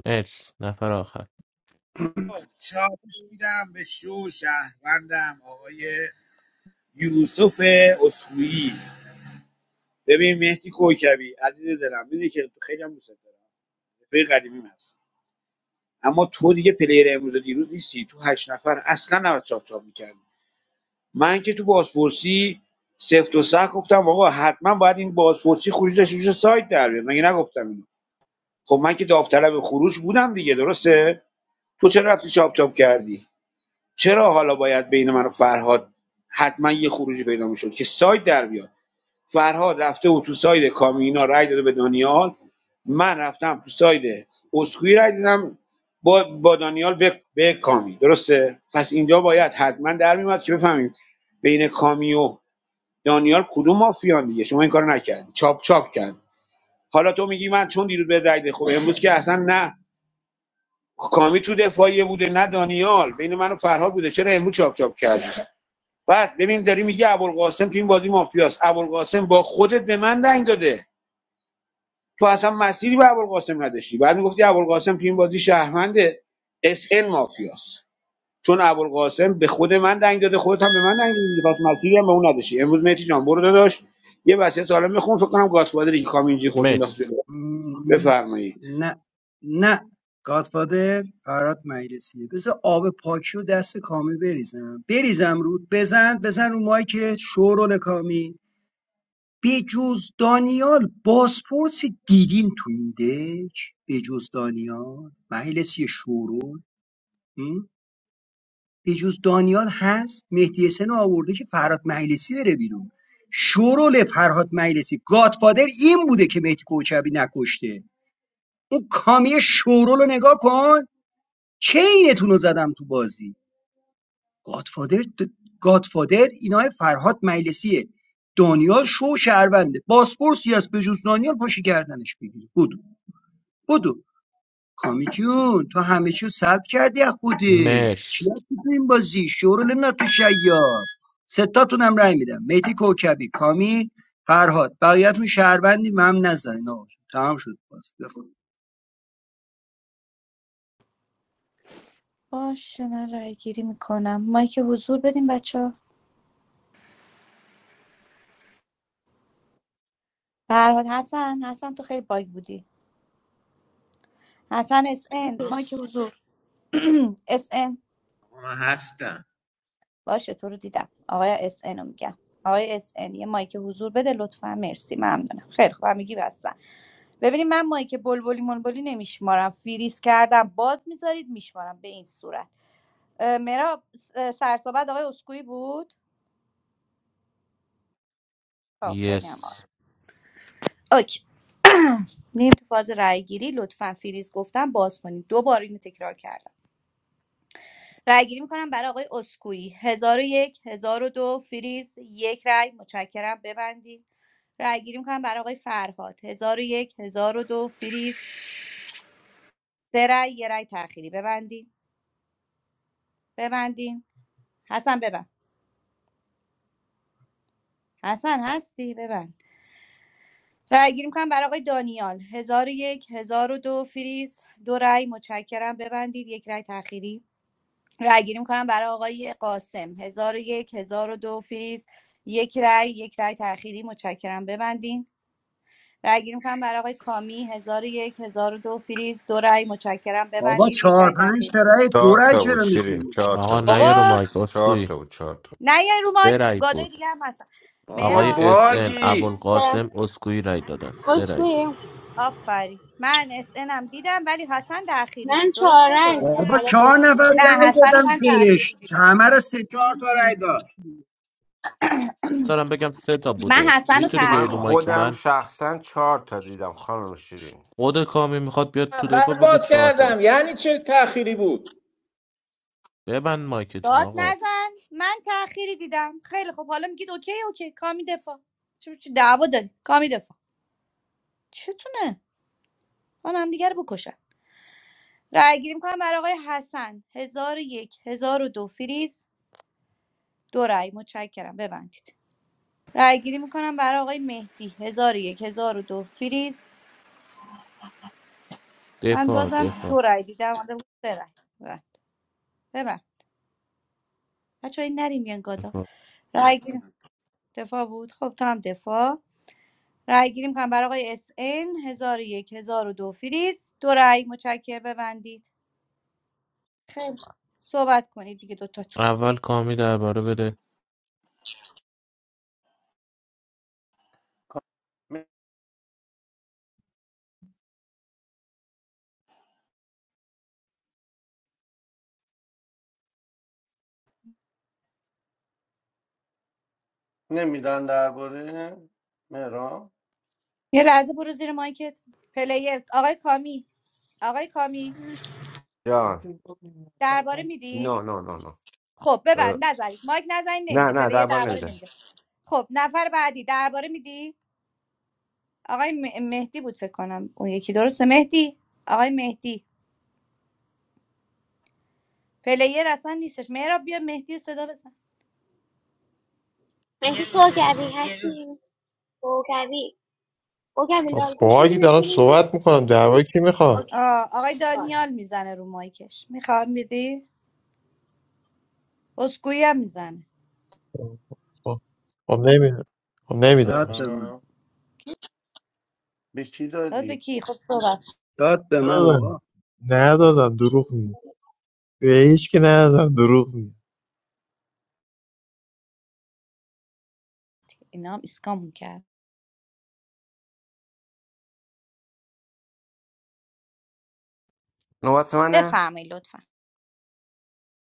مرس نفر آخر چاپ میدم به شو شهروندم آقای یوسف اسخویی ببین مهدی کوکبی عزیز دلم میدونی که خیلی هم دوست دارم رفیق قدیمیم هست اما تو دیگه پلیر امروز و دیروز نیستی تو هشت نفر اصلا نباید چاپ چاپ میکردی من که تو بازپرسی سفت و سخت گفتم آقا حتما باید این بازپرسی خروج داشته باشه سایت در بیاد مگه نگفتم اینو خب من که داوطلب خروج بودم دیگه درسته تو چرا رفتی چاپ چاپ کردی چرا حالا باید بین من و فرهاد حتما یه خروجی پیدا میشد که ساید در بیاد فرهاد رفته و تو ساید کامینا رای داده به دانیال من رفتم تو ساید اسکوئی رای دادم با, با دانیال به, به کامی درسته پس اینجا باید حتما در میاد که بفهمیم بین کامی و دانیال کدوم مافیان دیگه شما این کارو نکردی چاپ چاپ کرد حالا تو میگی من چون دیروز به رای دادم. خب امروز که اصلا نه کامی تو دفاعیه بوده نه دانیال بین من و فرهاد بوده چرا امروز چاپ چاپ کردی بعد ببین داری میگی ابوالقاسم تو این بازی مافیاست ابوالقاسم با خودت به من دنگ داده تو اصلا مسیری به ابوالقاسم نداشتی بعد میگفتی ابوالقاسم تو این بازی شهرمنده اس ان مافیاست چون ابوالقاسم به خود من دنگ داده خودت هم به من دنگ دادی پس مسیری هم به اون نداشتی امروز مهدی جان برو داداش یه وصیت سالم بخون فکر کنم گاتفادری که کامینجی خوش انداخت مرس جلو م- بفرمایید نه نه گادفادر برات مجلسیه بذار آب پاکی و دست کامی بریزم بریزم رود بزن بزن رو مایی که شورول کامی به جز دانیال باسپورس دیدیم تو این دک به جز دانیال مجلسی شورول بجز دانیال هست مهدی حسن رو آورده که فرهاد مجلسی بره بیرون شورول فرهاد مجلسی گادفادر این بوده که مهدی کوچبی نکشته اون کامی شورول رو نگاه کن چه اینتون رو زدم تو بازی گادفادر د... گادفادر اینای فرهاد مجلسیه دانیال شو شهرونده باسپورسی از بجز دانیال پاشی کردنش بگیری بدو بدو کامی جون تو همه چیو سلب کردی از خودی چی مرس هستی تو این بازی شورول ناتو شیار ستاتونم رای میدم مهدی کوکبی کامی فرهاد بقیه‌تون شهروندی مم نزنین آقا تمام شد باز بفرم. باشه من رای گیری میکنم مایک حضور بدین بچه ها فرهاد حسن حسن تو خیلی باگ بودی حسن اس ان مایک حضور اس ان من هستم باشه تو رو دیدم آقای اس ان رو میگم آقای اس ان یه مایک حضور بده لطفا مرسی ممنونم خیلی خوب میگی بستن ببینید من مایک بلبلی منبلی نمیشمارم فریز کردم باز میذارید میشمارم به این صورت اه، مرا س- اه، سرصحبت آقای اسکوئی بود خب خیلی هم عالی. یس اوکی میریم تو فاز رأیگیری لطفا فریز گفتم باز کنید دو بار اینو تکرار کردم رأیگیری میکنم برای آقای اسکویی هزار و یک هزار و دو فریز یک رای متشکرم ببندید رأیگیری میکنم برای آقای فرهاد هزار و یک هزار و دو فریز سه رای یه رأی تأخیری ببندید ببندین حسن ببند حسن هستی ببند رأیگیری میکنم برای آقای دانیال هزار و یک هزار و دو فریز دو رای متشکرم ببندید یک رای تأخیری رای گیری میکنم برای آقای قاسم هزار و یک هزار و دو فریز یک رای یک رای تأخیری متشکرم ببندین رای گیری میکنم برای آقای کامی هزار و یک هزار و دو فریز دو رای متشکرم بابا ببندید یک چهار رای پنج تأخیری تا رای دو چهار رای تا بود چرا شیرین میخونی چهار آقا تا بود نیا رو بابا مایک چهار اسکوئی تا بود چهار تا. نه یه رو سه مایک رای گادای بود دیگه هم هستن آقای مهراب اس ان ابوالقاسم اسکوئی رای دادن سه رای بسکوی آفرین من اس هم دیدم ولی حسن تأخیری من بود درسته چهاررنگ درست بودم بابا حالا خوب چهار نفر نه رای حسن رو دادم من تأخیری پیرش دیدم همه رو سفید چهار تا رأی می‌کنی. داشت دارم بگم سه تا من بوده حسن رو میتونی من بیای رو تأخیری مایک دیدم من خودم شخصا چهار تا دیدم خانم شیرین خود کامی میخواد بیاد تو دفاع بگو چهار تا اخیری بود ببند مایکتون داد آقا نزن من تأخیری دیدم خیلی خب حالا میگید اوکی اوکی کامی دفاع چه چه دعوا داری کامی دفاع چتونه من هم دیگه رو بکشم رأی گیری می‌کنم برای آقای حسن هزار و یک هزار و دو فریز دو رأی متشکرم ببندید رأی گیری می‌کنم برای آقای مهدی هزار و یک هزار و دو فریز من دفاع بازم دو دفاع رأی دیدم حالا سه رأی ببند ببند بچه‌ها این نریم میان گادا دفاع رأی گیری دفاع بود خب تو هم دفاع رأی گیری می‌کنم برای آقای اس ان 1001 دو فریز دو رأی متشکرم ببندید خیلی خوب. صحبت کنید دیگه دوتاتون اول کامی درباره بده نمیدن درباره مهران یه لحظه برو زیر مایکت پلیر آقای کامی آقای کامی جان درباره میدید نه نه نه نه خب اه، ببند نزنید مایک نزنید نه نمیده نه پلیر دربار درباره نمیده نمیده خب نفر بعدی درباره میدی آقای مه- مهدی بود فکر کنم اون یکی درسته مهدی آقای مهدی پلیر اصلا نیستش مهراب بیا مهدی رو صدا بزن مگه کوکبی هستی کوکبی کوکبی آه، لالگوش باگی بدینت دارم بیرون صحبت میکنم در درباره کی میخوام اوکی آه، آقای دانیال میزنه رو مایکش میخوام میدی اسکویی هم میزنه خب خب نمیدم خب داد نمیدم به داد به بچه‌ها. من. من به کی داد به دادی؟ کی خب صحبت داد به من ندادم آقا ندادم دروغ میگه به هیچ که ندادم دروغ میگه اینا هم اسکامون کرد نوبت منه بفرمایید لطفا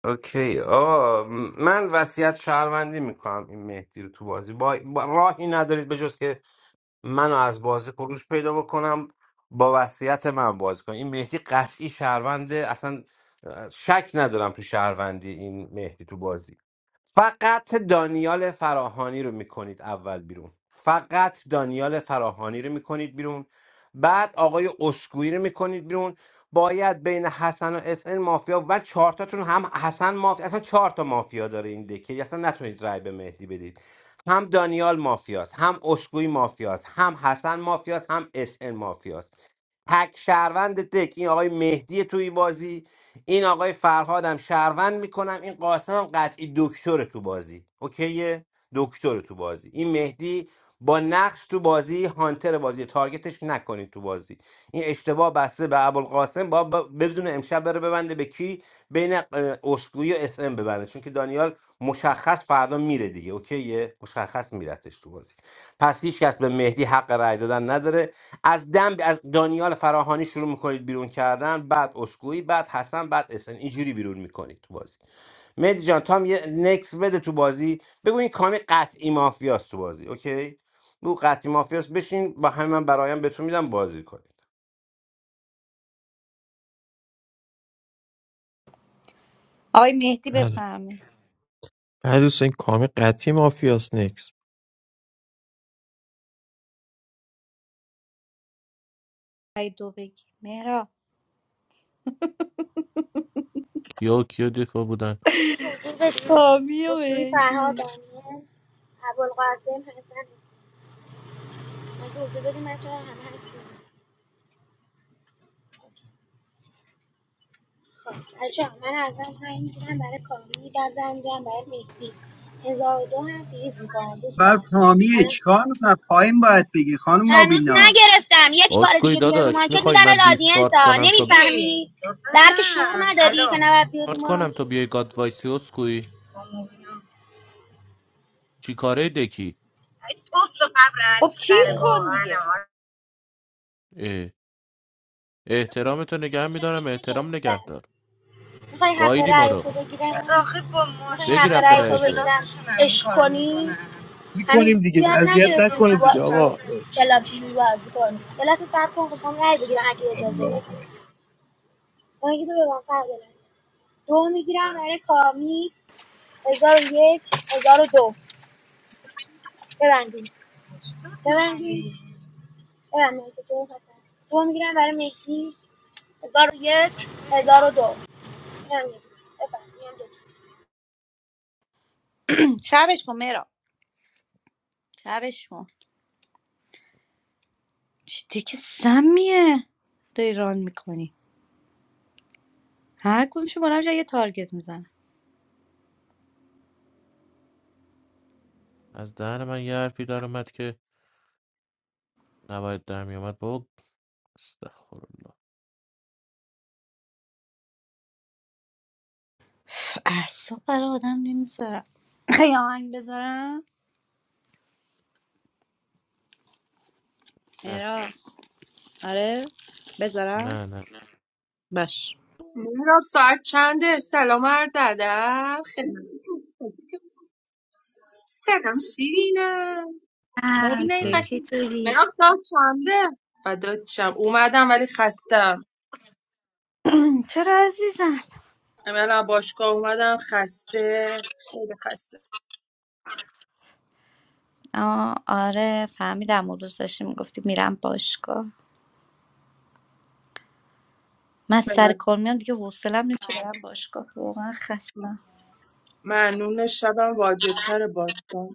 اوکی آه من وصیت شهروندی میکنم این مهدی رو تو بازی با, با- راهی ندارید به جز که منو از بازی خروج پیدا بکنم با وصیت من بازی کنم این مهدی قطعی شهرونده اصلا شک ندارم تو شهروندی این مهدی تو بازی فقط دانیال فراهانی رو میکنید اول بیرون فقط دانیال فراهانی رو میکنید بیرون بعد آقای اسکوئی رو میکنید بیرون باید بین حسن و اسن مافیا و چهارتاتون هم حسن مافیا اصلا چهار تا مافیا داره این دکه اصلا نتونید رای به مهدی بدید هم دانیال مافیاست هم اشکوی مافیاست هم حسن مافیاست هم اس ان مافیاست تک شهروند دک این آقای مهدی توی بازی این آقای فرهادم شهروند میکنم این قاسم هم قطعی دکتر تو بازی اوکیه دکتر تو بازی این مهدی با نقش تو بازی هانتر بازی تارگتش نکنید تو بازی این اشتباه بسته به ابوالقاسم با با- بدون امشب بره ببنده به کی بین اه، اسکوئی و اس ام ببنده چون که دانیال مشخص فردا میره دیگه اوکیه مشخص میرتش تو بازی پس هیچ کس به مهدی حق رأی دادن نداره از دم از دانیال فراهانی شروع میکنید بیرون کردن بعد اسکوئی بعد حسن بعد اسن اینجوری بیرون میکنید تو بازی مهدی جان تو هم یه نکس بده تو بازی بگو این کامی قطعی مافیاست تو بازی اوکی بگو قطعی مافیاست بشین با همین من برایم بهتون میدم بازی کنید آقای مهدی بله بفرمایید بله دوستان این کامی قطعی مافیاس نکس آقای دو بگی مهرا کیا و کیا دفاع بودن مگه حضور بدین حامی و اصولی مهدی فرهاد دانیل ابوالقاسم حسن مگه حضور بدین من چرا همه هستیم خب بچه من اول پنج میگیرم برای کامی در زن میگیرم برای مهدی هزار و دو هم فیز میکنم بعد دوستان کامیه الان چیکار میکنم پایین باید بگی خانم هنوز مابینا نگرفتم یک بار اسکوی دیگه بیای رو داداش مارکت میخوای میدم از من دیسکارد آدینسا کنم تا نمیفهمی درک شعور نه نداری الو که نباید بیای رو دیسکارد کنم مارکت تا بیای گاد وایسی اسکوی چی کاره دکی توف و قبر خب هرچی کی خره کن واقعا دیگه اه. احترامتو نگه هنوز رأی میدارم احترام نگه نگرفتم دار میخوای حق گایدی ما رأی رو تو بگیرم آخه با میخوای حق بگیر ماشینای حق رأی با تو بگیرم رأیشو عشق کنی بازی هنوز کنیم دیگه زیاد حالا اذیت نگرفتیم تو نکنید با... دیگه تو آقا سمت اه، کلاب چجوری بازی کنی کلاب فرق کن خواستم رأی بگیرم اگه اجازه بدی الله اکبر. اون تو به من فرق داره. دو میگیرم برای کامی هزار و یک هزار و دو ببندیم ببندیم ببندیم که دو هستن دو میگیرم برای مسی هزار و یک هزار و دو اینم یک بفرمایید، اینم شبش کن مهرا شبش کن چی که سمیه داری ران میکنی هر کدومشو بلند می‌شه یه تارگت میزنه از دهن من یه حرفی در اومد که نباید در میومد بابا استغفرالله اعصاب برای آدم نمیذارم خیلی آهنگ بذارم مهرا آره بذارم نه نه باش مهراب ساعت چنده سلام عرض ادب خدمت سلام شیرینم آه، مبینه تو نه قشنگ چطوری مهراب ساعت چنده فدات شم اومدم ولی خستم چرا عزیزم همین الان باشگاه اومدم خسته خیلی خسته آه آره فهمیدم اون روز داشتی میگفتی میرم باشگاه من سر من- کار میام دیگه حوصلم نمیشه برم باشگاه واقعا خستم معنون شبم واجبتر باشگاه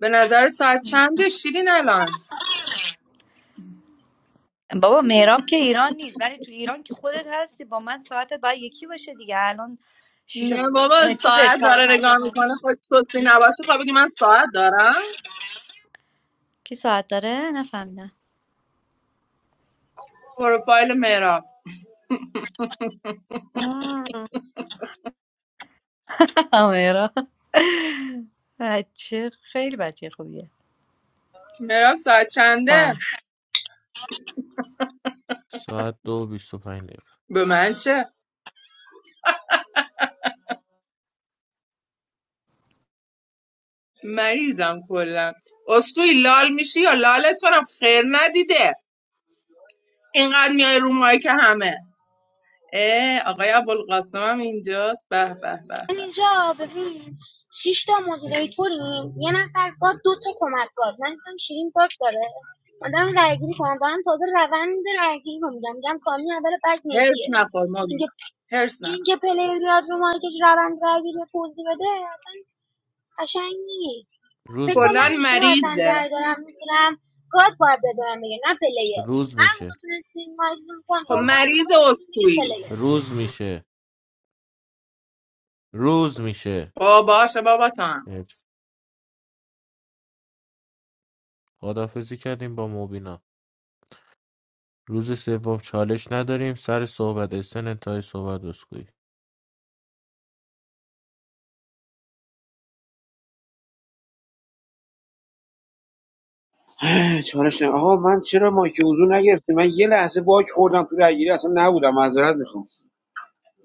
به نظر ساعت چنده شیرین الان بابا مهراب که ایران نیست ولی تو ایران که خودت هستی با من ساعتت باید یکی باشه دیگه الان شیش و نه بابا اه، چیزه ساعت چهار و داره پنج و نگاه پنج. میکنه خود توصی نباشه خب بگی من ساعت دارم کی ساعت داره نفهمیدم پروفایل مهراب آه، مهراب بچه خیلی بچه خوبیه مهراب ساعت چنده باش ساعت دو و بیست و پنج دقیقه به من چه مریضم کلا اسکوی لال میشی یا لالت کنم خیر ندیده اینقدر میای رو مایی که همه اه آقای ابوالقاسم هم اینجاست به به به به اینجا ببین شش تا مدیریتوریم یه نفر گاد دو تا کمکگار من دیدم شیرین باگ داره مادم رایگیری کنم دارم تازه روند رایگیری رو میگم میگم کامی اول بعد هرس میدیه نخور مبین اینکه هرس نخور اینکه پلیر بیاد رو مایکش روند رایگیری رو توضیح بده اصلا قشنگ نیست فکر روز کن کلا من میشه اشتباه اصلا مریضه رأی دارم میگیرم گاد باید به من بگه نه پلیر روز هر میشه موقع تونستین مجموع خب کنترل کنین اون موقع مریض بهتون میگید اسکویی پلیر روز میشه روز میشه خب باشه بابا تو هم خدافزی کردیم با مبینا روز سوم چالش نداریم سر صحبت اسن انتهای صحبت اسکوئی اه، چالش نه آها من چرا مایک حضور نگرفتم من یه لحظه باک خوردم تو رگیری اصلا نبودم معذرت میخوام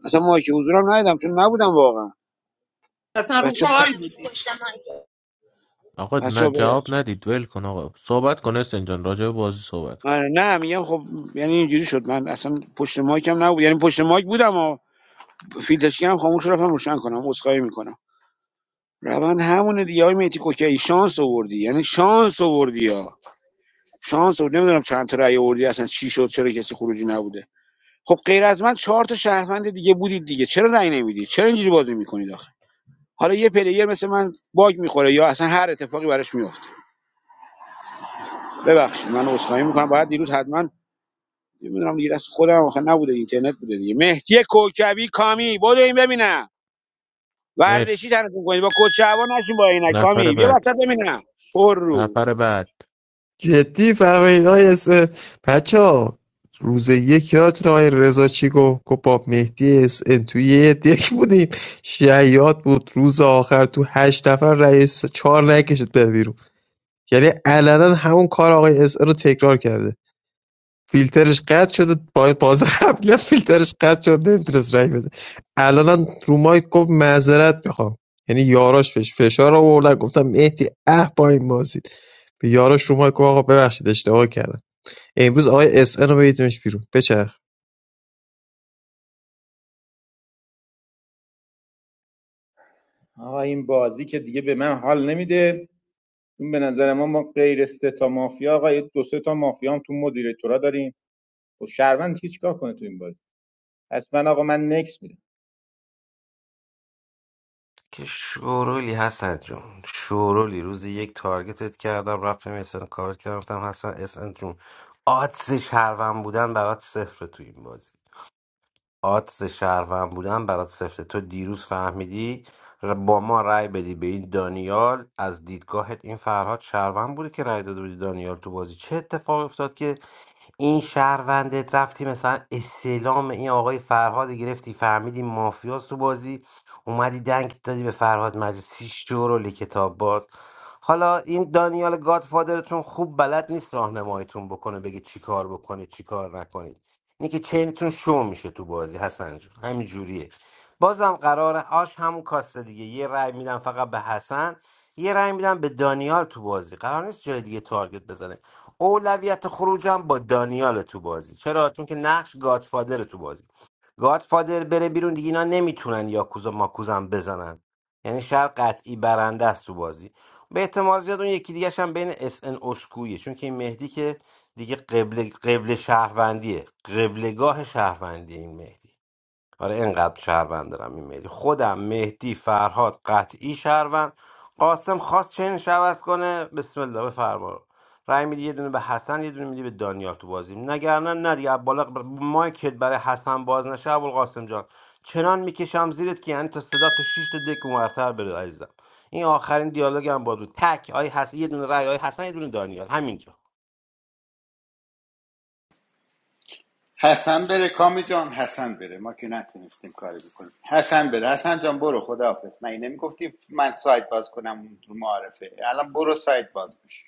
اصلا مایک حضورم ندیدم چون نبودم واقعا اصلا رو بچه شما کال بودی نبودی پشت مایکه آقا نه بچا ببخشید جواب ندید ول کن آقا صحبت کن اسن جان راجع به بازی صحبت کن آره، نه میگم خب یعنی اینجوری شد من اصلا پشت مایکم نبود یعنی پشت مایک بودم و فیلترچی هم خاموش رفتم روشن کنم عذرخواهی میکنم روند همونه دیگه های میتی کوکی شانس آوردی یعنی شانس آوردی ها شانس آوردی نمیدونم چند تا رأی آوردی اصلا چی شد چرا کسی خروجی نبوده خب غیر از من چهار تا شهروند دیگه بودید دیگه چرا رأی نمیدی چرا اینجوری بازی میکنید آخه حالا یه پلیر مثل من باگ میخوره یا اصلا هر اتفاقی براش میفته ببخشید من عذرخواهی میکنم باید دیروز حتما نمیدونم دیگه دست خودم آخه نبوده اینترنت بوده دیگه مهدی کوکبی کامی برو این ببینم ورزشی مرسی تنتون کنید با کد شعبان نشین با عینک نفر کامی بیا بعد وسط ببینم پر رو نفر بعد جدی فهمید آقای بچه ها روز یک یادتون آقای رضا چی گفت گفت با مهدی اس ان توی یه دک بودیم شیاد بود روز آخر تو هشت نفر رئیس چهار نکشید بره بیرون یعنی علنا همون کار آقای اس ان رو تکرار کرده فیلترش قطع شده با باز قبلا فیلترش قطع شده نمیتونست رای بده الان رو مایک گفت معذرت میخوام یعنی یاراش بهش فشار آوردن گفتم مهدی اه با این بازید به یاراش رو مایک گفت آقا ببخشید اشتباه کردم امروز آقای اس ان رو بدیدمش بیرون بچرخ آقا این بازی که دیگه به من حال نمیده این به نظر ما ما غیر سه تا مافیا آقا یه دو سه تا مافیا هم تو مدیریتورا داریم و شهروند چیکار کنه تو این بازی پس من آقا من نکس که شورولی حسن جون شورولی روزی یک تارگتت کردم رفتم اسن کار کردم رفتم حسن اسن جون آدس شهروند بودن برات صفر تو این بازی آدز شهروند بودن برات سفته تو دیروز فهمیدی ر- با ما رأی بدی به این دانیال از دیدگاهت این فرهاد شهروند بوده که رأی داده بودی دانیال تو بازی چه اتفاقی افتاد که این شهروندت رفتی مثلا استعلام این آقای فرهاد گرفتی فهمیدی مافیاس تو بازی اومدی دنگ دادی به فرهاد مجلسی شورول کتاب باز حالا این دانیال گادفادرتون خوب بلد نیست راهنماییتون بکنه بگه چی کار بکنید چی کار نکنید اینه که چینتون شو میشه تو بازی حسن جون همین جوریه بازم قراره آش همون کاسته دیگه یه رأی میدم فقط به حسن یه رأی میدم به دانیال تو بازی قرار نیست جای دیگه تارگت بزنه اولویت خروجم با دانیال تو بازی چرا چون که نقش گادفادر تو بازی گادفادر بره بیرون دیگه اینا نمیتونن یاکوزا ماکوزم بزنن یعنی شهر قطعی برنده است تو بازی به احتمال زیاد اون یکی دیگه هم بین اس ان اسکویه چون که این مهدی که دیگه قبل قبل شهروندیه قبلگاه شهروندی این مهدی آره اینقدر شهروند دارم این مهدی خودم مهدی فرهاد قطعی شهروند قاسم خواست چین شوز کنه بسم الله بفرما رای میدی یه دونه به حسن یه دونه میدی به دانیال تو بازی نگرنه نری از بالا بر- مایکت برای حسن باز نشه ابوالقاسم جان چنان میکشم زیرت که یعنی تا صدا تو شیش تا دک اونورتر بره عزیزم این آخرین دیالوگ هم بود تک آی حسن یه دونه رای آی حسن یه دونه دانیال همینجا حسن بره کامی جان حسن بره ما که نتونستیم کاری بکنیم حسن بره حسن جان برو خداحافظ من اینه میگفتی من سایت باز کنم اون رو معارفه الان برو سایت باز بشه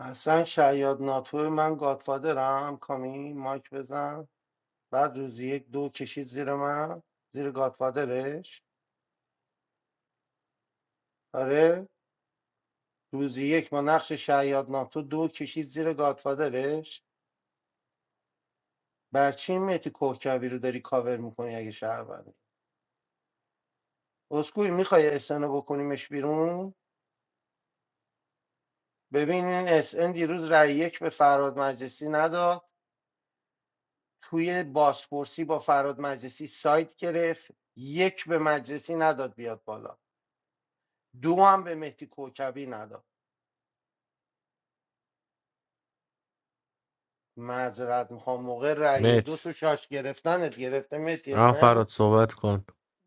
حسن شیاد ناتو من گادفادرم کامی مایک بزن بعد روزی یک دو کشید زیر من زیر گادفادرش آره روزی یک ما نقش شیاد ناتو دو کشید زیر گادفادرش بر چی این مهدی کوکبی رو داری کاور میکنی اگه شهروندی اسکوی میخوای اسنو بکنیمش بیرون ببین این اس ان دیروز رای یک به فراد مجلسی نداد توی بازپرسی با فراد مجلسی سایت گرفت یک به مجلسی نداد بیاد بالا دو هم به مهدی کوکبی نداد معذرت میخوام موقع رأی دو مرسی تو شاش گرفتنت گرفته مهدی رام حسین فراد صحبت کن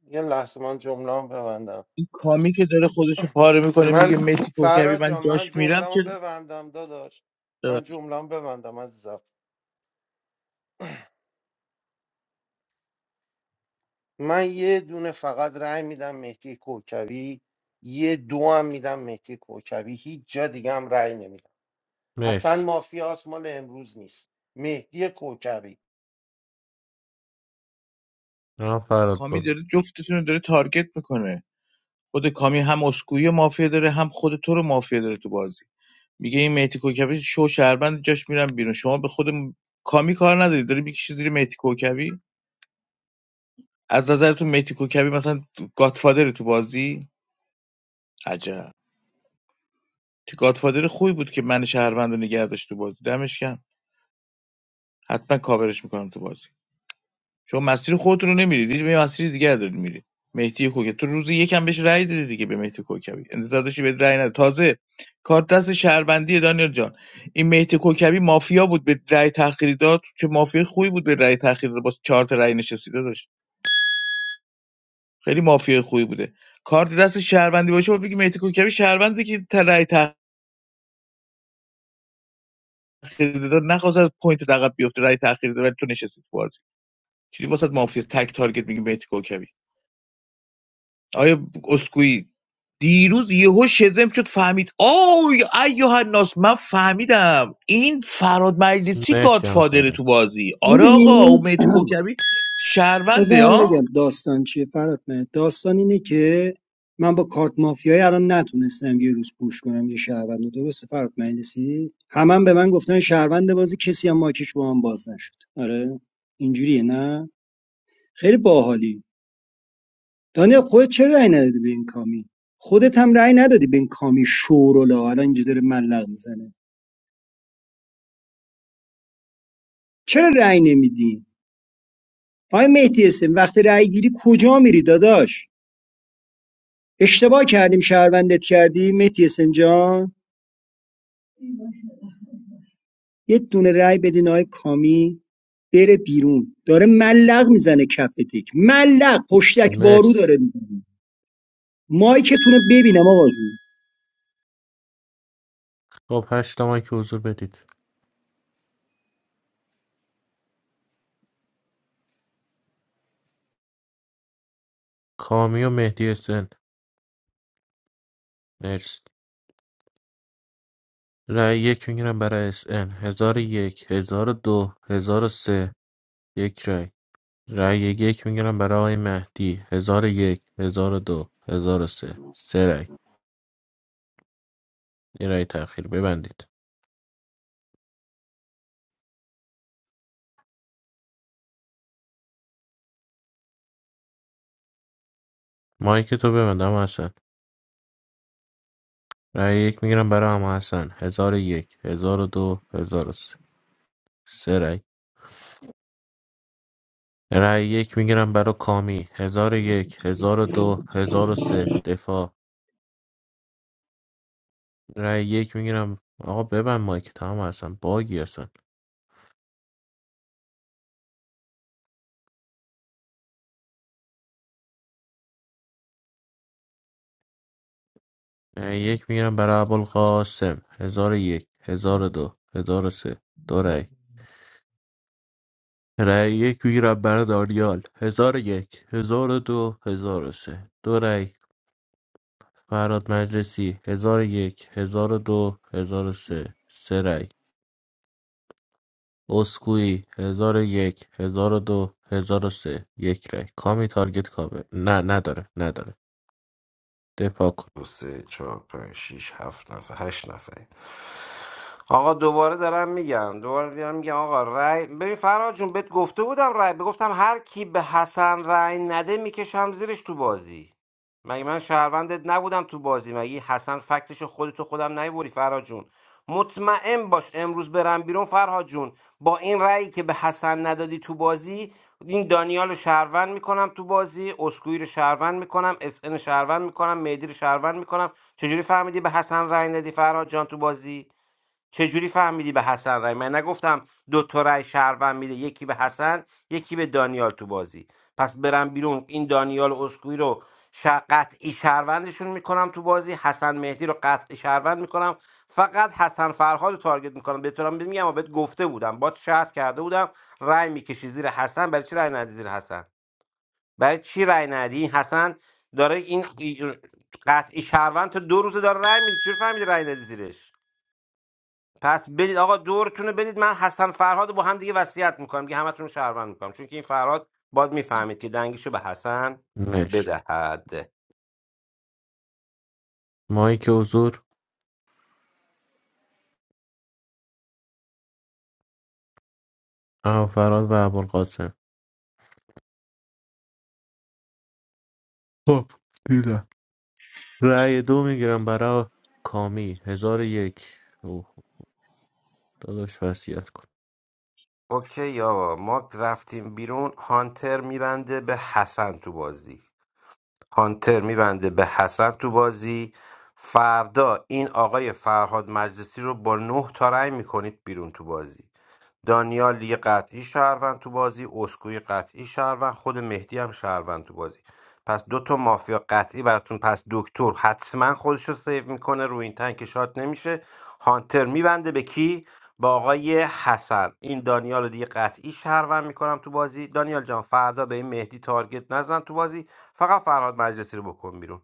یه لحظه من جمله ببندم این کامی که داره خودشو پاره میکنه میگه من متی کوکبی فراد من جان من جاش میرم جمله چه ببندم داداش من جمله ببندم عزیزم من یه دونه فقط رأی میدم مهدی کوکبی یه دو هم میدم مهدی کوکبی هیچ جا دیگه هم رأی نمیدم حسن مرسی مافیاس مال امروز نیست مهدی کوکبی رام فراد کامی برو داره جفتتون رو داره تارگت میکنه خود کامی هم اسکوئی مافیا داره هم خود تو رو مافیا داره تو بازی میگه این مهدی کوکبی شو شهروند جاش میرم بیرون شما به خود کامی کار نداری داری میکشی زیر مهدی کوکبی از نظرتون مهدی کوکبی مثلا گادفادر تو گاتفادر تو بازی عجب تو گادفادر خوبی بود که من شهروند رو نگه داشت تو بازی دمش گرم حتما کاورش میکنم تو بازی شما مسیر خودتون رو نمیرید یه مسیر دیگر دارید میرید مهدی کوکبی تو روز یکم بهش رأی دادی دیگه به مهدی کوکبی انتظار داشتی بهت رأی نده تازه کارت دست شهروندی دانیال جان این مهدی کوکبی مافیا بود به رأی تأخیری داد چه مافیا خوبی بود به رأی تأخیر داد با چهار تا رأی نشسیده داشت خیلی مافیا خوبی بوده کارت دست شهروندی باشه بود بگی مهدی کوکبی شهروندی که تا رأی تأخیری داد نخواست از پوینت عقب بیفته رأی تأخیری داد ولی تو نشستی تو بازی چیزی واسه مافیا تک تارگت میگی مهدی کوکبی آیا اسکوئی دیروز یهو شزم شد فهمید آی ایها الناس من فهمیدم این فراد مجلسی مرسی رام گادفادره فراد تو بازی آره آقا او می‌دونی؟ میتی کوکبی شهرونده بذار من ها بگم داستان چیه فرات مهر داستان اینه که من با کارت مافیایی الان نتونستم یه روز پوش کنم یه شهروند رو. درسته فرات مجلسی همم به من گفتن شهروند بازی کسی هم ماکش با من باز نشد آره اینجوریه نه خیلی باحالی دانیل خودت چرا رأی ندادی به این کامی خودت هم رأی ندادی به این کامی شورولا الان اینجا داره ملق میزنه چرا رأی نمیدی آیا مهدی اسم وقتی رأی گیری کجا میری داداش اشتباه کردیم شهروندت کردی مهدی اسم جان یه دونه رای بدین آقای کامی بره بیرون داره ملق میزنه کف تک ملق پشتک وارو مرسی داره میزنه مایکتون رو ببینم آقا جون خب هشت تومن که حضور بدید کامی و مهدی اس ان مرسی رأی یک میگیرم برای اس ان هزار و یک هزار و دو هزار و سه یک رأی رأی یک میگیرم برای آقای مهدی هزار و یک هزار و دو هزار و سه سه رأی یه رأی تأخیر ببندید مایک تو ببند اما حسن رأی یک میگیرم برای اما حسن هزار و یک هزار و دو هزار و سه سه رأی رأی یک میگیرم برای کامی هزار و یک هزار و دو هزار و سه دفاع رای یک میگیرم آقا ببند مایک تمام هستن باگی هستن رای یک میگیرم برای ابوالقاسم هزار و یک هزار و دو هزار و سه دو رای رای یک میگیرم برای داریال هزار و یک هزار و دو هزار و سه دو رای فراد مجلسی هزار و یک هزار و دو هزار و سه سه رای اسکویی هزار و یک هزار و دو هزار و سه یک رای کامی تارگت کابه نه نداره نداره دفاع کن دو سه چهار پنج شیش هفت نفر هشت نفریم آقا دوباره دارم میگم دوباره دارم میگم آقا رأی ببین فرهاد جون بهت گفته بودم رأی بگفتم هر کی به حسن رأی نده میکشم زیرش تو بازی مگه من شهروندت نبودم تو بازی مگه حسن فکتش خودتو خودم نیوری فرهاد جون مطمئن باش امروز برم بیرون فرهاد جون با این رأیی که به حسن ندادی تو بازی این دانیال رو شهروند میکنم تو بازی اسکوئی رو شهروند میکنم اس ان شهروند میکنم مهدی رو شهروند میکنم چجوری فهمیدی به حسن رای ندی فرهاد جان تو بازی چجوری فهمیدی به حسن رای من نگفتم دو تا رای شهروند میده یکی به حسن یکی به دانیال تو بازی پس برم بیرون این دانیال اسکوئی رو ش- قطعی شهروندشون میکنم تو بازی حسن مهدی رو قطعی شهروند میکنم فقط حسن فرهاد رو تارگت میکنم به طورم میگم و بهت گفته بودم با شرط کرده بودم رای میکشی زیر حسن برای چی رای ندی زیر حسن برای چی رای ندی این حسن داره این قطعی شهروند تا دو روزه داره رای میده چجوری فهمیدی رای ندی زیرش پس بدید آقا دورتونو رو بدید من حسن فرهاد رو با هم دیگه وصیت میکنم که همتون شهروند میکنم چون که این فرهاد باید میفهمید که دنگشو به حسن مرسی بدهد مایک حضور فراد و ابوالقاسم خب دیدم رأی دو میگیرم برای کامی هزار و یک اوه، خب داداش وصیت کن اوکی آقا ما رفتیم بیرون هانتر میبنده به حسن تو بازی هانتر میبنده به حسن تو بازی فردا این آقای فرهاد مجلسی رو با نه تا رأی میکنید بیرون تو بازی دانیال دیگه قطعی شهروند تو بازی اسکوی قطعی شهروند خود مهدی هم شهروند تو بازی پس دو تا مافیا قطعی براتون پس دکتر حتما خودش رو سیو میکنه روی این تنک شات نمیشه هانتر میبنده به کی با آقای حسن این دانیال رو دیگه قطعی شهروند میکنم تو بازی دانیال جان فردا به این مهدی تارگت نزن تو بازی فقط فرهاد مجلسی رو بکن بیرون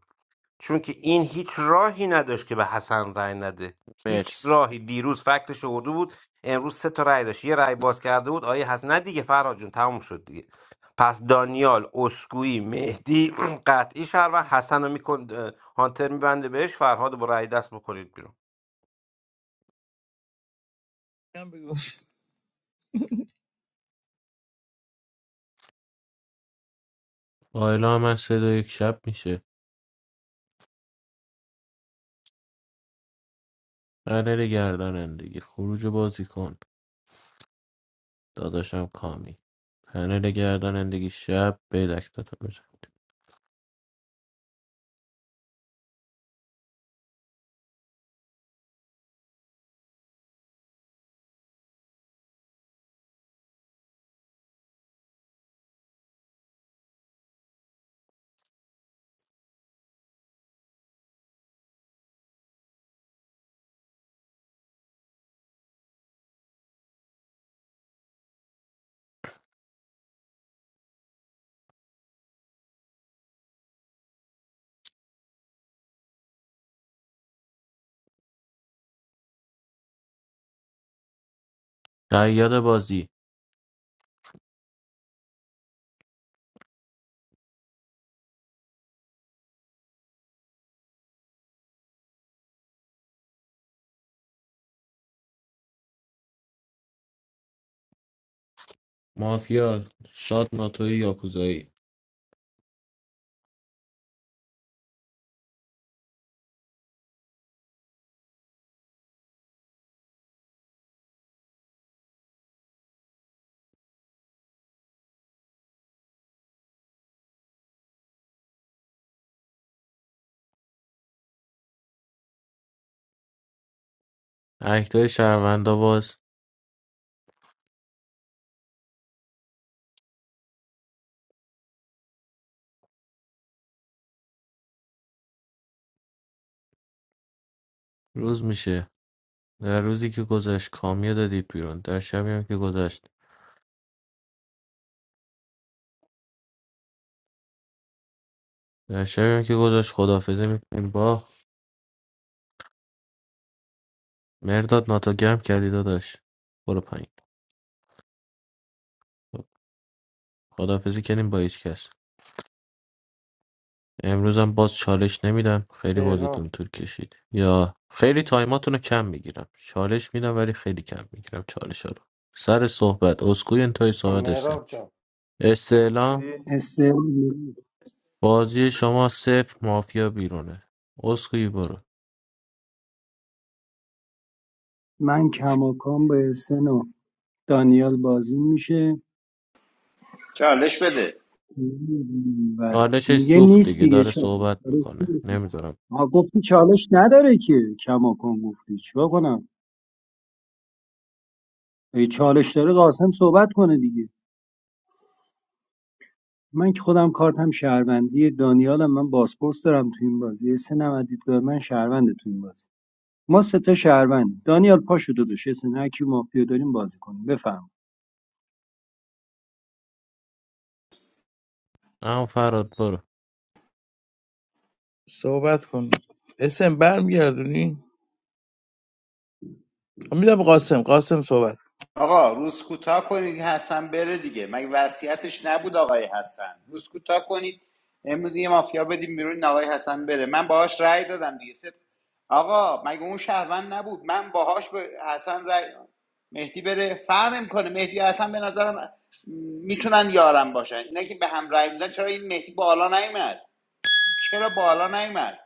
چون که این هیچ راهی نداشت که به حسن رأی نده هیچ مرس راهی دیروز فکتش آورده بود امروز سه تا رأی داشت یه رأی باز کرده بود آیه حسن نه دیگه فرهاد جون تموم شد دیگه پس دانیال اسکویی مهدی قطعی شهروند حسن رو میکن هانتر میبنده بهش فرهاد رو با رأی دست بکنید بیرون با اعلام من سه دو یک شب میشه پنل گردانندگی خروج بازی کن داداشم کامی پنل گردانندگی شب به دکتاتو بزنید قیاد بازی مافیا شاد ناتوی یاکوزایی اکتای شهروندا باز روز میشه در روزی که گذشت کامی رو دادید بیرون در شبی هم که گذشت در شبی هم که گذاشت خداحافظی میکنیم با مرداد ناتو گرم کردی داداش برو پایین خب، خداحافظی کردیم با هیچ کس امروز هم باز چالش نمیدم خیلی سلام بازیتون طول کشید یا خیلی تایماتون رو کم میگیرم چالش میدم ولی خیلی کم میگیرم چالش ها رو سر صحبت اسکوی انتهای صحبت استن مهراب جان استعلام استعلام می‌گیرم. بازی شما صفر مافیا بیرونه اسکوی برو من کماکان با احسن و دانیال بازی میشه چالش بده بس چالشش میگه سوخت نیست دیگه دیگه داره چالش صحبت درسته میکنه می‌کنی. نمیذارم آها گفتی چالش نداره که کماکان گفتی چیکار کنم اگه چالش داره قاسم صحبت کنه دیگه. من که خودم کارتم شهروندی دانیالم من بازپرس دارم تو این بازی حسین هم از دیدگاه من شهرونده تو این بازی ما سه تا شهروند دانیال پاشو داداش حسین هر کی مافیا داریم بازی کنیم بفهم اما فراد برو صحبت کن اسم برمیگردونی میدم قاسم قاسم صحبت کن آقا روز کوتاه کنید حسن بره دیگه مگه وصیتش نبود آقای حسن روز کوتاه کنید امروز یه مافیا بدیم بیرون این آقای حسن بره من باهاش رأی دادم دیگه ست... آقا مگه اون شهروند نبود من باهاش به حسن رأی مهدی بره فرق میکنه مهدی و حسن به نظرم میتونن یارم باشن اینا که به هم رأی میدن چرا این مهدی بالا نیومد چرا بالا نیومد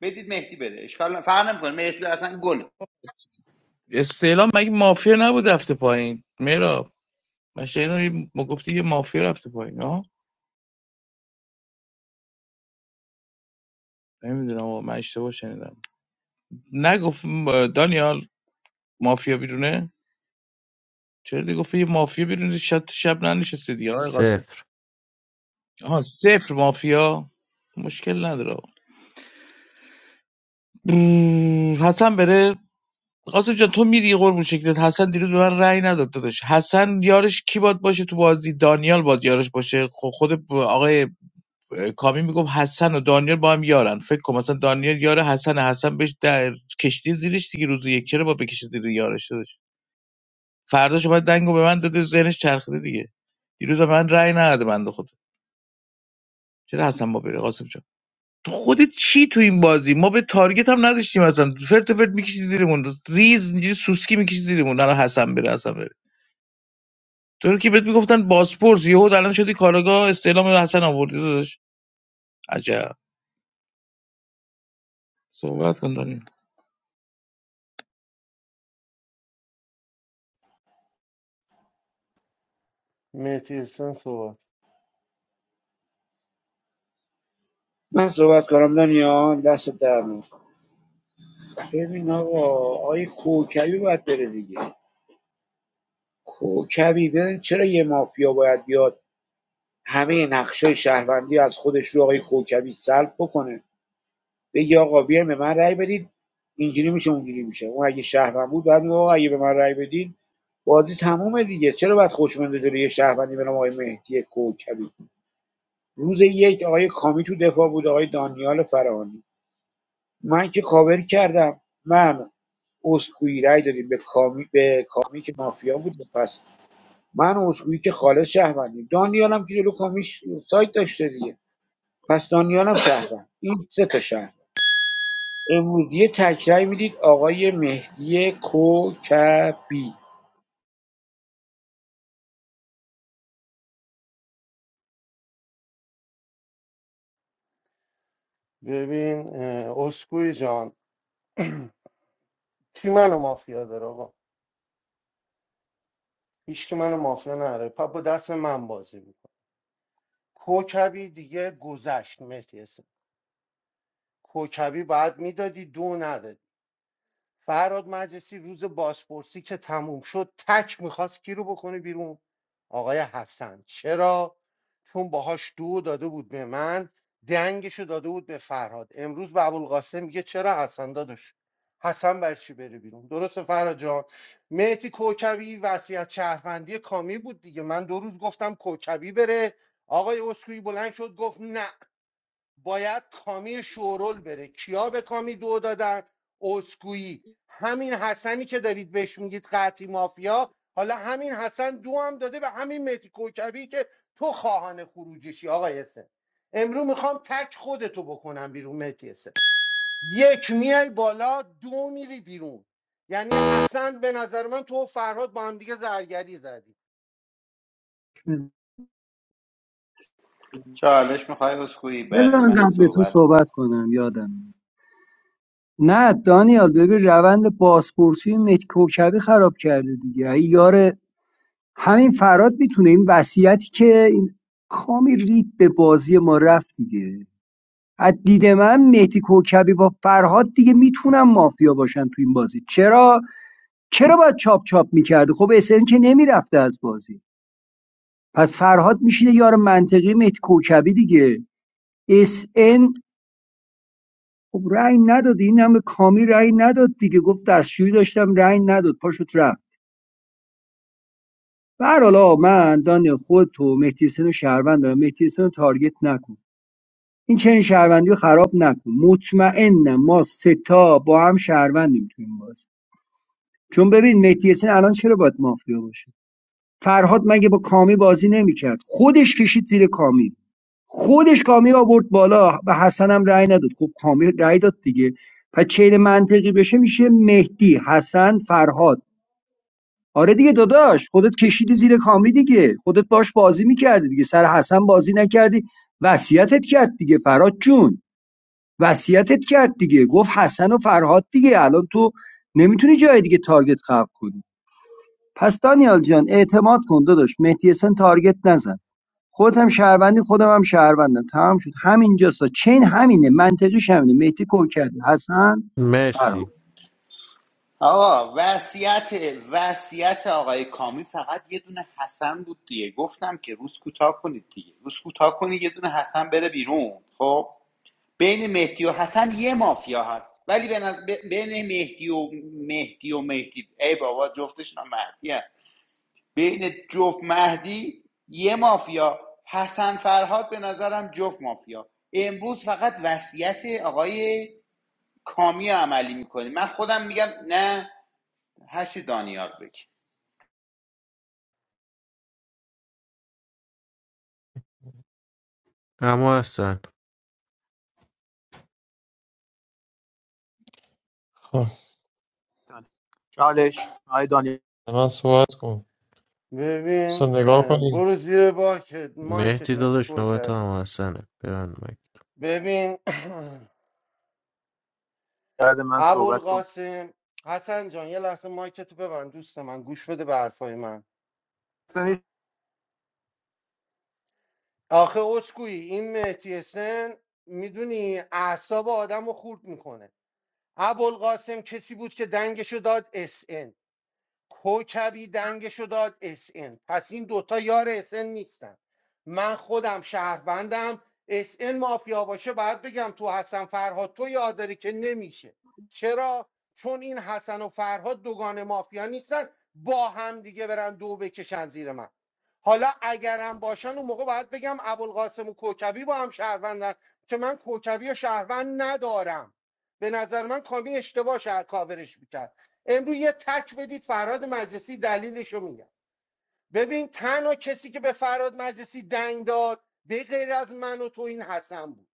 بدید مهدی بره اشکال نه فرق نمیکنه مهدی و حسن گل استعلام مگه مافیا نبود رفته پایین میرا من شنیدم یه- ما گفتی یه مافیا رفته پایین ها نمیدونم من اشتباه شنیدم نگفت م- دانیال مافیا بیرونه چرا دیگه گفتی یه مافیا بیرون شب شب ننشسته دیگه آقای قاسم صفر آها صفر مافیا مشکل نداره آقا. بررر. حسن بره قاسم جان تو میری قربون شکلت حسن دیروز به من رأی نداد داداش حسن یارش کی باد باشه تو بازی دانیال باد یارش باشه خب خود ب- آقای کامی میگفت حسن و دانیال با هم یارن فکر کن مثلا دانیال یار حسن حسن بهش در کشتی زیرش دیگه روز یک چرا با بکشه زیر یارش داداش فرداش باید دنگو به من داده ذهنش چرخیده دیگه دیروز به من رأی نداد بنده خدا چرا حسن ما بره قاسم جان تو خودت چی تو این بازی ما به تارگت هم نداشتیم اصلا فرت فرت میکشی زیرمون ریز اینجوری سوسکی میکشی زیرمون نه حسن بره حسن بره تو رو که بهت میگفتن باسپورس یهو الان شدی کاراگاه استعلام حسن آوردی داداش عجب صحبت کن داریم مهدی حسن صحبت من صحبت کنم دنیا دست در نکن. ببین آقا آقای کوکبی باید بره دیگه کوکبی ببین چرا یه مافیا باید بیاد همه نقشه شهروندی از خودش رو آقای کوکبی سلب بکنه بگی آقا بیاین به من رأی بدید اینجوری میشه اونجوری میشه اون اگه شهروند بود بعد میگه آقا اگه به من رأی بدید بازی تمومه دیگه چرا باید خوشمزه جلوی یه شهروندی به نام آقای مهدی کوکبی روز یک آقای کامی تو دفاع بود آقای دانیال فرهانی من که کاور کردم من اسکوئی رای دادیم به کامی به کامی که مافیا بود پس من و اسکوئی که خالص شهروندیم دانیال هم که جلو کامیش سایت داشته دیگه پس دانیال هم شهروند این سه تا شهر. امروزی تکرای میدید آقای مهدی کوکبی ببین اه، اسکوئی جان کی منو مافیا داره آقا هیچ که منو مافیا نداره پا با دست من بازی میکنه کوکبی دیگه گذشت مهدی حسن کوکبی باید میدادی دو ندادی فراد مجلسی روز بازپرسی که تموم شد تک میخواست کی رو بکنه بیرون آقای حسن چرا چون باهاش دو داده بود به من دنگشو داده بود به فرهاد امروز به ابوالقاسم میگه چرا حسن داداش حسن بر چی بره بیرون درسته فرهاد جان مهتی کوکبی وصیت شهروندی کامی بود دیگه من دو روز گفتم کوکبی بره آقای اسکوئی بلند شد گفت نه باید کامی شورول بره کیا به کامی دو دادن اسکویی همین حسنی که دارید بهش میگید قطعی مافیا حالا همین حسن دو هم داده به همین مهدی کوکبی که تو خواهان خروجشی آقای حسن امرو میخوام تک خودتو بکنم بیرون مهدی حسن یک میای بالا دو میری بیرون یعنی اصلا به نظر من تو و فرهاد با هم دیگه زرگری زدی چالش میخوای اسکوئی بذار بعد من من قبل تو صحبت کن صحبت کنم یادم میاد. نه دانیال ببین روند بازپرسی مت کوکبی خراب کرده دیگه ای یار همین فراد میتونه این وصیتی که این کامی رید به بازی ما رفت دیگه از دید من مهدی کوکبی با فرهاد دیگه میتونن مافیا باشن تو این بازی چرا چرا باید چاپ چاپ میکرده خب اسن که نمیرفته از بازی پس فرهاد میشینه یار منطقی مهدی کوکبی دیگه اس ان خب رأی نداد این همه کامی رأی نداد دیگه گفت دستشویی داشتم رأی نداد پاشوت رفت به هر من دان خود تو مهدی حسین رو شهروند دارم مهدی حسین رو تارگت نکن این چنین شهروندی رو خراب نکن مطمئنم ما سه تا با هم شهروندیم تو این بازی چون ببین مهدی حسین الان چرا باید مافیا باشه فرهاد مگه با کامی بازی نمیکرد خودش کشید زیر کامی خودش کامی آورد بالا به حسن هم رأی نداد خب کامی رأی داد دیگه پس چین منطقی بشه میشه مهدی حسن فرهاد آره دیگه داداش خودت کشیدی زیر کامی دیگه خودت باش بازی میکردی دیگه سر حسن بازی نکردی وصیتت کرد دیگه فرهاد جون وصیتت کرد دیگه گفت حسن و فرهاد دیگه الان تو نمیتونی جای دیگه تارگت خلق کنی پس دانیال جان اعتماد کن داداش مهدی حسن تارگت نزن خودت هم شهروندی خودم هم شهروندم تمام شد همینجاست چین همینه منطقیش همینه مهدی کوک کرده حسن مرسی فرهاد آقا وصیت وصیت آقای کامی فقط یه دونه حسن بود دیگه گفتم که روز کوتاه کنید دیگه روز کوتاه کنید یه دونه حسن بره بیرون خب بین مهدی و حسن یه مافیا هست ولی به بین مهدی و مهدی و مهدی ای بابا جفتشون هم مهدی هست. بین جفت مهدی یه مافیا حسن فرهاد به نظرم جفت مافیا امروز فقط وصیت آقای کامی رو عملی میکنی من خودم میگم نه هشی دانیال بگی اما هستن خب میدم چالش آیه دانیال من صحبت کن ببین دوستان نگاه اه، کنید برو زیر باکت مایکت مهدی مهدی داداش نوبت کوکبی هم هستنه ببند مایک ببین بعد من صحبت کن ابوالقاسم حسن جان یه لحظه مایکتو ببند دوست من گوش بده به حرفای من آخه اسکویی این مهدی حسن میدونی اعصاب آدم رو خورد میکنه ابوالقاسم کسی بود که دنگشو داد اس ان. کوکبی دنگشو داد اس ان. پس این دوتا یار اس ان نیستن من خودم شهروندم اس ان مافیا باشه باید بگم تو حسن فرهاد تو یاد داری که نمیشه چرا چون این حسن و فرهاد دوگان مافیا نیستن با هم دیگه برن دو بکشن زیر من حالا اگرم باشن اون موقع باید بگم ابوالقاسم و کوکبی با هم شهروندن که من کوکبی و شهروند ندارم به نظر من کامی اشتباه شهر کاورش میکرد امروز یه تک بدید فراد مجلسی دلیلشو رو میگم ببین تنها کسی که به فراد مجلسی دنگ داد به غیر از من و تو این حسن بود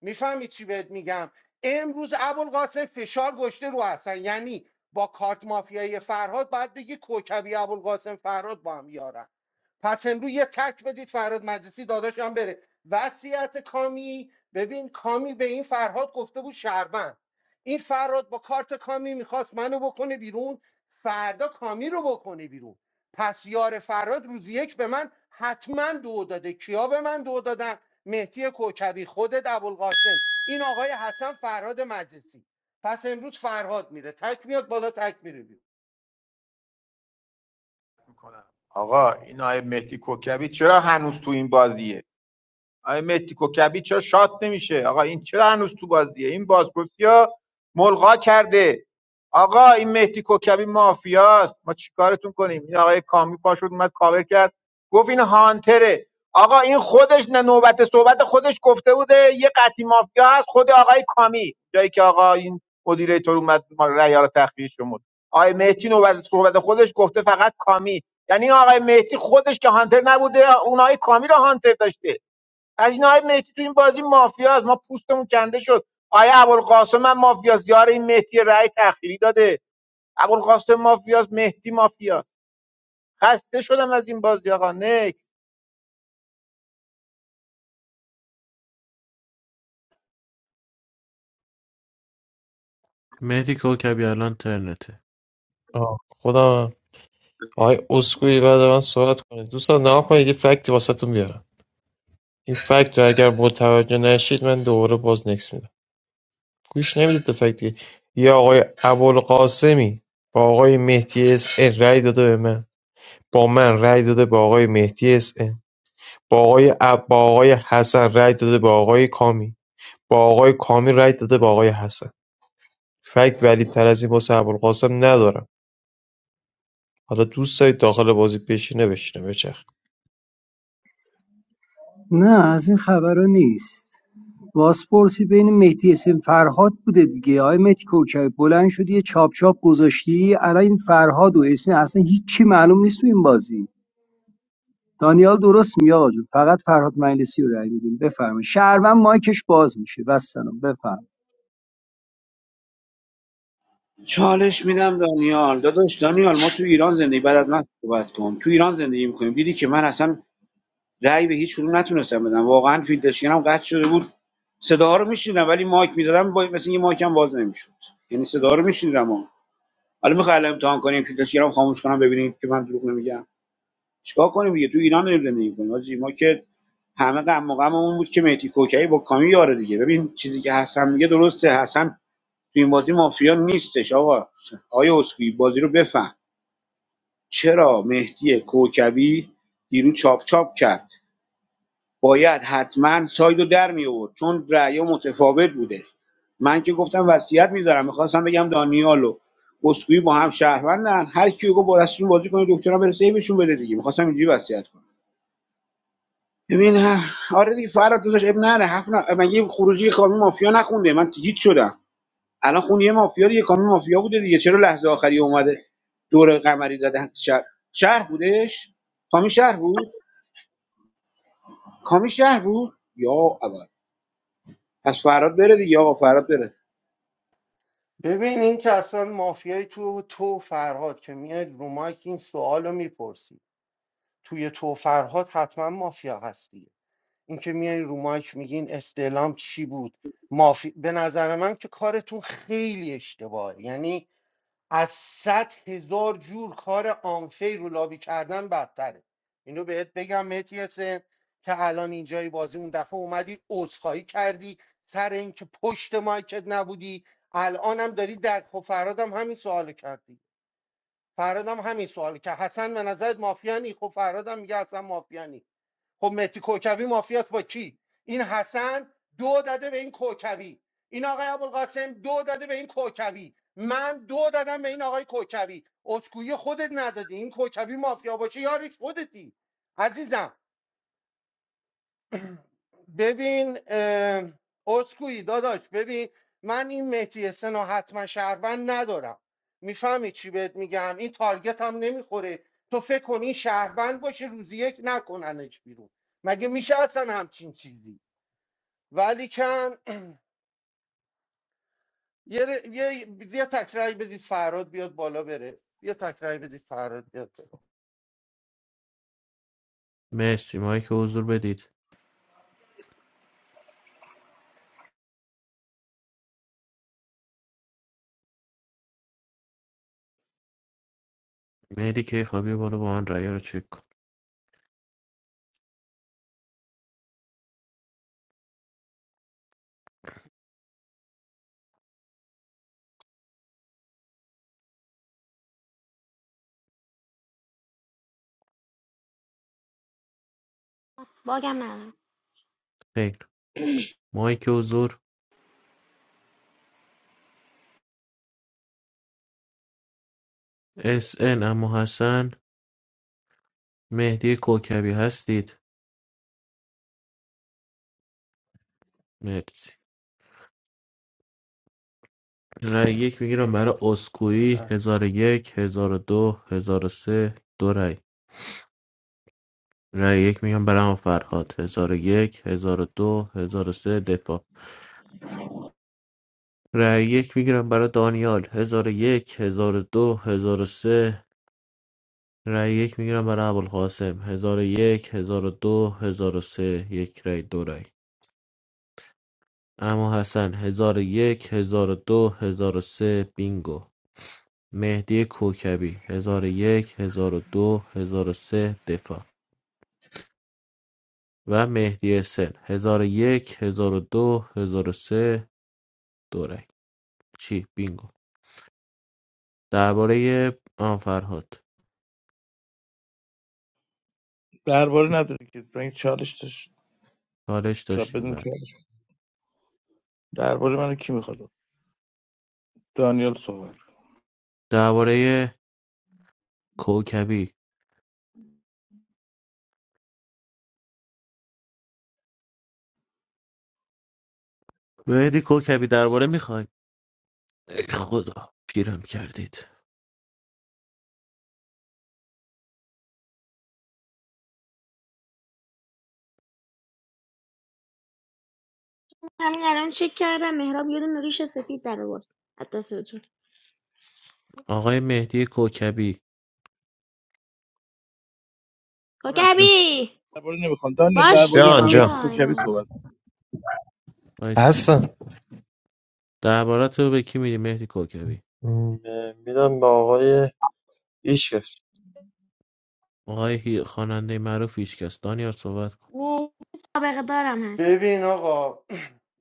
میفهمی چی بهت میگم امروز ابوالقاسم فشار گشته رو حسن یعنی با کارت مافیایی فرهاد باید بگی کوکبی ابوالقاسم فرهاد با هم یارن پس امروز یه تک بدید فراد مجلسی داداشم هم بره وصیت کامی ببین کامی به این فرهاد گفته بود شهروند این فرهاد با کارت کامی میخواست منو بکنه بیرون فردا کامی رو بکنه بیرون پس یار فراد روز یک به من حتما دو داده کیا به من دو دادن مهدی کوکبی خودت ابوالقاسم این آقای حسن فرهاد مجلسی پس امروز فرهاد میره تک میاد بالا تک میره بیرون آقا این آقای مهدی کوکبی چرا هنوز تو این بازیه آقای مهدی کوکبی چرا شات نمیشه آقا این چرا هنوز تو بازیه این بازپرسی ملغا کرده آقا این مهدی کوکبی مافیاست ما چیکارتون کنیم این آقای کامی پاشد اومد کاور کرد گفت این هانتره آقا این خودش نه نوبت صحبت خودش گفته بوده یه قطعی مافیا هست خود آقای کامی جایی که آقا این مدیره تور اومد ما رأی‌ها رو تخفیه شمرد آقای مهدی نوبت صحبت خودش گفته فقط کامی یعنی آقای مهدی خودش که هانتر نبوده اونای کامی رو هانتر داشته از این های مهدی تو این بازی مافیاست ما پوستمون کنده شد آیا ابوالقاسم هم مافیاست یار این مهدی رأی تأخیری داده ابوالقاسم مافیاست مهدی مافیاست خسته شدم از این بازی آقا نکس مهدی کوکبی الان ترنته آه، خودم هم. آقای اسکوئی بعد من صحبت کنید دوستان نگاه کنید یه فکتی واسهتون بیارم این فکت رو اگر متوجه نشید من دوباره باز نکس میدم گوش نمیدید به فکت دیگه. یه آقای ابوالقاسمی با آقای مهدی اس ان رأی داده به من با من رأی داده به آقای مهدی اس ان با آقای اب... با آقای حسن رأی داده به آقای کامی با آقای کامی رأی داده به آقای حسن فکت ولی تر از این واسه ابوالقاسم ندارم حالا دوست دارید داخل بازی بشینه بشینه بچخ نه از این خبرها نیست بازپرسی بین مهدی حسین فرهاد بوده دیگه آقای مهدی کوکبی بلند شدی یه چاپ چاپ گذاشتی الان این فرهاد و حسین اصلا هیچی معلوم نیست تو این بازی دانیال درست میاد فقط فرهاد مجلسی رو رای میدیم بفرمایید شهروند مایکش باز میشه و سلام بفرمایید. چالش میدم دانیال داداش دانیال ما تو ایران زندگی بعد از من صحبت کن تو ایران زندگی میکنیم دیدی که من اصلا رأی به هیچ کدوم نتونستم بدم واقعا فیلترشکنم قطع شده بود صدا رو میشنیدم ولی مایک میزدم با... مثل یه مایکم باز نمیشد یعنی صدا رو میشنیدم حالا میخوام الان امتحان کنیم فیلترشکنم خاموش کنم ببینیم که من دروغ نمیگم چیکار کنیم دیگه تو ایران داریم زندگی کنیم حاجی ما که همه غم و غممون بود که مهدی کوکی با کامی یاره دیگه ببین چیزی که حسن میگه درسته حسن تو این بازی مافیا نیستش آقا آیا اسکوئی بازی رو بفهم چرا مهدی کوکبی دیروز چاپ چاپ کرد باید حتما سایدو در می آورد چون رأی متفاوت بوده من که گفتم وصیت میذارم میخواستم بگم دانیالو اسکوئی با هم شهروندن هر کیو گفت با دستشون بازی کنه دکترا برسه بهشون بده دیگه میخواستم اینجوری وصیت کنم ببین ه- آره دیگه فراد داداش اب نره هفت نه مگه خروجی کامی مافیا نخونده من گیج شدم الان خون یه مافیا دیگه کامی مافیا بوده دیگه چرا لحظه آخری اومده دور قمری زده شهر شهر بودش کامی شهر بود کامی شهر بود یا اول پس فراد بره دیگه آقا فراد بره ببین این که اصلا مافیای تو تو فرهاد که میاد رو مایک این سوال رو میپرسی توی تو فرهاد حتما مافیا هستی این که میای رو مایک میگین استعلام چی بود مافی... به نظر من که کارتون خیلی اشتباهه یعنی از صد هزار جور کار آنفی رو لابی کردن بدتره اینو بهت بگم متیسه که الان اینجای بازی اون دفعه اومدی عذرخواهی کردی سر اینکه پشت مایکت نبودی الانم داری در خب فرادم همین سوالو کردی فرادم همین سوال که حسن به نظرت مافیانی خب فرادم میگه حسن مافیانی خب مهدی کوکوی مافیات با کی این حسن دو داده به این کوکوی این آقای ابوالقاسم دو داده به این کوکوی من دو دادم به این آقای کوکوی اسکویی خودت ندادی این کوکوی مافیا باشه یارش خودتی عزیزم ببین اه، اسکویی داداش ببین من این مهدی حسن رو حتما شهروند ندارم میفهمی چی بهت میگم این تارگت هم نمیخوره تو فکر کن این شهروند باشه روزی یک نکننش بیرون مگه میشه اصلا همچین چیزی ولیکن یه, یه, یه تکراری بدید فراد بیاد بالا بره یه تکراری بدید فراد بیاد بالا. مرسی مایک حضور بدید مهدی که خوابی بالا با من رأی رو چک کن باگم ندارم خیر مایک حضور اس ان اما حسن مهدی کوکبی هستید مرسی رأی یک میگیرم برای اسکوئی اه. هزار و یک هزار و دو هزار و سه دو رأی رأی یک میگم برای هم فرهاد هزار و یک هزار و دو هزار و سه دفاع رای یک میگیرم برای دانیال هزار و یک هزار و دو هزار و سه رای یک میگیرم برای ابوالقاسم هزار و یک هزار و دو هزار و سه یک رای دو رای. اما حسن هزار و یک هزار و دو هزار و سه بینگو مهدی کوکبی هزار و یک هزار و دو هزار و سه دفاع و مهدی سن هزار و یک هزار و دو هزار و سه دو رای. چی بینگو درباره آن فرهاد درباره نداره که این چالش داشت چالش تو داشتیم بدون بعد چالش درباره من کی میخواد دانیال صحبت کن. درباره کوکبی مهدی کوکبی درباره میخوای ای خدا پیرم کردید همین الان چک کردم مهراب یه دونه ریش سفید در آورد از دستتون آقای مهدی کوکبی کوکبی درباره نمیخوام دانیال باگ درباره جان جان متی کوکبی صحبت کن. وایس حسن درباره تو به کی میدی مهدی کوکبی م، میدم به آقای هیچکس آقای هی- خواننده معروف هیچکس دانیار صحبت کن دارم هست ببین آقا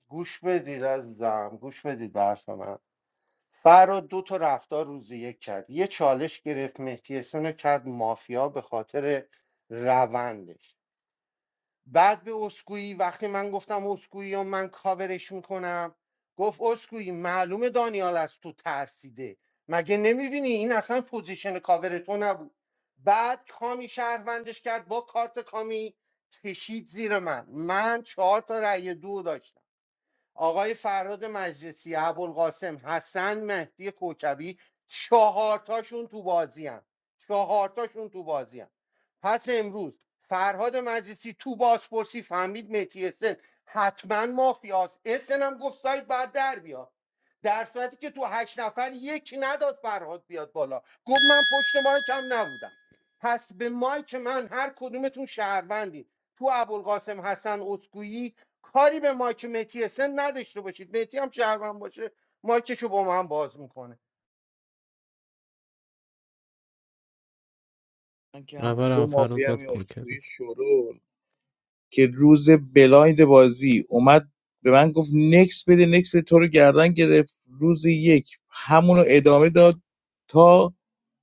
گوش بدید عزیزم گوش بدید به حرف من فراد دو تا رفتار روزی یک کرد یه چالش گرفت مهدی حسن رو کرد مافیا به خاطر روندش بعد به اسکویی وقتی من گفتم اسکویی یا من کاورش میکنم گفت اسکویی معلومه دانیال از تو ترسیده مگه نمیبینی این اصلا پوزیشن کاور تو نبود بعد کامی شهروندش کرد با کارت کامی کشید زیر من من چهار تا رأی دو داشتم آقای فراد مجلسی ابوالقاسم حسن مهدی کوکبی چهارتاشون تو بازی هم چهارتاشون تو بازی هم. پس امروز فرهاد مجلسی تو بازپرسی فهمید مهدی اسن حتما مافیاست اسن هم گفت سایت بعد در بیاد در صورتی که تو هشت نفر یک نداد فرهاد بیاد بالا گفت من پشت مایکم نبودم پس به مایک من هر کدومتون شهروندی تو ابوالقاسم حسن اسکویی کاری به مایک متی سن نداشته باشید متی هم شهروند باشه مایکشو با من باز میکنه من که هم اول تو هم فراد مافیا هم بعد این اسکوئی کوکبی شورول. که روز بلایند بازی اومد به من گفت نکس بده نکس بده تو رو گردن گرفت روز یک همونو ادامه داد تا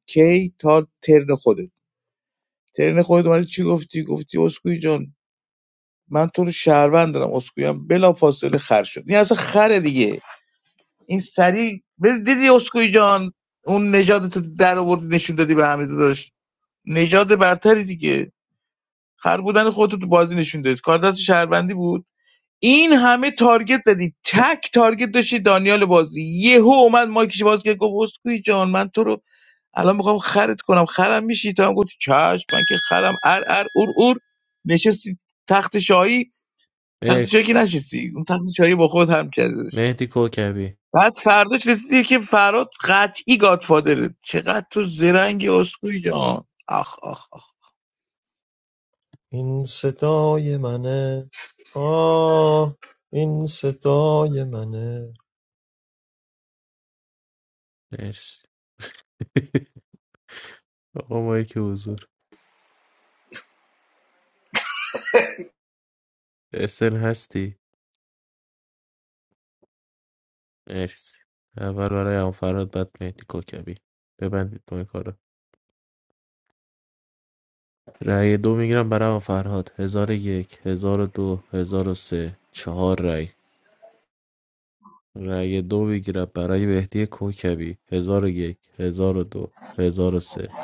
کی تا ترن خودت ترن خودت اومدی چی گفتی گفتی اسکوئی جان من تو رو شهروند دارم اسکوئی هم بلا فاصله خر شد این اصلا خره دیگه این سری دیدی اسکوئی جان اون نژاد تو در آوردی نشون دادی به همه داشت نژاد برتری دیگه خر بودن خودتو تو بازی نشون دادی کار دست شهروندی بود این همه تارگت زدی تک تارگت داشتی دانیال بازی یهو اومد مایکش باز کرد گفت اسکوئی جان من تو رو الان میخوام خرت کنم خرم میشی تو هم گفت چش من که خرم ار ار اور اور نشستی تخت شاهی تخت شاهی مرس که نشستی اون تخت شاهی با خود هم کردش مهدی کوکبی بعد فرداش رسیدی که فراد قطعی گادفادره چقدر تو زرنگی اسکوئی جان آخ آخ آخ این صدای منه آه این صدای منه مرس آقا مایی که حضور اسل هستی مرسی اول برای هم فراد بعد مهدی کوکبی ببندید مایکا رو رای دو میگیرم برای آقا فرهاد هزار و یک هزار و دو هزار و سه چهار رای رای دو میگیرم برای مهدی کوکبی هزار و یک هزار و دو هزار و سه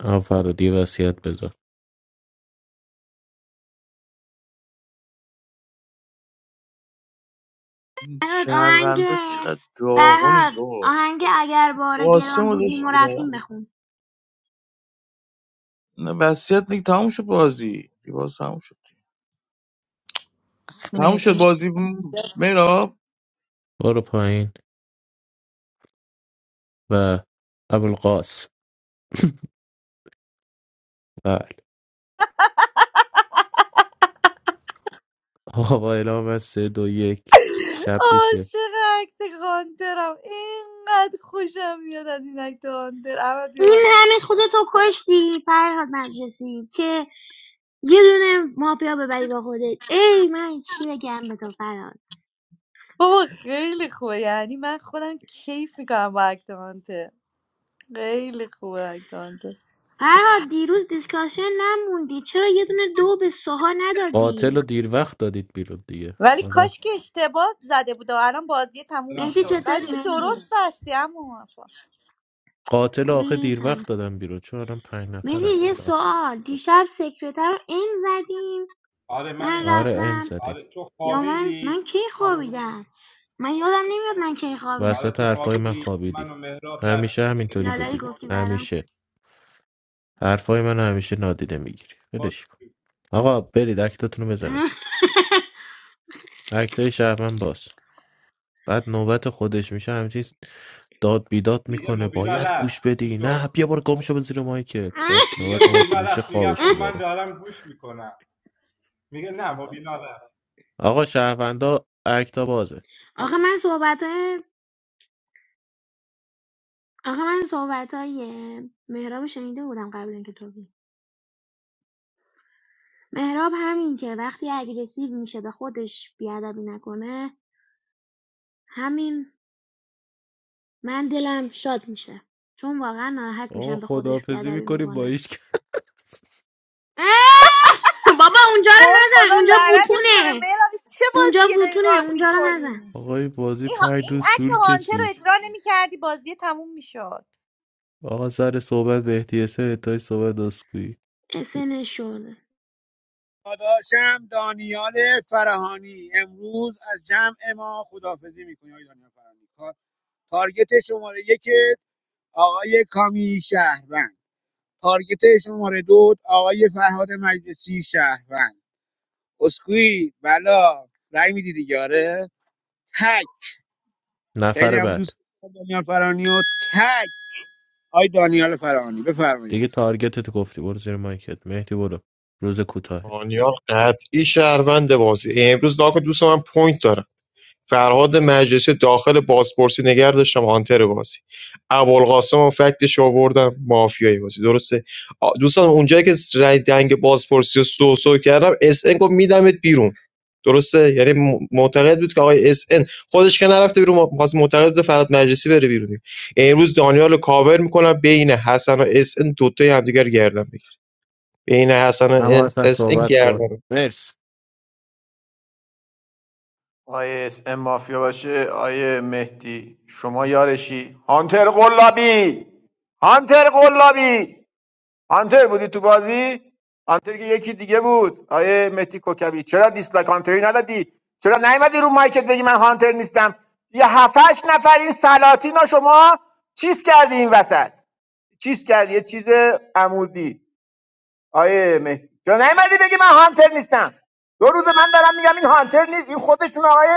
آقا فرهادی وصیت بذار این فرهاد آهنگ شهروندا چقدر داغونی فرهاد تو آهنگ اگر بار گران قاسمو بودیم و داشتی رفتیم بخون نه وصیت دیگه تموم شد بازی دیگه باز تموم شد تموم شد بازی میراب برو پایین و ابوالقاس بله آقا با اعلام از سه دو یک شب میشه عاشق اکت هانترم اینقدر خوشم میاد از این اکت هانتر احمد بیا این بالا همه خودتو کشتی فرهاد مجلسی که یه دونه مافیا ببری با خودت ای من چی بگم به تو فرهاد بابا خیلی خوبه یعنی من خودم کیف میکنم با اکت هانتر خیلی خوبه اکت هانتر فرهاد دیروز دیسکاشن نموندی چرا یه دونه دو به سوها قاتل رو ندادی دیر وقت دادید بیرون دیگه ولی حالا کاش که اشتباه زده بود و الان بازی تموم Selam مهدی میشد selam چطوری بچه selam. مهدی درست بستی اما موفق قاتل رو آخه خوبی دیر سلام وقت دادم بیرون چون الان پنج مهدی نفرن یه حالا سوال دیشب سکرتر رو این زدیم آره من من این آره زدم ان رفتم زدیم آره تو یا من من خوابیدی کی خوابیدم من یادم نمیاد من کی خوابیدم آره وسط تو حرفای من خوابیدی خوابیدی من و مهراب همیشه رفتیم همینطوری دیگه لالایی بودی گفتی برام همیشه حرفای من همیشه نادیده میگیری باز ولش کن آقا برید اکتاتون رو بزنید اکتای شهرمن باز بعد نوبت خودش میشه همچین داد بیداد میگه میکنه مبینا باید رفت گوش گوش بدی نه کن. بیا بار گم شو به زیر مایکت بعد میگه نوبت مایک مبینا میشه رفت میگم خب خوابش من میبره دارم گوش میکنم میگه نه مبینا رفت آقا شهروندا اکتا بازه آخه من صحبت های آخه من صحبت های مهراب رو شنیده بودم قبل اینکه تو بیای. مهراب همین که وقتی اگریسیو میشه به خودش بیادبی نکنه همین من دلم شاد میشه چون واقعا ناراحت آقا میشم به خودش خداحافظی بیادبی میکنی با میکنه هیچ کس. بابا اونجا رو وای خدا نزن اونجا لعنتت کنه بوتونه مهران چه اونجا بازیه داری بوتونه ران اونجا رو میکنی نزن آقا این بازی این, ها- پنج این روز اکت طول هانتر رو کشید اجرا نمیکردی بازی تموم میشد آقا سر صحبت به احتیاسه تا صحبت دستگویی اسن شده داداشم دانیال فرهانی امروز از جمع ما خداحافظی میکنه آقای دانیال فرهانی کار- تارگت شماره یک آقای کامی شهروند تارگت شماره دو آقای فرهاد مجلسی شهروند اسکوئی بلا رای میدی دیگه آره تک خیلی نفر هم بعد دوست دارم دانیال فرانی و تک آی دانیال فرانی بفرمایید دیگه تارگتت گفتی برو زیر مایکت مهدی برو روز کوتاهه آنیا قطعی شهروند بازی امروز ناکن دوست من پوینت دارم فرهاد مجلسی داخل بازپرسی نگر داشتم هانتر بازی ابوالقاسم و فکتش آوردم مافیایی بازی درسته آ، دوستان اونجایی که رای دنگ بازپرسی رو سو سو کردم اس ان گفت میدمت بیرون درسته یعنی م- معتقد بود که آقای اس ان خودش که نرفته بیرون خاص معتقد بود فرهاد مجلسی بره بیرون امروز دانیال رو کاور میکنم بین حسن و اس ان دوتای همدیگر گردن بگیر بین حسن و اما اصلا اس ان صحبت کن گردن مرس آیه اس ام مافیا باشه آیه مهدی شما یارشی هانتر قلابی هانتر قلابی هانتر بودی تو بازی هانتر که یکی دیگه بود آیه مهدی کوکبی چرا دیسلایک هانتری ندادی چرا نیومدی رو مایکت بگی من هانتر نیستم یه هفتش نفر این سلاطین رو شما چیز کردی این وسط چیز کردی یه چیز عمودی آیه مهدی چرا نیومدی بگی من هانتر نیستم دو روز من دارم میگم این هانتر نیست این خودشون آقای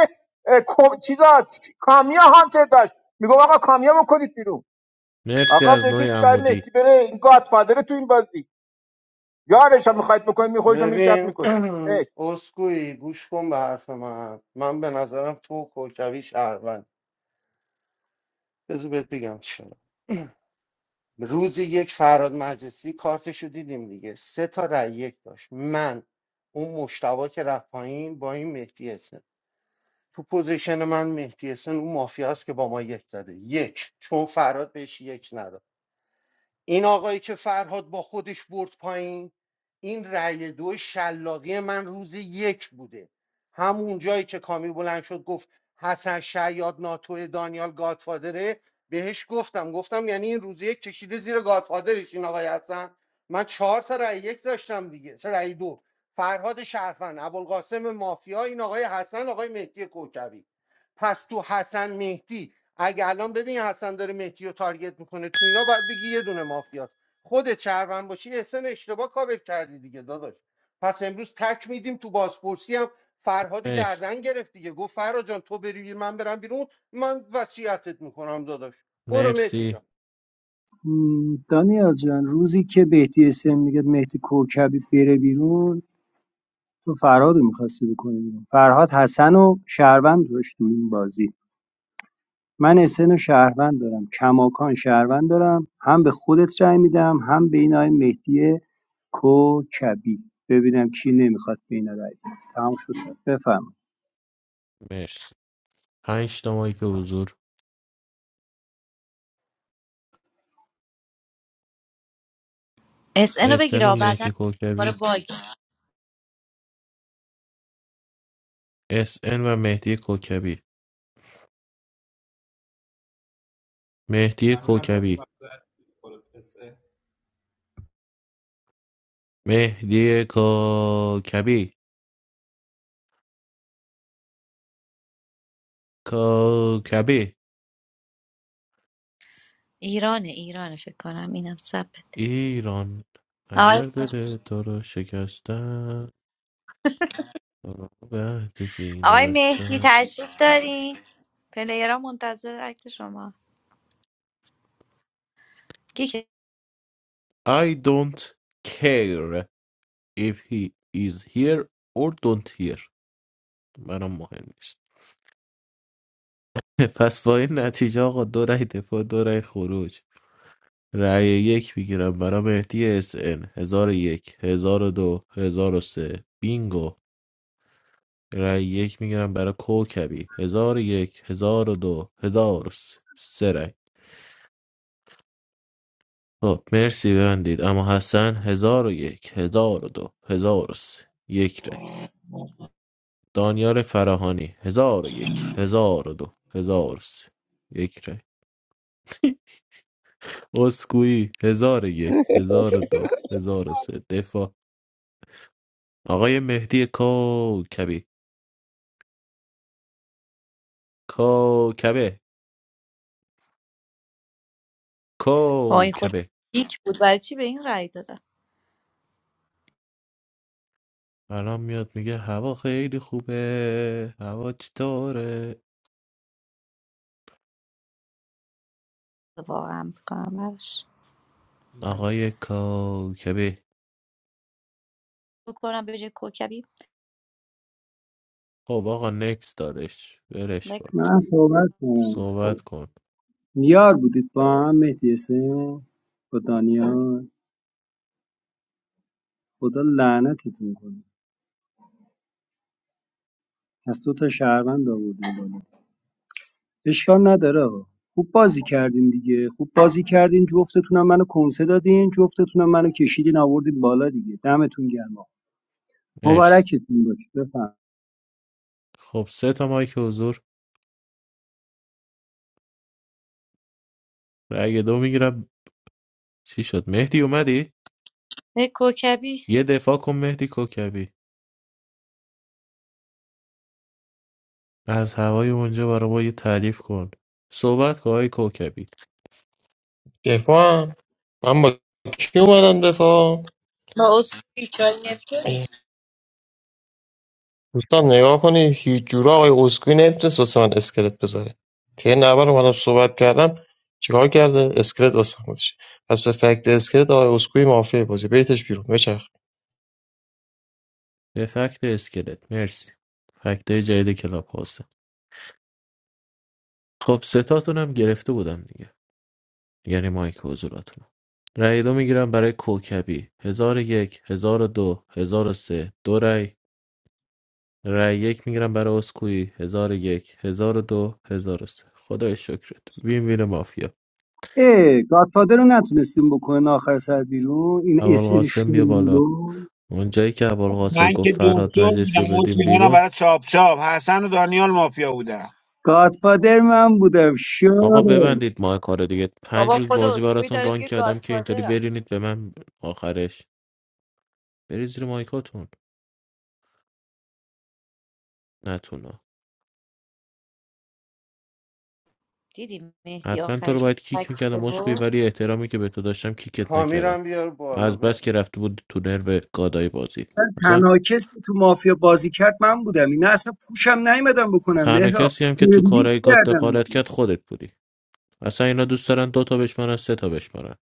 چیزا کامیا هانتر داشت میگم آقا کامیا بکنید بیرون مرسی آقا از نوع بکشید آقای عمودی مهدی بره این گادفادر تو این بازی یارش هم میخواید بکنید می خودش هم میشد ببین میکشه اسکوئی گوش کن به حرف من من به نظرم تو و کوکوی شهروند بذار بهت بگم چرا روز یک فراد مجلسی کارتشو دیدیم دیگه سه تا رای یک داشت من اون مشتبا که رفت پایین با این مهدی حسن تو پوزیشن من مهدی حسن اون مافیاست که با ما یک داده یک چون فراد بهش یک نداد این آقایی که فرهاد با خودش برد پایین این رأی دو شلاقی من روز یک بوده همون جایی که کامی بلند شد گفت حسن شیاد ناتو دانیال گادفادره بهش گفتم گفتم یعنی این روز یک کشیده زیر گادفادرش این آقای حسن من چهار تا رأی یک داشتم دیگه سه رأی دو فرهاد شرفن ابوالقاسم مافیا این آقای حسن آقای مهدی کوکبی پس تو حسن مهدی اگه الان ببین حسن داره مهدی رو تارگت میکنه تو اینا باید بگی یه دونه مافیاست خودت شهروند باشی احسن اشتباه کاور کردی دیگه داداش پس امروز تک میدیم تو بازپرسی هم فرهاد مرس گردن گرفت دیگه گفت فرهاد جان تو بری بیرون، من برم بیرون من وصیتت میکنم داداش برو مهدی مرسی جان دانیال جان روزی که بهتی اسم میگه مهدی کوکبی بره بیرون تو فرهاد رو میخواستی بکنی بیرون فرهاد حسن و شهروند داشت تو این بازی من اسن و شهروند دارم کماکان شهروند دارم هم به خودت رأی میدم هم به این آقای مهدی کوکبی ببینم کی نمیخواد به اینا رأی بده. تمام شد بفهم مرس پنج تا مایک حضور اس ان رو اسن و بگیره بعدا مهدی دوباره کوکبی باگ اسن و مهدی کوکبی مهدی معمولا با این کوکبی وقت میخوره پسه مهدی کوکبی کوکبی ایرانه ایرانه فکر کنم اینم ثبت ایران آقای, اگر دل تو رو شکستن به تو کی آقای مهدی نبستن تشریف دارین پلیرها منتظر عکت شما گیک I don't care if he is here or don't here برام مهم نیست پس با این نتیجه آقا دو رای دفاع دو رای خروج رای یک میگیرم برای مهدی اس ان هزار و یک هزار و دو هزار و سه بینگو رای یک میگیرم برای کوکبی هزار و یک هزار و دو هزار و سه سه رای خب مرسی ببندید اما حسن هزار و یک هزار و دو هزار و سه یک رای دانیال فراهانی هزار و یک هزار و دو هزار و سه یک رای اسکویی هزار و یک هزار و دو هزار و سه دفاع آقای مهدی کوکبی کوکبه با این خود کوکبه گیک بود برای چی به این رأی دادن الان میاد میگه هوا خیلی خوبه هوا چطوره واقعا بکنم براش من آقای کوکبه بکنم به جای کوکبی خب آقا نکس دادش ولش نه کن من صحبت کنم صحبت کن یار بودید با هم مهدی حسین با دانیال خدا لعنتتون کنه پس دو تا شهروند آوردیم بالا اشکال نداره ها. خوب بازی کردین دیگه خوب بازی کردین جفتتونم منو کنسه دادین جفتتونم منو کشیدین آوردین بالا دیگه دمتون گرما مرس مبارکتون باشه بفهم خب سه تا مایک حضور رأی دو میگیرم چی شد مهدی اومدی نه کوکبی یه دفاع کن مهدی کوکبی از هوای اونجا برای ما یه تعریف کن صحبت کن آقای کوکبی دفاع هم. من با کی اومدم دفاع ما اسکوی چای نمیتونیم دوستان نگاه کنید هیچ جورا آقای اسکوئی نمیتونست واسه من اسکلت بذاره طی نبر اومدم صحبت کردم چیکار کرده اسکلت واسه من گذاشته پس به فکت اسکلت آقای اسکوئی معافیه بازی بیتش بیرون بچرخ به فکت اسکلت مرسی فکت جدید کلاب هاسته خب ستاتون هم گرفته بودم دیگه یعنی مایک حضوراتون رأی دو میگیرم برای کوکبی هزار و یک هزار و دو هزار و سه دو رأی رأی یک میگیرم برای اسکویی هزار و یک هزار و دو هزار و سه خدای شکرت وین وین مافیا ای گادفادر رو نتونستیم بکنن آخر سر بیرون این اول اس این قاسم بیا بالا شلولو. اونجایی که ابوالقاسم من که گفت فرهاد دکتر بودم مجلسی رو بدیم مطمئنم بیرون برای چاپ چاپ حسن و دانیال مافیا بودم گادفادر من بودم شو آقا ببندید ماه کار دیگه پنج بابا روز خود بازی اسکوی براتون داریم ران که کردم که اینطوری گادفادرم برینید به من آخرش بری زیر مایکاتون نتونا دیدی مهدی حتما تو آخرش رو باید کیک فکت میکردم مسکوی بود ولی احترامی که به تو داشتم کیکت نکردم کامیرم بیار بالا از بس مهرم که رفته بود تو نرو گادای بازی اصلا اصلا تنها کسی تو مافیا بازی کرد من بودم اینا اصلا پوشم نیومدم بکنم تنها مهراب کسی هم که تو سرویس کارهای گاد دخالت کردم کرد خودت بودی اصلا اینا دوست دارن دو تا بشمارن سه تا بشمارن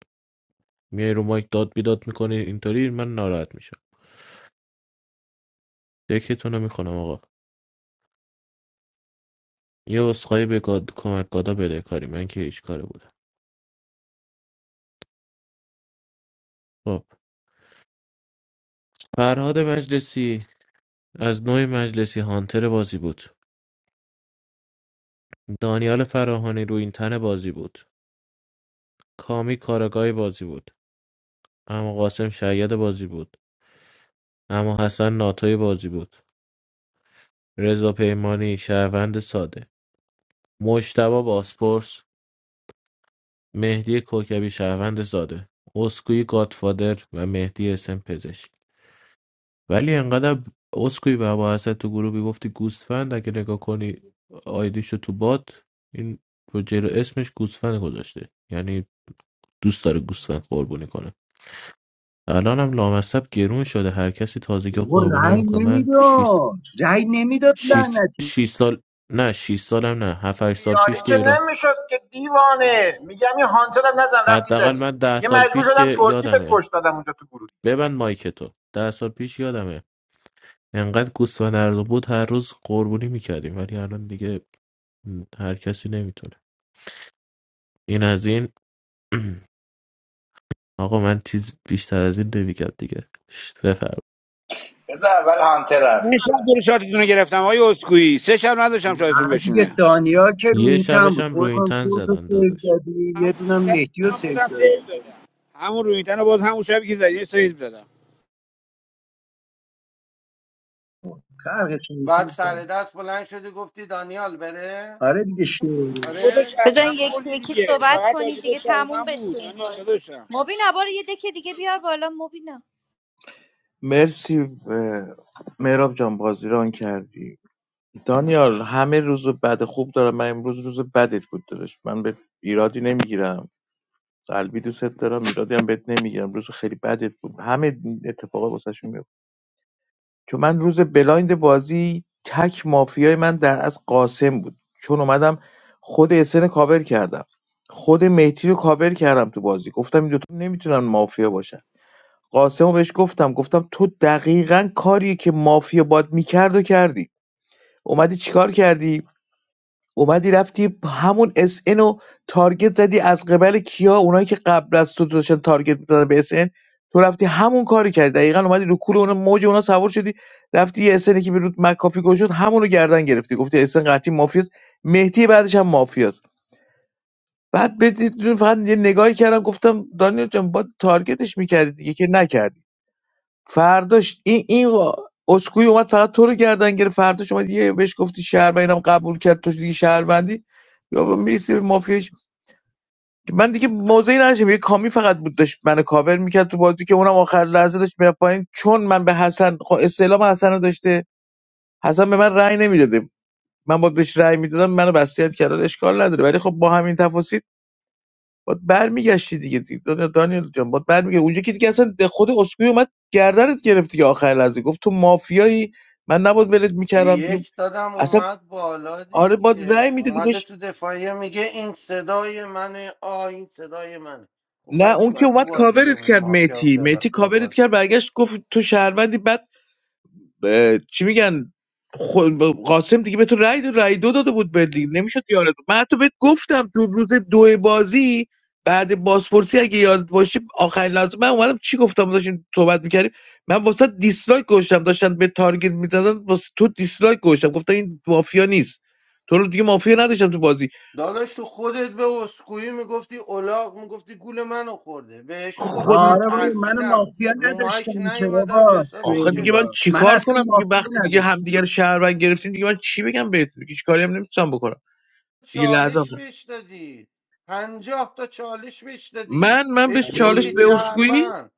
میای رو مایک داد بیداد میکنی اینطوری من ناراحت میشم یکیتون رو میکنم آقا یه عذرخواهی به گاد... کمک گادا بده کاری من که هیچ کاره بودم خب فرهاد مجلسی از نوع مجلسی هانتر بازی بود دانیال فراهانی رو این تن بازی بود کامی کارگاه بازی بود اما قاسم شاید بازی بود اما حسن ناتوی بازی بود رضا پیمانی شهروند ساده مجتبی باسپورس مهدی کوکبی شهروند ساده اسکوی گادفادر و مهدی اسم پزشک ولی انقدر اسکوی به هست تو گروهی گفتی گوسفند اگه نگاه کنی آیدیشو تو بات این رو جلو اسمش گوسفند گذاشته یعنی دوست داره گوسفند قربونی کنه الان هم لامصب گرون شده هر کسی تازگی رو بابا قربونی رأی نمیکنه من 6 نمیداد رأی نمیداد 6 لعنتی 6 سال نه 6 سالم نه 7 8 سال یاری پیش که که ایران نمیشد که دیوانه میگم این هانتر هم نزن رفتی حداقل زدی من ده یه سال مجبور پیش شدم که ترکی به یادمه کش دادم اونجا تو گروه ببند مایک تو ده سال پیش یادمه انقدر گوست و نرد بود هر روز قربونی میکردیم ولی الان دیگه هر کسی نمیتونه این از این آقا من تیز بیشتر از این نمیگم دیگه شت، بفرم بذار اول هانتر حرف من شب بزنه دور شاتتون رو گرفتم آقای اسکوئی سه شب نداشتم شاتتون نه دیگه بشینه دانیا که رو یه این تن شبش بود هم روی این خودم تن تو رو زدن سیو داداش دادی یه همون دونم شب مهدی رو هم سیو بازم دادی سیو دادم همون روی رو باز همون شبی که زدی سیو دادم خلق بعد چیزی سر دست بلند شدی گفتی دانیال بره آره دیگه شوری دو تا آره بزن شهروند یکی خوردی یکی دیگه صحبت فقط تا کنید دو دیگه تموم شهروند بشه بود این دانیال بازی داداشم مبین بار یه دکه دیگه بیار بالا مبین مرسی میراب جان بازی ران کردی دانیال همه روز بد خوب دارم من امروز روز بدت بود داداش من به ایرادی نمیگیرم قلبی دوست دارم ایرادی هم بهت نمیگیرم روز خیلی بدت بود همه اتفاقا واسه چون من روز بلایند بازی تک مافیای من در از قاسم بود چون اومدم خود اسن کاور کردم خود مهدی رو کاور کردم تو بازی گفتم این دوتا نمیتونن مافیا باشن قاسم رو بهش گفتم گفتم تو دقیقا کاریه که مافیا باد میکرد و کردی اومدی چیکار کردی اومدی رفتی با همون اس و تارگت زدی از قبل کیا اونایی که قبل از تو داشتن تارگت میزدن به اس ان، تو رفتی همون کاری کردی دقیقا اومدی رو کول اون موج اونا سوار شدی رفتی یه SN که به رود مکافی گوش شد همونو گردن گرفتی گفتی اس ان قطعی مافیاست مهدی بعدش هم مافیاست بعد بدید فقط یه نگاهی کردم گفتم دانیال جان با تارگتش می‌کردی دیگه که نکردی فرداش این این اسکوئی اومد فقط تو رو گردن گرفت فرداش اومد یه بهش گفتی شهر اینم قبول کرد تو دیگه شهروندی یا با میرسی به مافیاش من دیگه موضعی نداشتم یه کامی فقط بود داشت منو کاور میکرد تو بازی که اونم آخر لحظه داشت میره پایین چون من به حسن خب استعلام حسن رو داشته حسن به من رأی نمیداده من باید بهش رأی میدادم منو بسیت کرد اشکال نداره ولی خب با همین تفاصیل باید برمیگشتی دیگه دیگه دانیل جان باید برمیگه اونجا که دیگه اصلا خود اسکوی اومد گردنت گرفت دیگه آخر لحظه گفت تو مافیایی من نباید ولت میکردم دیگه یک دادم اصلا اومد بالا آره باید رأی دیگه میدادی اومده بهش تو دفاعیه میگه این صدای منه آ این صدای منه خب بر نه چی اون که باید تو اومد بازی کاورت بمونه کرد مافیا میتی بب- میتی کاورت ببازه کرد برگشت گفت تو شهروندی بعد اه، چی میگن خود قاسم دیگه به تو رای داد رای دو داده بود بهت دیگه نمیشد یارت من حتی بهت گفتم تو روز دو بازی بعد بازپرسی اگه یادت باشه آخرین لحظه من اومدم چی گفتم داشتیم صحبت میکردیم من واسه دیسلایک گوشتم داشتن به تارگت میزدن واسه تو دیسلایک گوشتم گفتم این مافیا نیست تو رو دیگه مافیا نداشتم تو بازی داداش تو خودت به اسکوئی میگفتی اولاغ میگفتی گول منو خورده بهش میگفتی خود من آره بابا من ترسیدم مافیا رو مایک نداشتم که نیومدم رو بابا حساب آخه اینکه دیگه من شورولا من چیکار اصلا کنم دیگه مافیا وقتی دیگه نداشتم همدیگه رو شهروند گرفتیم دیگه من چی بگم بهتون دیگه چیکاری هم نمیتونم بکنم دیگه لحظه چالش بهش دادی پنجاه تا چالش بهش دادی من من به بهش آره چالش میگفتی به بابا. اسکوئی چهروند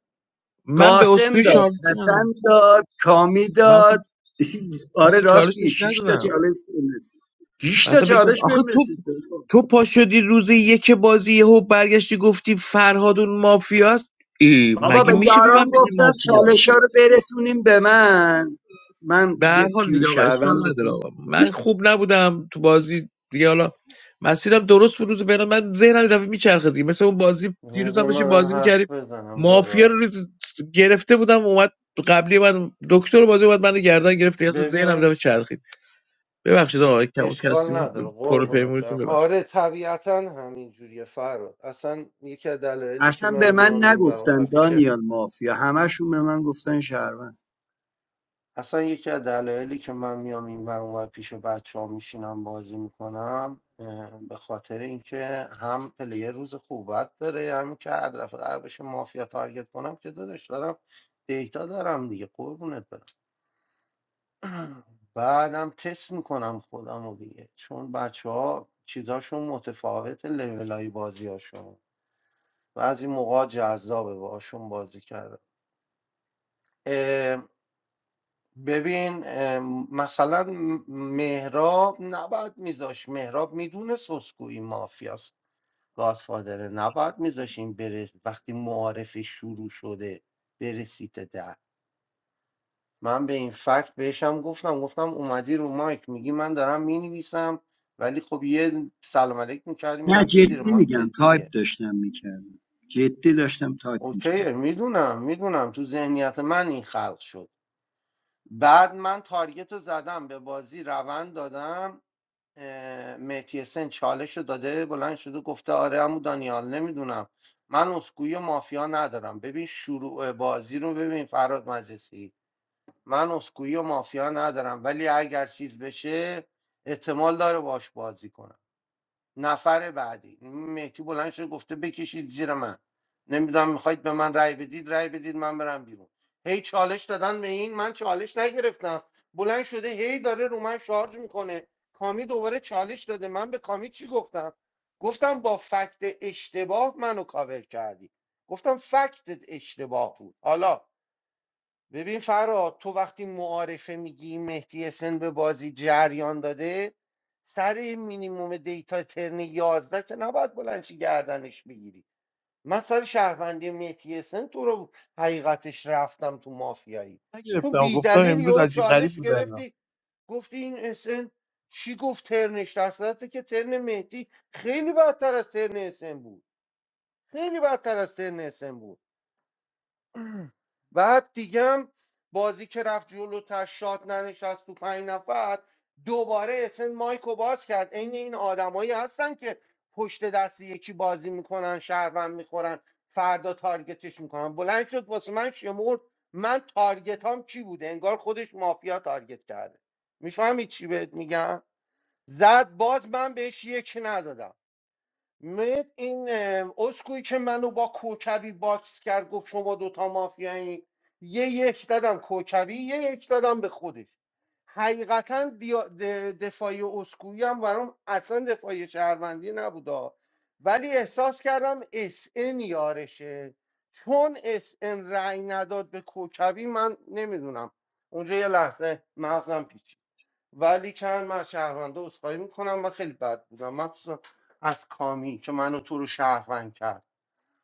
من به قاسم اسکوئی داد چالش حسن ندادم داد کامی من اصلا, داد من آره اصلا راست چالش میگه بهش شش تا ندادم چالش بهم رسید. 20 من تا اصلا بهش ند- چالش آخه بهم تو رسید تو پا شدی روز یک بازی یهو برگشتی گفتی فرهاد اون مافیاست ای بابا به مگه میشه به من یاران بگی گفتم مافیا چالش ها رو برسونیم به من من به دیگه هر حال دیگه آقا پیوشهروند اشکال نداره بشم آقا من خوب نبودم تو بازی دیگه حالا مسیرم درست بود روز بین من ذهنم یه دفعه میچرخه دیگه مثل اون بازی دیروز هم بذار داشتیم منم بازی میکردیم حرف بزنم مافیا رو داداش ریز- گرفته بودم اومد قبلی من دکتر بازی اومد من گردن گرفت دیگه اصلا ذهنم یه ببین دفعه چرخید ببخشید آقا کم و کسی اشکال بود نداره پر و قربونت پیمونتون برم ببخشید آره طبیعتا همینجوریه فراد اصلا یکی از دلایلی که اصلا من به من میام این برام نگفتن و پیش دانیال مافیا همشون به من گفتن شهروند اصلا یکی از دلایلی که من میام این برام و پیش بچه ها میشینم بازی میکنم به خاطر اینکه هم پلیر روز خوبت داره هم که هر دفعه قرار بشه مافیا تارگت کنم که دادش دارم دیتا دارم دیگه قربونت برم بعدم تست میکنم خودم رو دیگه چون بچه ها چیزاشون متفاوت لیولای بازی هاشون و از این موقع جذابه باشون بازی کرده ببین اه، مثلا مهراب نباید میذاش مهراب میدونست اسکوئی مافیاست گادفادره نباید میذاشیم بره وقتی معارفه شروع شده بره سیت ده من به این فکت بهشم گفتم گفتم اومدی رو مایک میگی من دارم مینویسم ولی خب یه سلام علیک میکردی نه میرفتی زیر جدی مایک میگم تایپ دیگه داشتم میکردم جدی داشتم تایپ اوکیه میکردم میدونم میدونم تو ذهنیت من این خلق شد بعد من تارگت رو زدم به بازی روند دادم متیسن چالش رو داده بلند شده گفته آره امو دانیال نمیدونم من اسکوی مافیا ندارم ببین شروع بازی رو ببین فراد مجلسی من اسکوئی و مافیا ندارم ولی اگر چیز بشه احتمال داره باش بازی کنم نفر بعدی مهدی بلند شده گفته بکشید زیر من نمیدونم میخواید به من رای بدید رای بدید من برم بیرون هی چالش دادن به این من چالش نگرفتم بلند شده هی داره رو من شارژ میکنه کامی دوباره چالش داده من به کامی چی گفتم گفتم با فکت اشتباه منو کاور کردی گفتم فکتت اشتباه بود حالا ببین فراد تو وقتی معارفه میگی مهدی اسن به بازی جریان داده سر این مینیموم دیتا ترن یازده، که نباید بلنشی گردنش بگیری من سر شهروندی مهدی اسن تو رو حقیقتش رفتم تو مافیایی چون نگرفتم بی گفتم دلیل امروز یهو عجیب غریب چالش بود اینا گرفتی گفتی این اسن چی گفت ترنش در صورتی که ترن مهدی خیلی بدتر از ترن اسن بود خیلی بدتر از ترن اسن بود بعد دیگه هم بازی که رفت جلوتر شات ننشست تو پنج نفر دوباره اسن مایکو باز کرد عین این آدمایی هستن که پشت دست یکی بازی میکنن شهروند میخورن فردا تارگتش میکنن بلند شد واسه من شمرد من تارگت هم کی بوده انگار خودش مافیا تارگت کرده میفهمی چی بهت میگم زد باز من بهش یک ندادم مت این ام، اسکویی که منو با کوکبی باکس کرد گفت شما دوتا مافیایی یه یک دادم کوکبی یه یک دادم به خودش حقیقتا دیا- د- دفاعی اسکویی هم برام اصلا دفاعی شهروندی نبودا ولی احساس کردم اس ان یارشه چون اس ان رأی نداد به کوکبی من نمیدونم اونجا یه لحظه مغزم پیچید ولی کن من از شهرونده عذرخواهی میکنم من خیلی بد بودم مخصوصا از کامی که منو تو رو شهروند کرد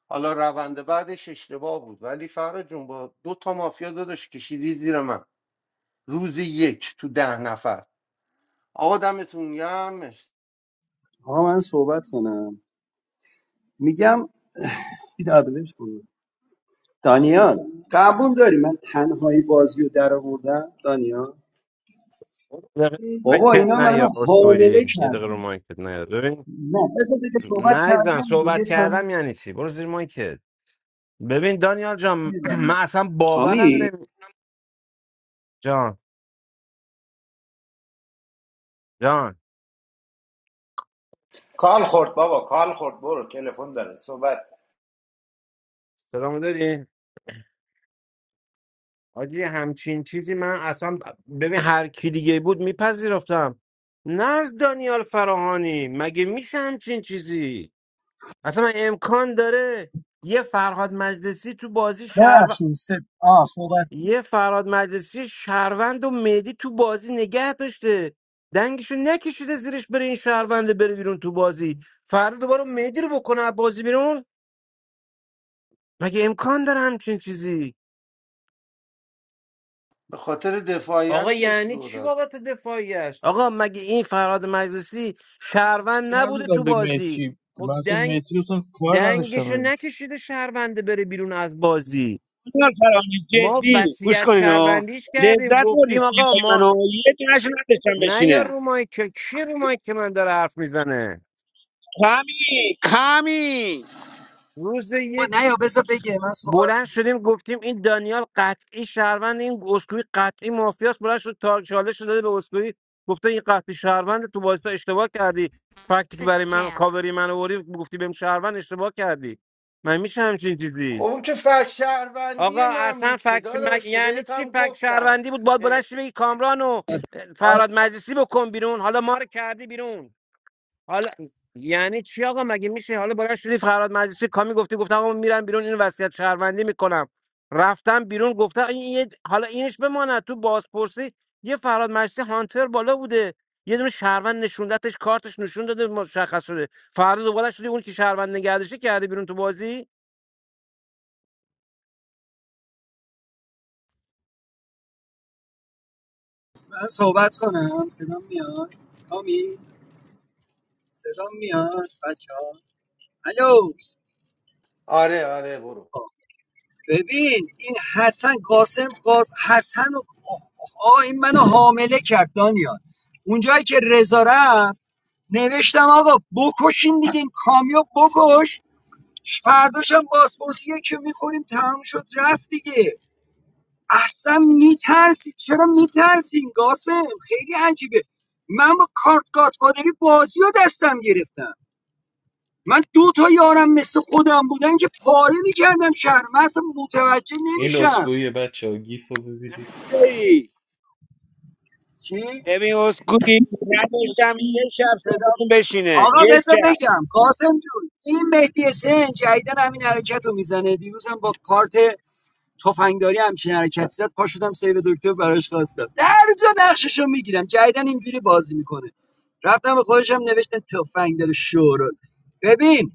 حالا روند بعدش اشتباه بود ولی فرا جون با دو تا مافیا داداش کشیدی زیر من روز یک تو ده نفر آقا دمتون گرم مرسی. آقا من صحبت کنم میگم بیدادبش کنم دانیال قبول داری من تنهایی بازی رو در آوردم دانیال یه دقیقه رو بابا مایکت اینا نه منو یا حامله اسکویی یه دقیقه رو کردن مایکت نه ببین نه بذار دیگه صحبت نه زن کردم دیگه. یه صحبت ثانیه کردم یعنی چی برو زیر مایکت ببین دانیال جان میبرم. من اصلا باورم کامی نمی جان جان کال خورد بابا کال خورد برو تلفن داره صحبت سلام داری؟ آجی همچین چیزی من اصلا ببین هر کی دیگه بود میپذیرفتم نه از دانیال فراهانی مگه میشه همچین چیزی اصلا امکان داره یه فرهاد مجلسی تو بازی شهر ببخشید سه آه صحبت کن. یه فرهاد مجلسی شهروند و مهدی تو بازی نگه داشته دنگشو نکشیده زیرش بره این شهرونده بره بیرون تو بازی فردا دوباره مهدی رو بکنه از بازی بیرون مگه امکان داره همچین چیزی به خاطر آقا دفاعیش بهش یعنی لو چی داد واقعا دفاعیش آقا مگه این فراد مجلسی شهروند نبوده تو ندادم به بازی مهدی خب من اصلا دنگ مهدی رو اصلا کار نداشتم دنگشو بهش. نکشیده شهرونده بره بیرون از بازی دانیال فرانی ما جدی گوش وصیت کنین و شهروندیش کردیم لذت بردید گفتیم آقا سیمای ما منو یه تونشون نداشتم نه یا بشینه رو مایک کی رو مایک من داره حرف میزنه کمی کمی روز ما نه یا بذار بگه من صحبت بلند شدیم گفتیم این دانیال قطعی شهروند این اسکوئی قطعی مافیاست بلند شد تا چالش رو داده به اسکوئی گفته این قطعی شهروند تو بازی تو اشتباه کردی فکتی که برای من کاوری من آوردی گفتی بهم شهروند اشتباه کردی من میشه همچین خب چیزی اون که فکر شهروندی آقا من اصلا بود که فکت مگ داداش که یعنی بهت چی هم فکت گفتم شهروندی بود باید بلند اه، شی بگی کامران و آه، فراد مجلسی بکن بیرون حالا ما رو کردی بیرون حالا یعنی چی آقا مگه میشه حالا بلند شدی فراد مجلسی کامی گفتی گفتم آقا من میرم بیرون اینو وصیت شهروندی میکنم رفتم بیرون گفتم این یه- حالا اینش بماند تو بازپرسی یه فراد مجلسی هانتر بالا بوده یه دونه شهروند نشوندتش کارتش نشون داده مشخص شده فردا دوباره شدی اون که شهروند نگردشی کرده بیرون تو بازی من صحبت کنم صدام میاد کامی صدام میاد بچه ها الو آره آره برو آه، ببین این حسن قاسم قاس حسن و آه, آه, آه این منو حامله کرد دانیال اونجایی که رضا رفت نوشتم آقا بکشین دیگه این کامیو بکش فرداشم باسپورس که میخوریم تمام شد رفت دیگه اصلا میترسی چرا میترسین قاسم خیلی عجیبه من با کارت گاتفادری بازی رو دستم گرفتم من دو تا یارم مثل خودم بودن که پاره میکردم شهر من اصلا متوجه این نمیشم اسکویه بچه ها گیف رو ببینید چی؟ ببین اسکوی نداشتم یه شب صدا صحبتون بشینه آقا یه بذار شب بگم قاسم جون این مهدی حسین جدیدن همین حرکت رو میزنه دیروز هم با کارت تفنگداری همچین حرکتی زد پا شدم سیو دکتر براش خواستم هر جا نقششو میگیرم جدیدن اینجوری بازی میکنه رفتم به خودشم نوشتم تفنگدار شورا ببین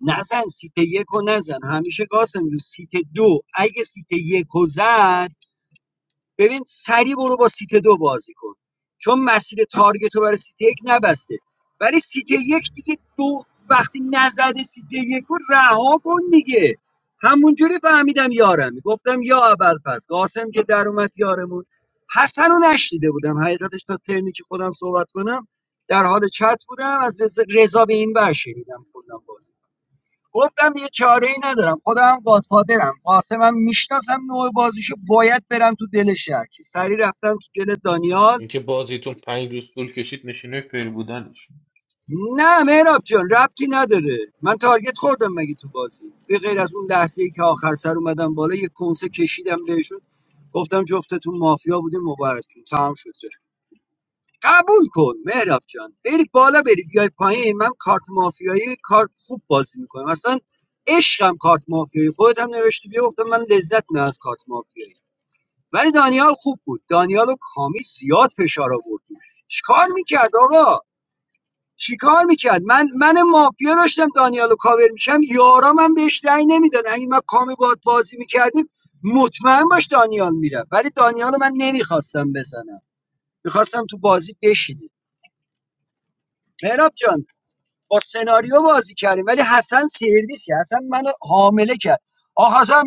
نزن سیت یک و نزن همیشه قاسم رو سیت دو اگه سیت یک و زد ببین سریع برو با سیت دو بازی کن چون مسیر تارگت رو برای سیت یک نبسته ولی سیت یک دیگه دو وقتی نزده سیت یک رو رها کن دیگه همونجوری فهمیدم یارم گفتم یا اول پس قاسم که در اومد یارمون حسن رو نشنیده بودم حقیقتش تا ترنی که خودم صحبت کنم در حال چت بودم از رضا رضا به این بر شنیدم کلا بازی گفتم یه چاره ای ندارم خودم گادفادرم قاسمم میشناسم نوع بازیشو باید برم تو دل شهر که سری رفتم تو دل دانیال اینکه بازیتون پنج روز طول کشید نشینه فیل بود. نه مهراب جان ربطی نداره من تارگت خوردم مگه تو بازی به غیر از اون لحظه ای که آخر سر اومدم بالا یه کنسه کشیدم بهشون گفتم جفتتون مافیا بودیم مبارکتون تمام شد قبول کن مهراب جان بری بالا بری بیای پایین من کارت مافیایی کار خوب بازی میکنم اصلا عشقم کارت مافیایی خودت هم نوشتی بیا گفتم من لذت نه از کارت مافیایی ولی دانیال خوب بود دانیال و کامی زیاد فشار آورد روش. چیکار میکرد آقا چیکار میکرد من من مافیا داشتم دانیال و کاور میشم یارام من بهش رأی نمیدادن اگه من کامی باد بازی میکردیم مطمئن باش دانیال میره ولی دانیال رو من نمیخواستم بزنم میخواستم تو بازی بشینه مهراب جان با سناریو بازی کردیم ولی حسن سرویسی حسن منو حامله کرد آ حسن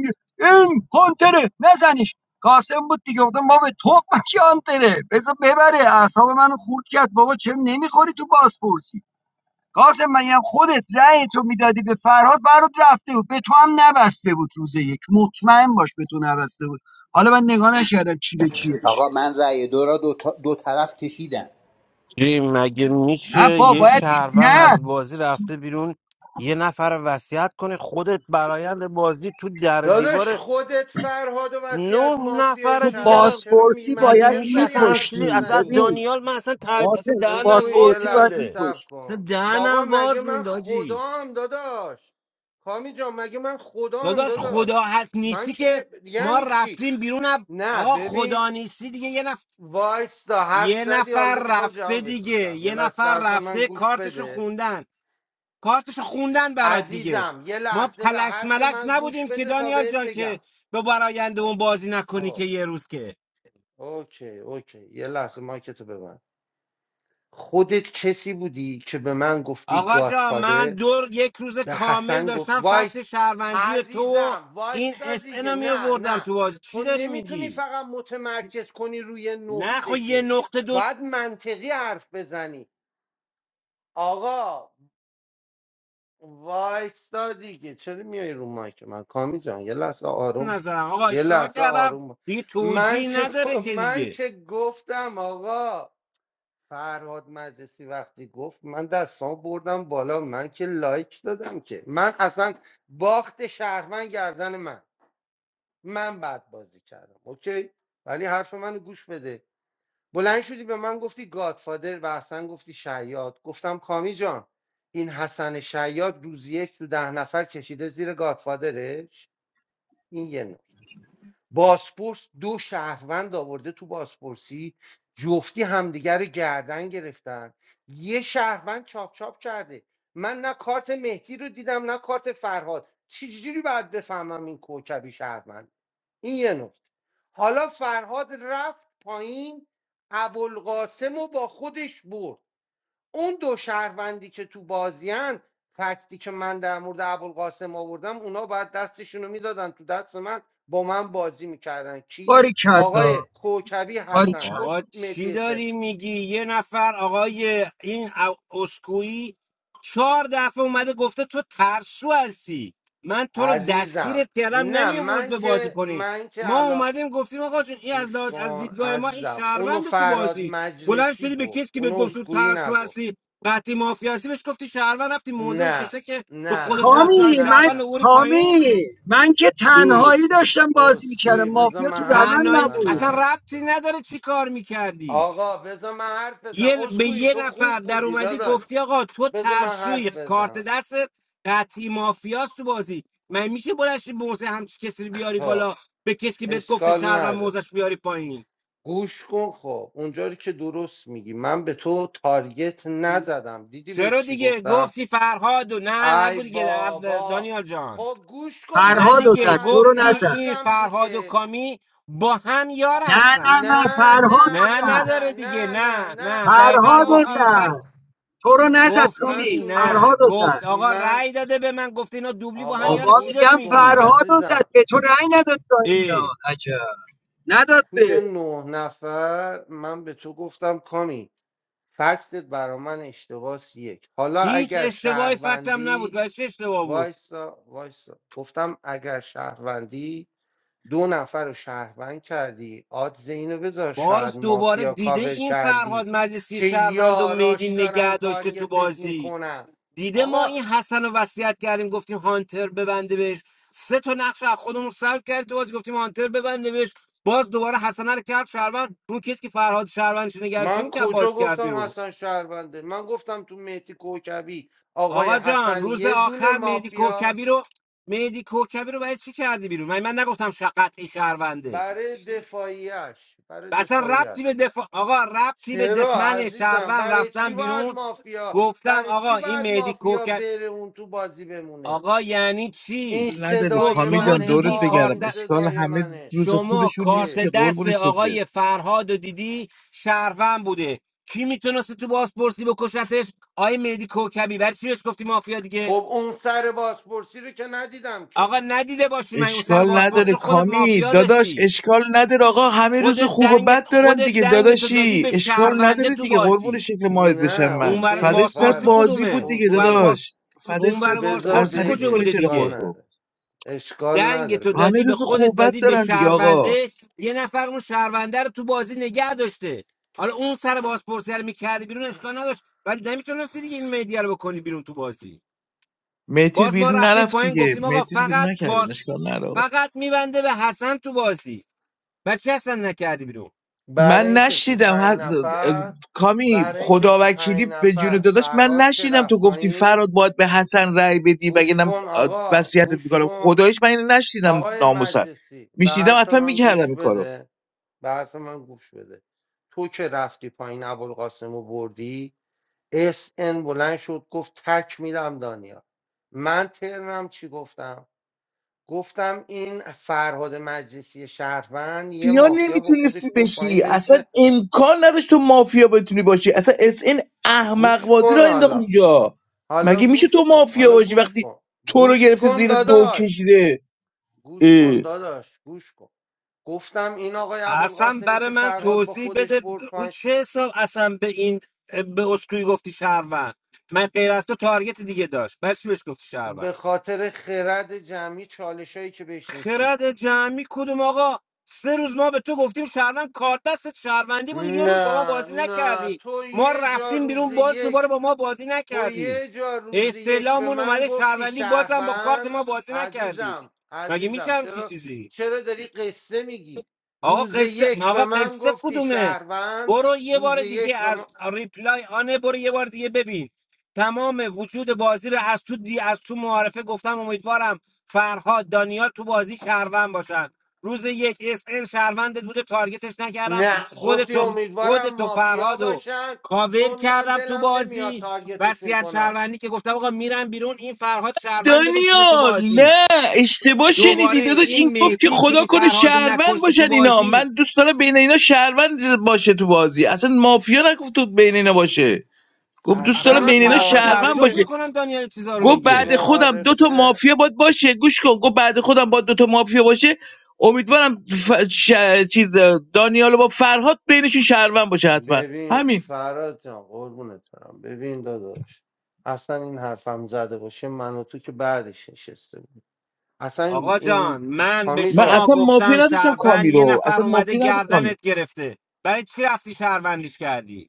این هانتره نزنیش قاسم بود دیگه گفتم ما به تخم کی هانتره بذار ببره اعصاب منو خورد کرد بابا چه نمیخوری تو بازپرسی قاسم من هم خودت رأی تو میدادی به فرهاد فرهاد رفته بود به تو هم نبسته بود روز یک مطمئن باش به تو نبسته بود حالا من نگاه نکردم چی به چیه آقا من رأی دو را دو, تا- دو طرف کشیدم چی مگه میشه نه با یه باید بی... شهروند نه از بازی رفته بیرون یه نفر وصیت کنه خودت برایند بازی تو در و داداش دیوار خودت فرهاد و وصیت نه مافیایی نفر تو دیگر کردی رو چرا می بازپرسی مگه باید منطق میشه داری اصلا هم حرف چیزی میکشتی اصلا از میزنی ببین دانیال من اصلا تر... قاسم اصلا تو دهنم اسکوئی یه واز بازپرسی باید لحظه مونده صبر میکش اصلا کن آقا دهنم مگه واز من مونده آجی خدام داداش کامی جان مگه من خدام داداش خدا داداش هست من نیستی که که نه- ما یعنی چی رفتیم بیرون اب... نه آقا ببین خدا نیستی دیگه یه نفر وایستا حرف یه زدی حالا نفر میخوام رفته جواب تو دیگه بدم یه یه لحظه به نفر حرف من رفته گوش کارتشو بده خوندن کارتشو خوندن برات دیگه عزیزم یه ما لحظه به پلش حرف ملش من گوش نبودیم که بده تا دانیال بهت جان بگم که به براینده اون بازی نکنی که خب یه روز که اوکی اوکی یه لحظه مایکتو ببند خودت کسی بودی که به من گفتی آقا جا من گادفادر دو یک روز به کامل حسن گفت داشتم فکت وایس شهروندی تو و عزیزم این وایستا اس دیگه رو می نه آوردم نه تو بازی چی تو داری نمیتونی میگی فقط متمرکز کنی روی نه خب نقطه یه که نقطه دو باید منطقی حرف بزنی آقا وایستا دیگه چرا میای رو مایک من کامی جان یه لحظه آروم نظرم آقا یه اشتباه لحظه کردم آروم با- دیگه من توجیه که نداره که من دیگه که گفتم آقا فرهاد مجلسی وقتی گفت من دستان بردم بالا من که لایک دادم که من اصلا باخت شهرمن گردن من من بعد بازی کردم اوکی ولی حرف منو گوش بده بلند شدی به من گفتی گادفادر و حسن گفتی شیاد گفتم کامی جان این حسن شیاد روز یک تو ده نفر کشیده زیر گادفادرش این یه نوع باسپورس دو شهروند آورده تو باسپورسی جفتی همدیگر رو گردن گرفتن یه شهروند چاپ چاپ کرده من نه کارت مهدی رو دیدم نه کارت فرهاد چجوری باید بفهمم این کوکبی شهروند این یه نکته حالا فرهاد رفت پایین ابوالقاسم رو با خودش برد اون دو شهروندی که تو بازیان فکتی که من در مورد ابوالقاسم آوردم اونا باید دستشون رو میدادن تو دست من با من بازی میکردن کی باری کلا آقای کوکبی باری حسن گفت آقا چی مهدی حسن. داری میگی یه نفر آقای این او- اسکوئی چهار دفعه اومده گفته تو ترسو هستی من تو رو عزیزم دستگیرت کردم نه نمی ورود من به بازی که کنی من که ما الا اومدیم گفتیم آقا جون این از, گوش لحاظ- از کن دیدگاه ما این عزیزم اونو شهروند تو فراد بازی بلند مجلسی شدی به گفت کسی که به اونو گفت تو اسکویی ترسو نگفت هستی قطعی مافیا هستی بهش گفتی شهروند رفتی موزه و نه کسی که به نه خودت گفت نه تو از کامی نه من شهروند نه اوری پایین کامی من که اه. تنهایی داشتم بازی میکردم اسکویی بذار مافیا من تو حرف دهنم تنهایی نبود اصلا بزنم ربطی نداره چی کار میکردی آقا بذار من حرف بزنم یه به اسکوئی یه تو نفر خوب در بودی اومدی داداش گفتی آقا تو بذار من ترسوی حرف کارت بزنم دستت قطعی مافیاست تو بازی من میشه بلشی موزه همچی کسی رو بیاری خب بالا به کسی که بهت گفته اشکال شهر و نداره موزش بیاری پایین گوش کن خب اونجا که درست میگی من به تو تارگت نزدم دیدی به چرا چی دیگه گفتم گفتی فرهاد و نه ای نگو دیگه عبد- بابا دانیال جان خب گوش کن به نه فرهاد و حرف دیگه زد من تو رو دیگه گفتی نزد این عزیزم فرهاد و دیگه کامی با هم یار نه نه هستن نه نه فرهاد نه و نه نه زد نه نداره دیگه نه نه نه نه نه دقیقا فرهاد اصلا و و گفتی این زد ابدا تو رو نزد گفتی من کامی تو این نو... نه فرهاد و زد گفت آقا من رأی داده به من گفت اینا دوبلی با هم آقا یاره بابا چی گوش داری میگم کن میگی فرهاد و زد عزیزم به تو رأی نداد تا اه. اینا عجب نداد به توی نه نفر من به تو گفتم کامی فکست برا من اشتباس یک حالا هیچ اگر اشتباهی فکتم نبود شهروندی و چه اشتباه بود وایسا وایسا گفتم اگر شهروندی دو نفر رو شهروند کردی آد زینو بذار شاید باز دوباره مافیا دیده کاور این کردی فرهاد مجلسی که شهروند و میدی یاراش دارن نگه داشته تو تارگتت بازی میکنن دیده ما آقا این حسن رو وصیت کردیم گفتیم هانتر ببنده بهش سه تا نقش از خودمون سلب کرد تو بازی گفتیم هانتر ببنده بهش باز دوباره حسن رو کرد شهروند رو کسی که فرهاد شهروندش نگهش من رو کرد کجا باز کرد گفتم بیرون. حسن شهرونده من گفتم تو مهدی کوکبی آقای آقا جان حسن روز یه دونه آخر مهدی مافیاست کوکبی رو مهدی کوکبی رو برای چی کردی بیرون من, من نگفتم شقت شهرونده برای دفاعیش برای و اصلا دفاعیش ربطی به دفاع آقا ربطی به چرا دفمن عزیزم شهروند برای چی رفتم باید بیرون مافیا گفتم برای آقا چی این باید مهدی مافیا کوکب بره اون تو بازی بمونه آقا یعنی چی این نداره خب صدای کامی شما جان منه دورت دیدی آه بگردم این کارت د- اشکال صدای همه منه روز شما خوبشون نیست کارت اه. که دست قربون شکلت آقای فرهاد و دیدی شهروند بوده کی میتونست تو بازپرسی بکشتش آقای مهدی کوکبی برای چی بهش گفتی مافیا دیگه خب اون سر بازپرسی رو که ندیدم که آقا ندیده باشی من اون سر اشکال بازپرسی نداره خب خودت کامی مافیا داداش داشتی اشکال نداره آقا همه روز خودت خوب و دنگ بد دارن خودت دیگه دنگ تو دادی داداشی به اشکال شهرونده نداره تو دیگه قربون بازی شکل ماهت بشم نه اون من ور از اوکی فدش سر بازپرسی فراد بازی بود کدومه دیگه اون ور از اوکی باز داداش فدش اون سر ور بود. بذار بازپرسی عصبی بگه کجا میکنی بوده چرا اشکال دیگه خودتو نداره اشکال دنگ نداره تو بذار همه بگه. دادی به روز خوب خودت و بد دادی به دارن دیگه آقا شهرونده یه نفر اون شهرونده رو تو بازی نگه داشته حالا اون سر بازپرسی رو میکردی بیرون اشکال نداشت ولی نمیتونستی دیگه این میدیا رو بکنی بیرون تو بازی مهتیر باز ما بیرون رفتیم نرفت پایین دیگه گفتیم آقا مهتیر بیرون فقط باز نکردن اشکال نداره آقا. فقط میبنده به حسن تو بازی و چه اصلا نکردی بیرون برای من اینکه تو نشیدم هر... پنج نفر کامی برای اینکه خدا تو وکیلی پنج به جون نفر داداش من فرهاد که نشیدم تو رفت گفتی پایین فراد باید به حسن رأی بدی وگه گوش نم کن آقا وصیتت گوش میکنم کن خدایش من اینو نشنیدم آقای ناموسن مجلسی به میشنیدم حرف حتما من میکردم گوش این کارو بده به حرف من گوش بده تو که رفتی پایین ابوالقاسم رو بردی اس ان بلند شد گفت تک میدم دانیا من ترنم چی گفتم گفتم این فرهاد مجلسی شهروند یه مافیا مافیا با نمیتونستی خودش برد پایین بشی به اصلا اسم امکان نداشت تو مافیا بتونی باشی اصلا اس این احمق گوش بازی رو کن انداخت حالا اونجا حالا مگه میشه تو گوش کن مافیا حالا باشی گوش وقتی کن تو رو گوش گرفته کن زیر دو داداش کشیده گوش اه. کن داداش گوش کن گفتم این آقای اصلا ابوالقاسمی برای که من فرهاد با توضیح خودش بده برد رو پایین چه حساب اصلا به این به اسکوی گفتی شهروند من غیر از تو تارگت دیگه داشت برای چی بهش گفتی شهروند به خاطر خرد جمعی چالشایی که بهش رسید خرد جمعی کدوم آقا سه روز ما به تو گفتیم شهروند کار دستت شهروندی بودی یه روز با ما نه بازی نه نکردی تو ما یه جا رفتیم روز بیرون باز دوباره یک با ما بازی تو نکردی یه جا روزی یک به استعلامون من اومده گفتی شهروندی بازم با کارت شهروند ما بازی نکردی عزیزم مگه میشه عزیزم همچی چرا چیزی چرا داری قصه میگی آقا روز قصه یک آقا به من قصه گفتی کدومه شهروند برو یه روز بار دیگه یک به از من ریپلای آنه برو یه بار دیگه ببین تمام وجود بازی رو از تو دی از تو معارفه گفتم امیدوارم فرهاد دانیال تو بازی شهروند باشن روز یک اس ال شهروندت بوده تارگتش نکردم نه گفتی خودتو امیدوارم خودتو مافیا فرهاد و باشن کاور چون من کردم تو دلم نمیاد بازی تارگتشون وصیت کنم شهروندی که گفتم آقا میرم بیرون این فرهاد شهرونده بشینه تو دانیال بازی نه اشتباه دوباره شنیدی داداش این این گفت که مهدی که خدا این کنه فرهاد رو شهروند نکشته تو باشن اینا بازی من دوست دارم بین اینا شهروند باشه تو بازی اصلا مافیا نگفت تو بین اینا باشه گفت دوست اصلا اصلا دارم من بین تا- اینا اصلا شهروند معارفه تعجب باشه که میکنم دانیال این چیزا رو گفت میگه بعد خودم دو تا معارفه مافیا باید باشه گوش کن گفت بعد خودم باید دو تا مافیا باشه امیدوارم ف... ش... چیز دانیال با فرهاد بینشون شهروند باشه حتما ببین همین فراد جان قربونت برم ببین داداش اصلا این حرفم زده باشه من و تو که بعدش نشسته بود اصلا آقا جان این من به کامی من شما جان اصلا مافیا گفتم نداشتم شهروند کامی یه رو نفر اصلا اومده مافیا نبود کامی گردنت گرفته برای چی رفتی شهروندیش کردی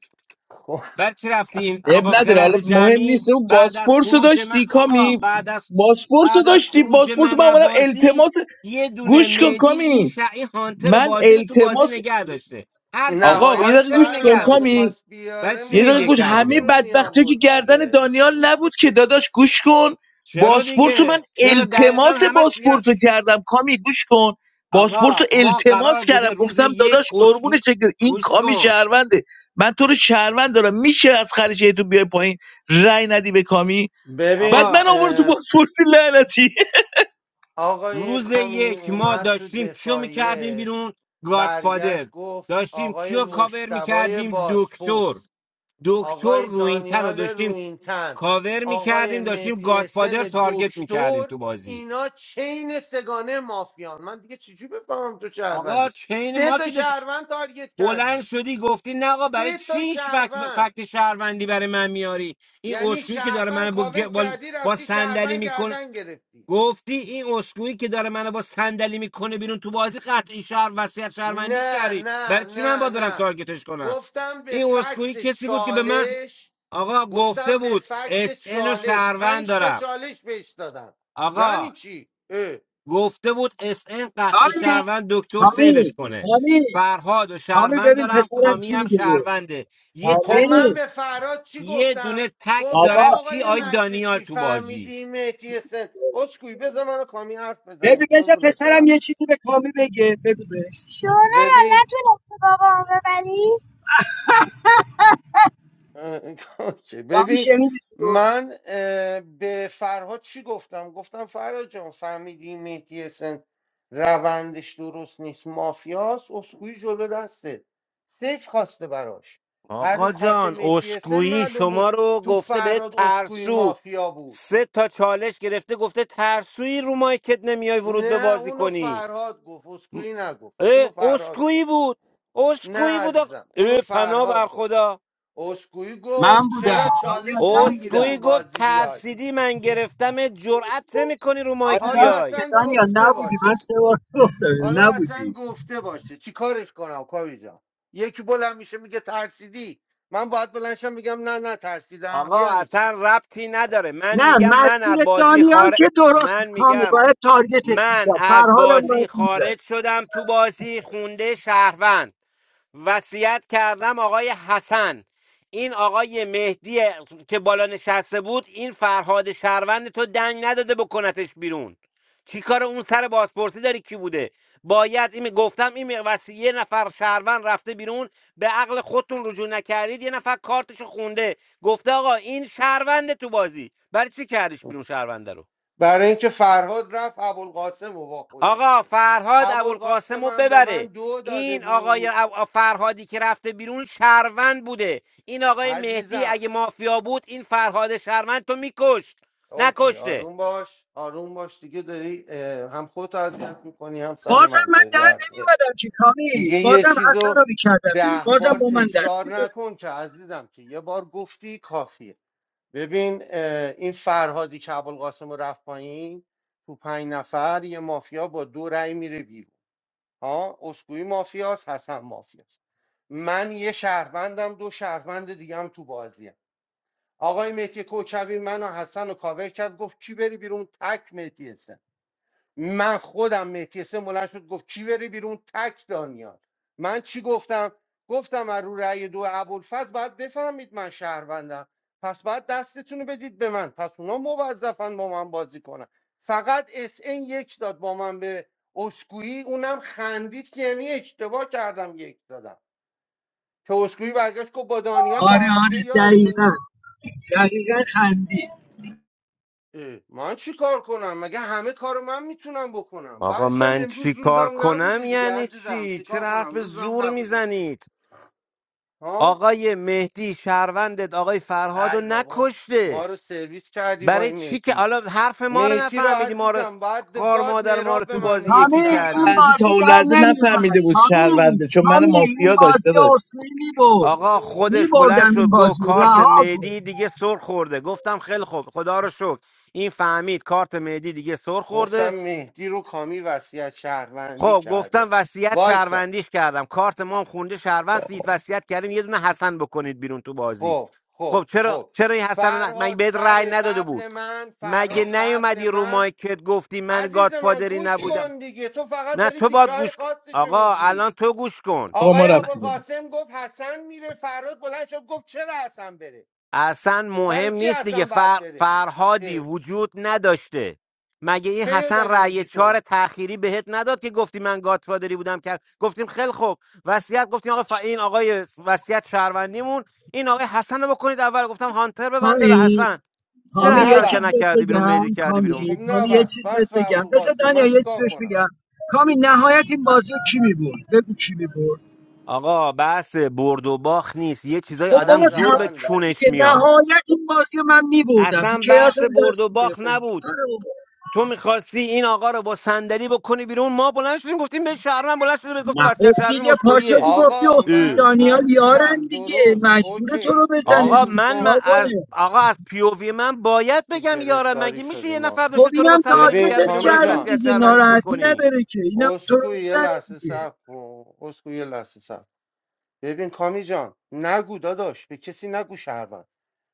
خب، برای چی رفتین اب آقا نداره حالا خرد مهم جمعی نیست اون بعد از باسپورس رو خروج من داشتی آقا کامی بعد از باسپورس رو بعد از داشتی خروج باسپورس من من از اومدم بازی التماس یه دونه گوش کن مهدی این کامی شعی هانتر من بازی رو تو بازی التماس نگه داشته هرچی آقا یه نهایت دقیقه هانتر رو گوش کن نگه فرادم داشته کامی میخواست برای بیاره چی م- یه دقیقه مهدی من و گوش کردی کامی همه بیرون رو بدبختی که میآورد گردن دیگه دانیال نبود که داداش گوش کن چرا باسپورت رو من دیگه چرا دقیقا التماس همش دیگه باسپورت رو کردم کامی گوش کن باسپورت آقا رو ما قرار التماس کردم بوده روز گفتم یک داداش قربون اسکو شکل این گوش کامی کن شهرونده من تو رو شهروند دارم میشه از خرج تو بیای پایین رای ندی به کامی بعد ببین آقا من آورد تو اه، باسپورتی لعنتی آقای روز کامی یک ما اومد تو داشتیم کیو میکردیم دفاعیه بیرون گادفادر برگشت گفت داشتیم آقای کیو کاور مشتبای میکردیم دکتر باسپورس دکتر آقای رو این تن رو دانیال داشتیم روینتن کاور آقای میکردیم داشتیم مهدی گادفادر حسن تارگت میکردیم دکتر تو بازی اینا چین سگانه مافیان من دیگه چجوری بفهمم تو آقا شهروندی چین سه ما تا که داشت شهروند تارگت بلند کردی شدی گفتی نه آقا برای سه چی تا هیچ فکت, شهروند فکت شهروندی برای من میاری این یعنی اسکویی که داره شهروند من با, گ- کاور با, کردی با رفتی شهروند صندلی گردن گرفتی گفتی این اسکویی که داره منو با صندلی میکنه بیرون تو بازی قطعی شهر وصیت شهروندیش نه کردی نه برای چی من نه باید برم نه تارگتش کنم گفتم به این اسکویی فکت کسی بود که به من چالش آقا گفته گفتم به بود فکت اس و چالش شهروند پنج تا دارم چالش بهش دادم آقا یعنی چی؟ اه. گفته بود اس ان قطعی کامی شهروند دکتر کامی سیوش کنه کامی فرهاد و کامی شهروند ببین دارم پسرم کامی چی هم میگه شهرونده یه خب تک کامی من به فراد چی یه گفتم دونه تک بابا گفتم دارم کی آقای آی دانیال مجلسی تو بازی فهمیدیم مهتی سن اسکوی بذار منو کامی حرف بزنیم ببین بذار قربونت پسرم برم یه چیزی به کامی بگه بگو بهش شورا را ببین نتونستی بابامو ببری اه، کامی ببین شنیدی چی رو من اه، به فرهاد چی گفتم گفتم فرهاد جان فهمیدیم مهتی سن روندش درست نیست مافیاس اسکوی جلو دسته سیف خواسته براش هر رو آقا کارت جان مهتی سن اسکویی معلوم بود شما رو تو گفته به فراد اسکوی ترسو مافیا بود سه تا چالش گرفته گفته ترسویی رو مایکت نمیای ورود به نه بازی اونو کنی فرهاد گفت م- اسکویی نگفت اونو اه فرهاد اسکویی گفت بود نه اسکویی بود آق- عزیزم اونو اه پناه بر فرهاد گفت خدا اسکویی من گفت بودم چرا دانیال چالش من نمیگیری اسکویی تو بودم گفت بازی بیای ترسیدی من گرفتم جرأت نمیکنی رو آره مایک حالا راست که بیای اصلا دانیال گفته نبودی من باشه سه بار گفتم یعنی حالا اصلا نبودی گفته باشه چی کارش کنم کاوی جان یکی بلند میشه میگه ترسیدی من باید بلندشم میگم نه نه ترسیدم آقا یعنی اصلا چی ربطی نداره من نه میگم من مسیر از بازی دانیال خارج که درست بود. من کامی میگم باید تارگتت من میزد از فرهادم بازی باید میزد خارج شدم تو بازی خونده شهروند وصیت کردم آقای حسن این آقای مهدی که بالا نشسته بود این فرهاد شهروند تو دنگ نداده بکنتش بیرون چی کار اون سر بازپرسی داری کی بوده باید این گفتم این وصیه یه نفر شهروند رفته بیرون به عقل خودتون رجوع نکردید یه نفر کارتشو خونده گفته آقا این شهرونده تو بازی برای چی کردش بیرون شهرونده رو برای اینکه فرهاد رفت ابوالقاسم رو با خودش آقا بود فرهاد ابوالقاسم ابوالقاسم رو هم به من ببره دو داده این آقای بود اب- فرهادی که رفته بیرون شهروند بوده این آقای مهدی عزیزم اگه مافیا بود این فرهاد شهروند تو میکشت اوکی نکشته آروم باش آروم باش دیگه داری اه، هم خودت اذیت میکنی هم سر بازم من من داری در در میاری. نمیومدم که کامی دیگه یه بازم حسن چیزو رو میکردم بیرون ده بازم بار با من دست تکرار میداد نکن که عزیزم که یه بار گفتی کافیه ببین اه، این فرهادی که ابوالقاسم رو رفت پایین تو پنج نفر یه مافیا با دو رأی میره بیرون ها اسکوئی مافیاس حسن مافیاست من یه شهروندم دو شهروند دیگه هم تو بازی آقای مهدی کوکبی من و حسن رو کاور کرد گفت کی بری بیرون تک مهدی حسن من خودم مهدی حسن بلند شد گفت کی بری بیرون تک دانیال من چی گفتم گفتم از رو رأی دو ابوالفضل باید بفهمید من شهروندم پس باید دستتون رو بدید به من پس اونا موظفن با من بازی کنن فقط اس ان یک داد با من به اسکویی اونم خندید که یعنی اشتباه کردم یک دادم که اسکویی برگشت گفت با دانیال با آره هم دیگه آره یاریم دقیقا دقیقا خندی اه، من چی کار کنم مگه همه کارو من میتونم بکنم آقا بعدش هم من امروز چی کار روزم کنم نبوده دیگه یعنی عزیزم چی؟ چیکار چرا حرف کنم روزم زور نبوده میزنید؟ ها آقای مهدی شهروندت آقای فرهاد رو ای بابا نکشته ما رو سرویس کردی با برای این چی که مهدی حالا حرف ما رو مهدی رو نفهمیدی ما رو عزیزم بعد خار گاد مادر ما رو مهراب به تو من بازی میگفت تامی یکی این کردی لحظه شهرونده تا بازی اون در لحظه نمیومد نفهمیده بود تامی شهرونده چون من تامی این مافیا بازی داشته داشت اصلی میبرد اه، آقا خودش بلند میبردم شد این گفت بازی رو. کارت رها کن مهدی دیگه سر خورده گفتم خیلی خوب خدا رو شکر این فهمید کارت مهدی دیگه سر گفتم خورده مهدی رو کامی وصیت شهروندی خب گفتم کرده وصیت وایسا شهروندیش کردم کارت ما هم خونده شهروند دید وصیت کردیم یه دونه حسن بکنید بیرون تو بازی خب خب خب چرا خب چرا این حسن رو ن- مگه فرهاد بهت رأی سر نداده بود قبل من مگه فرهاد قبل نیومدی رو من مایکت گفتی من عزیز من گادفادری گوش نبودم کن دیگه تو فقط نه داری تو تیکه باد گوش های کن. خاصشو آقا میگی الان تو گوش کن آقا ما آقای رفتیم ابوالقاسم گفت حسن میره فراد بلند شد گفت چرا حسن بره اصلا برای مهم چی نیست دیگه حسن باید فر... بره فرهادی اه، وجود نداشته مگه این چه حسن داری رأی میگی چهار تو تأخیری بهت نداد که گفتی من گادفادری بودم که گفتیم خیلی خوب وصیت گفتیم آقا ف... این آقای وصیت شهروندیمون این آقای حسن رو بکنید اول گفتم هانتر ببنده به تامی حسن خب تامی چرا حسن نه یه رو که چیز بس بهت نکردی بیرون بگم میدی کردی بیرون خب کامی نه تامی یه بس چیز بس بهت به بگم بذار ابوالقاسم دنیا من یه چیز چیکار بهش کنم بگم کامی نهایت این بازی رو کی میبرد بگو کی میبرد آقا بحث برد و باخت نیست یه چیزای خب بحث آدم بابا زور به تموم روند کن داره چونش دیگه میاد نهایت این بازی رو من میبردم تو اصلا کیاس بحث هم برد دست و باخت نبود میگرفتم تو میخواستی این آقا رو با صندلی بکنی بیرون ما بلند شدیم گفتیم به شهروند بلند شده بهت گفته نه خب وصیت شهروندی دیگه پا مسکویه شدی گفتی آقا اسکول اه. من دانیال یارن عزیزم دیگه درست مجبور تو رو اوکی ببین بزنه آقا گوش دیگه من, من کن چیکار از کنه آقا از پیووی من باید چه بگم یارم گرفتاری مگه میشه یه شدیم ما نفر خب داشته تو رو با اینم صندلی ببین میکرده تارگتت بیرون بلند کامی شی کرده جان وصیت دیگه شهروندیش ناراحتی بکنی نداره که اینم تو رو اسکو یه میزنه لحظه دیگه صبر کن اسکو یه لحظه صبر ببین کامی جان نگو داداش به کسی نگو شهروند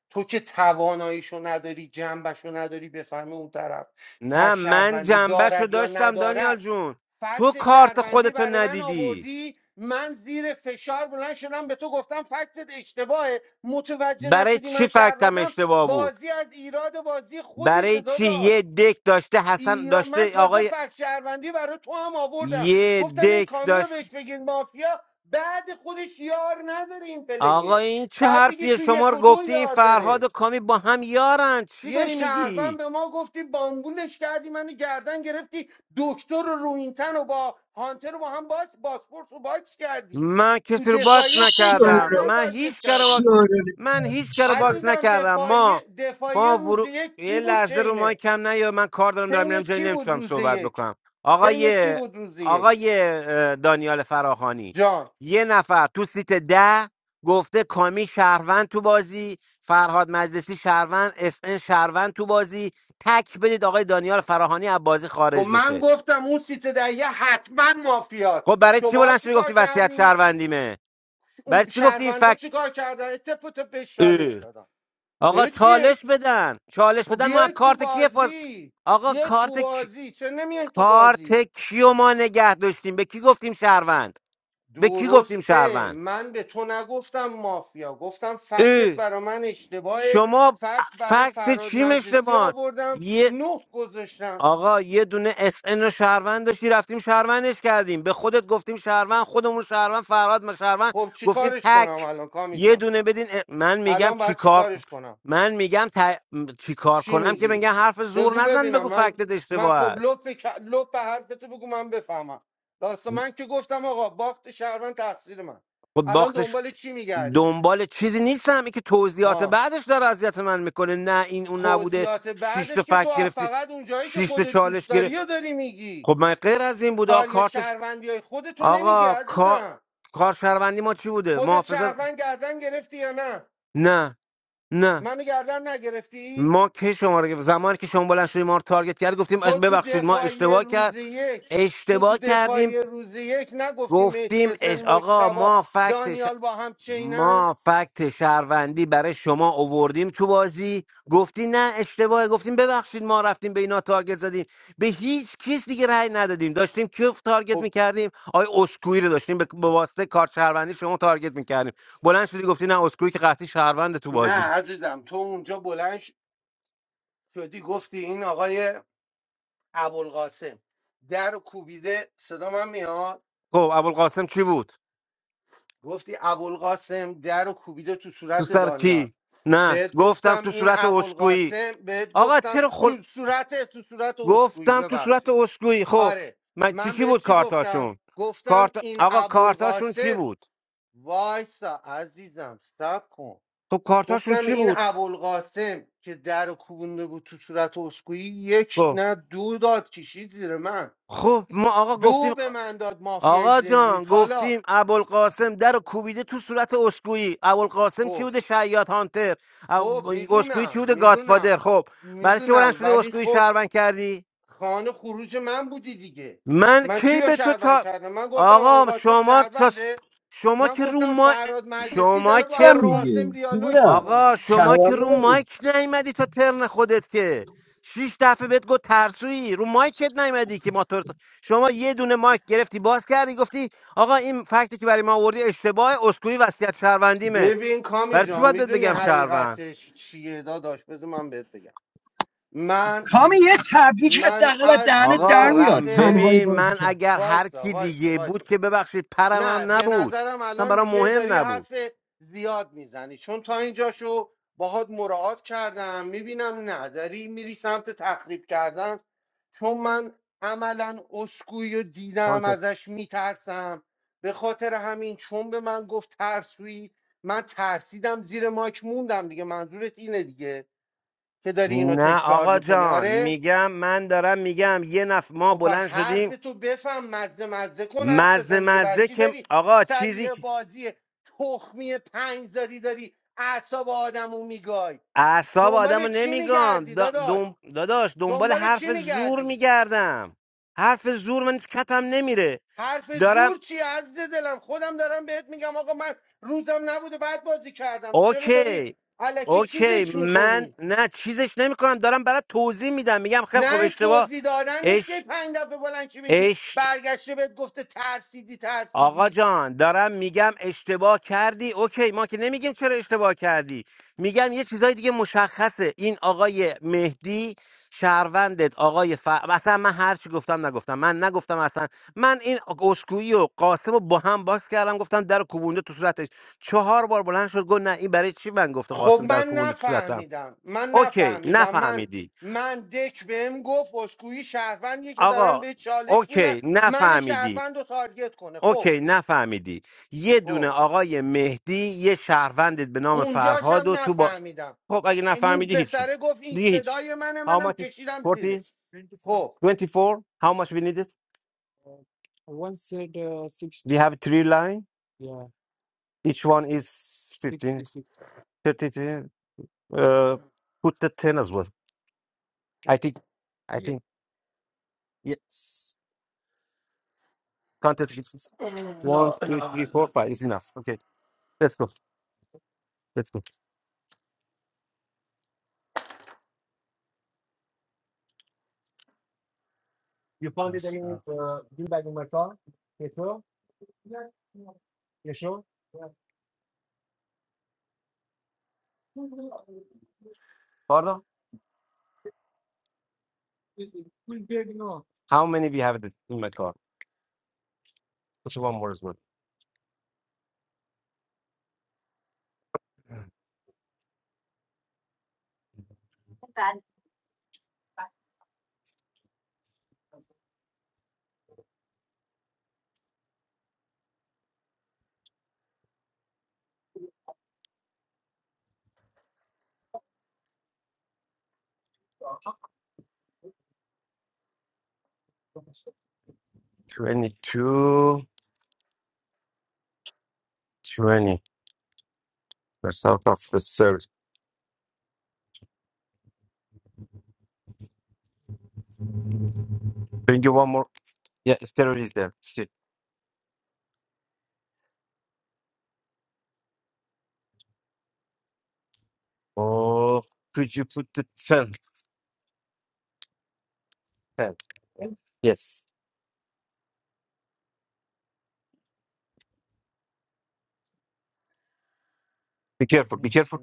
تو که تواناییشو نداری جنبشو نداری بفهمی اون طرف فکت نه من شهروندی جنبش رو دارد یا داشتم دانیال ندارد جون تو فکت کارت شهروندی خودتو برای من ندیدی آوردی من زیر فشار بلند شدم به تو گفتم فکتت اشتباهه متوجه برای نشدی چی من فکتم شهروندم اشتباه بود بازی از ایراد بازی خودت برای چی داداش یه دک داشته حسن ایران من داشته تازه آقای فکت شهروندی برای تو هم آوردم یه گفتم این دک کامیو بهش بگین مافیا بعد خودش یار نداره این آقا پلیه این چه باید بگی حرفیه تو شما یک رو و دو گفتی این یار فرهاد و داره کامی با هم یارن چی یه داری میگی شهروند به ما گفتی بامبولش کردی منو گردن گرفتی دکتر رو روینتن و با هانتر رو با هم باکس باسپورس رو باکس کردی من تو کسی رو باکس دفاعی سه شوره نکردم شهروند من تارگت هیچ کار باکس کردی شوره من هیچ کار شوره باکس عزیزم نکردم دفاعی ما دفاعی ما روز ورو... یک یه کی بود لحظه رو مای چینه کم نیا من کار دارم دارم چینه میرم جایی چی بود نمیتونم روز صحبت یک بکنم چینت چی آقای بود روز یک آقای اه، دانیال فراخانی جان یه نفر تو سیت ده گفته کامی شهروند تو بازی فرهاد مجلسی شهروند اس ان شهروند تو بازی تک بدید آقای دانیال فراهانی از بازی خب خارج من بشه گفتم اون سیت در یه حتما مافیاست خب برای چی شما بلند چی شدی گفتی کار وصیت کردین شهروندیمه برای اون چی گفتی این فکت شهروندا چی کار کردن تپ و تپ بهش چالش اه. دادن آقا اه چالش چیه بدن چالش خب بدن ما از بیاید تو کارت کی حفاظ بازی آقا بیاید تو کارت کی... بازی چه نمیاید تو کارت بازی کیو ما نگه داشتیم به کی گفتیم شهروند به کی گفتیم درسته شهروند من به تو نگفتم مافیا گفتم فکست اه. برا من اشتباه شما فکت برای فکت فراد چی مجلسی مشتبان آوردم نه گذاشتم آقا یه دونه اس ان رو شهروند داشتی رفتیم شهروندش کردیم به خودت گفتیم شهروند خودمون شهروند فرهاد ما شهروند خب چی گفتیم کارش کنم تک الان کامی جان؟ یه دونه بدین اه، من میگم الان باید چیکار چیکارش کنم من میگم ت... چیکار چی کنم که میگی بگم حرف زور بگو نزن ببینم بگو من فکتت من اشتباه خب است لطف ک- لطف به حرفتو بگو من بفهمم داستان من که گفتم آقا باخت شهروند تقصیر من خب الان باختش دنبال چی میگردی دنبال چیزی نیستم این که توضیحات ها بعدش داره اذیت من میکنه نه این اون نبوده توضیحات شش تا بعدش که فکت تو گرفتی فقط اونجایی که شش تا خودت چالش دوست داری گرفت و داری میگی خب من غیر از این بود تاریخ آقا شهروندی های خودتو نمیگی آقا کار عزیزم کارشهروندی ما چی بوده خودت محافظت شهروند گردن گرفتی یا نه نه نه منو گردن نگرفتی ما که شما رو گرفت- زمانی که شما بلند شدیم ما رو تارگت کرد گفتیم اخ، تو تو ببخشید ما دفاعی اشتباه روز کرد یک تو تو اشتباه کردیم دفاعی روز یک نگفتی مهدی گفتیم حسن اش... آقا مجتبا ما فکت دانیال با هم چینن ما فکت شهروندی برای شما اووردیم تو بازی گفتی نه اشتباه گفتیم ببخشید ما رفتیم به اینا تارگت زدیم به هیچ کس دیگه رأی ندادیم داشتیم کیف تارگت خب میکردیم آی اسکوئی رو داشتیم به به واسطه کارت شهروندی شما تارگت میکردیم بلند شدی گفتی نه اسکوئی که قطعی شهروند تو نه بازی عزیزم تو اونجا بلند ش- شدی گفتی این آقای ابوالقاسم در و کوبیده صدا من میاد خب ابوالقاسم چی بود گفتی ابوالقاسم در و کوبیده تو تو صورت سر دانیال کی نه بهت گفتم گفتم تو این صورت اسکوئی ابوالقاسم بهت آقا گفتم چرا تو صورت تو صورت اسکویی گفتم تو صورت ببخشید اسکوئی خب آره من چی من چی به بود چی گفتم کارتاشون کارت گفتم این آقا کارتاشون چی ابوالقاسم بود وایسا عزیزم سب کن خب کارتاشون گفتم چی این بود ابوالقاسم که در رو کوبونده بود تو صورت اسکویی یک خب نه دو داد کشید زیر من خب ما آقا دو گفتیم به من داد مافیای آقا جان ذهنیت حالا گفتیم ابوالقاسم در رو کوبیده تو صورت اسکوئی ابوالقاسم چی خب بوده شیاد هانتر خب اب- اسکوئی چی میدونم بوده میدونم گاتفادر خب برای چی بلند میدونم شده ولی اسکوئی خب شهروند کردی خانه خروج من بودی دیگه من من کی کیو به تو شهروند تا کردم من گفتم آقا ابوالقاسم شما تا- شهرونده شما من که رو گفتم ما فراد مجلسی شما داره با که روم ابوالقاسم دیگه چی دیالوگ بودم میکنه آقا شما شوار که رو مایک نیومدی تا ترن خودت که شیش دفعه بهت گفت ترسویی رو مایکت نیومدی که ما تو شما یه دونه مایک گرفتی باز کردی گفتی آقا این فکتی که برای ما آوردی اشتباه اسکوئی وصیت شهروندیمه ببین کامی برای چی جان باید بهت میدونی بگم شهروند حقیقتش چیه داداش بذار من بهت بگم من کامی یه تبریک من حداقل از از دهنت آقا در رخ میاد رم تنهایی ببین من بازی اگر هر وایسا کی وایسا دیگه وایسا بود که ببخشید نه پرمم به نبود نظرم اصلا الان برام دیگه مهم داری نبود حرف زیاد میزنی چون تا اینجاشو باهات مراعات کردم میبینم نه داری میری سمت تخریب کردن چون من عملا اسکوئی رو شانس دیدم ازش میترسم به خاطر همین چون به من گفت ترسویی من ترسیدم زیر ماک موندم دیگه منظورت اینه دیگه که داری اینو نه تکرار آقا میکنی جان آره میگم من دارم میگم یه نفر ما خب پس بلند شدیم حرف تو بفهم مزه مزه کن حرف مزه بزن دیگه بر مزه چی که داری آقا چیزی سریع که بازی تخمی پنج داری داری اعصاب آدمو میگای اعصاب آدم دنبال رو چی نمیگم میگردی دا- داداش دم... داداش دنبال دنبال چی حرف زور میگردی میگردم حرف زور من تو کتم نمیره حرف دارم زور چی عزیز دلم خودم دارم بهت میگم آقا من روزم نبوده بعد بازی کردم چرا داری اوکی علکی اوکی چیزش من میکنی نه چیزش نمیکنم دارم برات توضیح میدم میگم خیلی نه خوب این اشتباه توضیح دادن نیست که پنج دفعه بلند چی بگی اش برگشته بهت گفته ترسیدی آقا ترسیدی جان دارم میگم اشتباه کردی اوکی ما که نمیگیم چرا اشتباه کردی میگم یه چیزای دیگه مشخصه این آقای مهدی شهروندت آقای ف... اصلا من هرچی گفتم نگفتم من نگفتم اصلا من این اسکوئی و قاسم رو با هم باز کردم گفتم در کوبونده تو صورتش چهار بار بلند شد گفت نه این برای چی من گفته خب قاسم در من کوبونده تو صورتم نفهمیدم من اوکی نفهمیدم من نفهمیدی من دک بهم گفت اسکوئی شهروندیه که دارن آقا به چالش میدن اوکی من نفهمیدی شهروند رو تارگت کنه خب اوکی نفهمیدی یه دونه خب آقای مهدی یه شهروند به نام اونجاش فرهاد هم و تو با نفهمیدم خب اگه این نفهمیدی هیچی پسره گفت این دیگه هیچ صدای منه How منم much is کشیدم 40 زیرش خب 24 How much we need it We have three line each one is 15 30 uh, put the ten as well I think I think yes counted pieces. One, لا two, لا three, four, لا five. is enough okay let's go let's go استغفر pardon how many we have in my car put one more as well 22, 20. That's out of the third. Bring you one more. Yeah, steroid is there. Shit. Oh, could you put the 10? 10. Yes. Be careful. Be نیست. careful.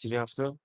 Did you have to?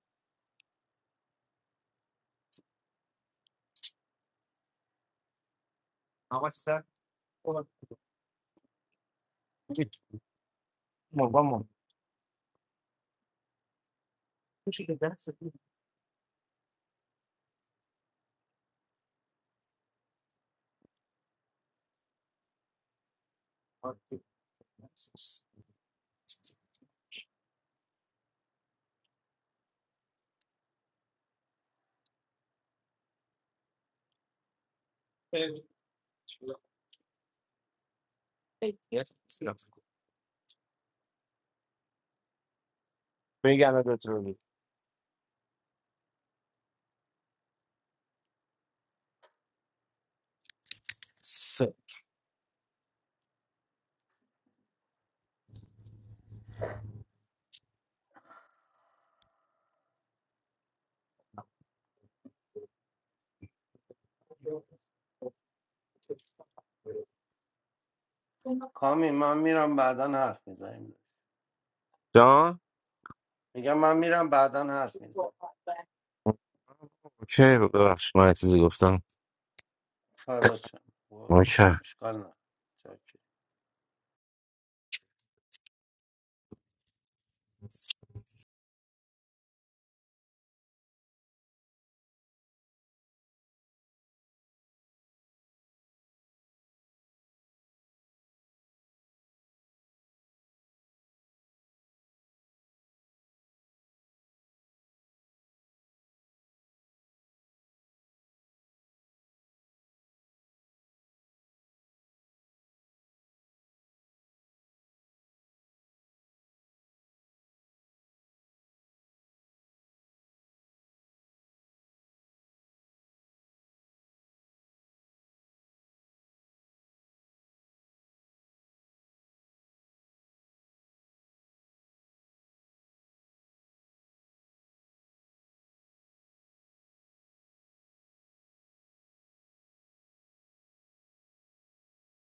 Yes. No. Bring another turn. So. کامی من میرم بعدا حرف میزنیم Done. میگم من میرم بعدا حرف میزنیم Okay. ببخش من چیزی گفتم فدات شم قربان Okay. اشکال نه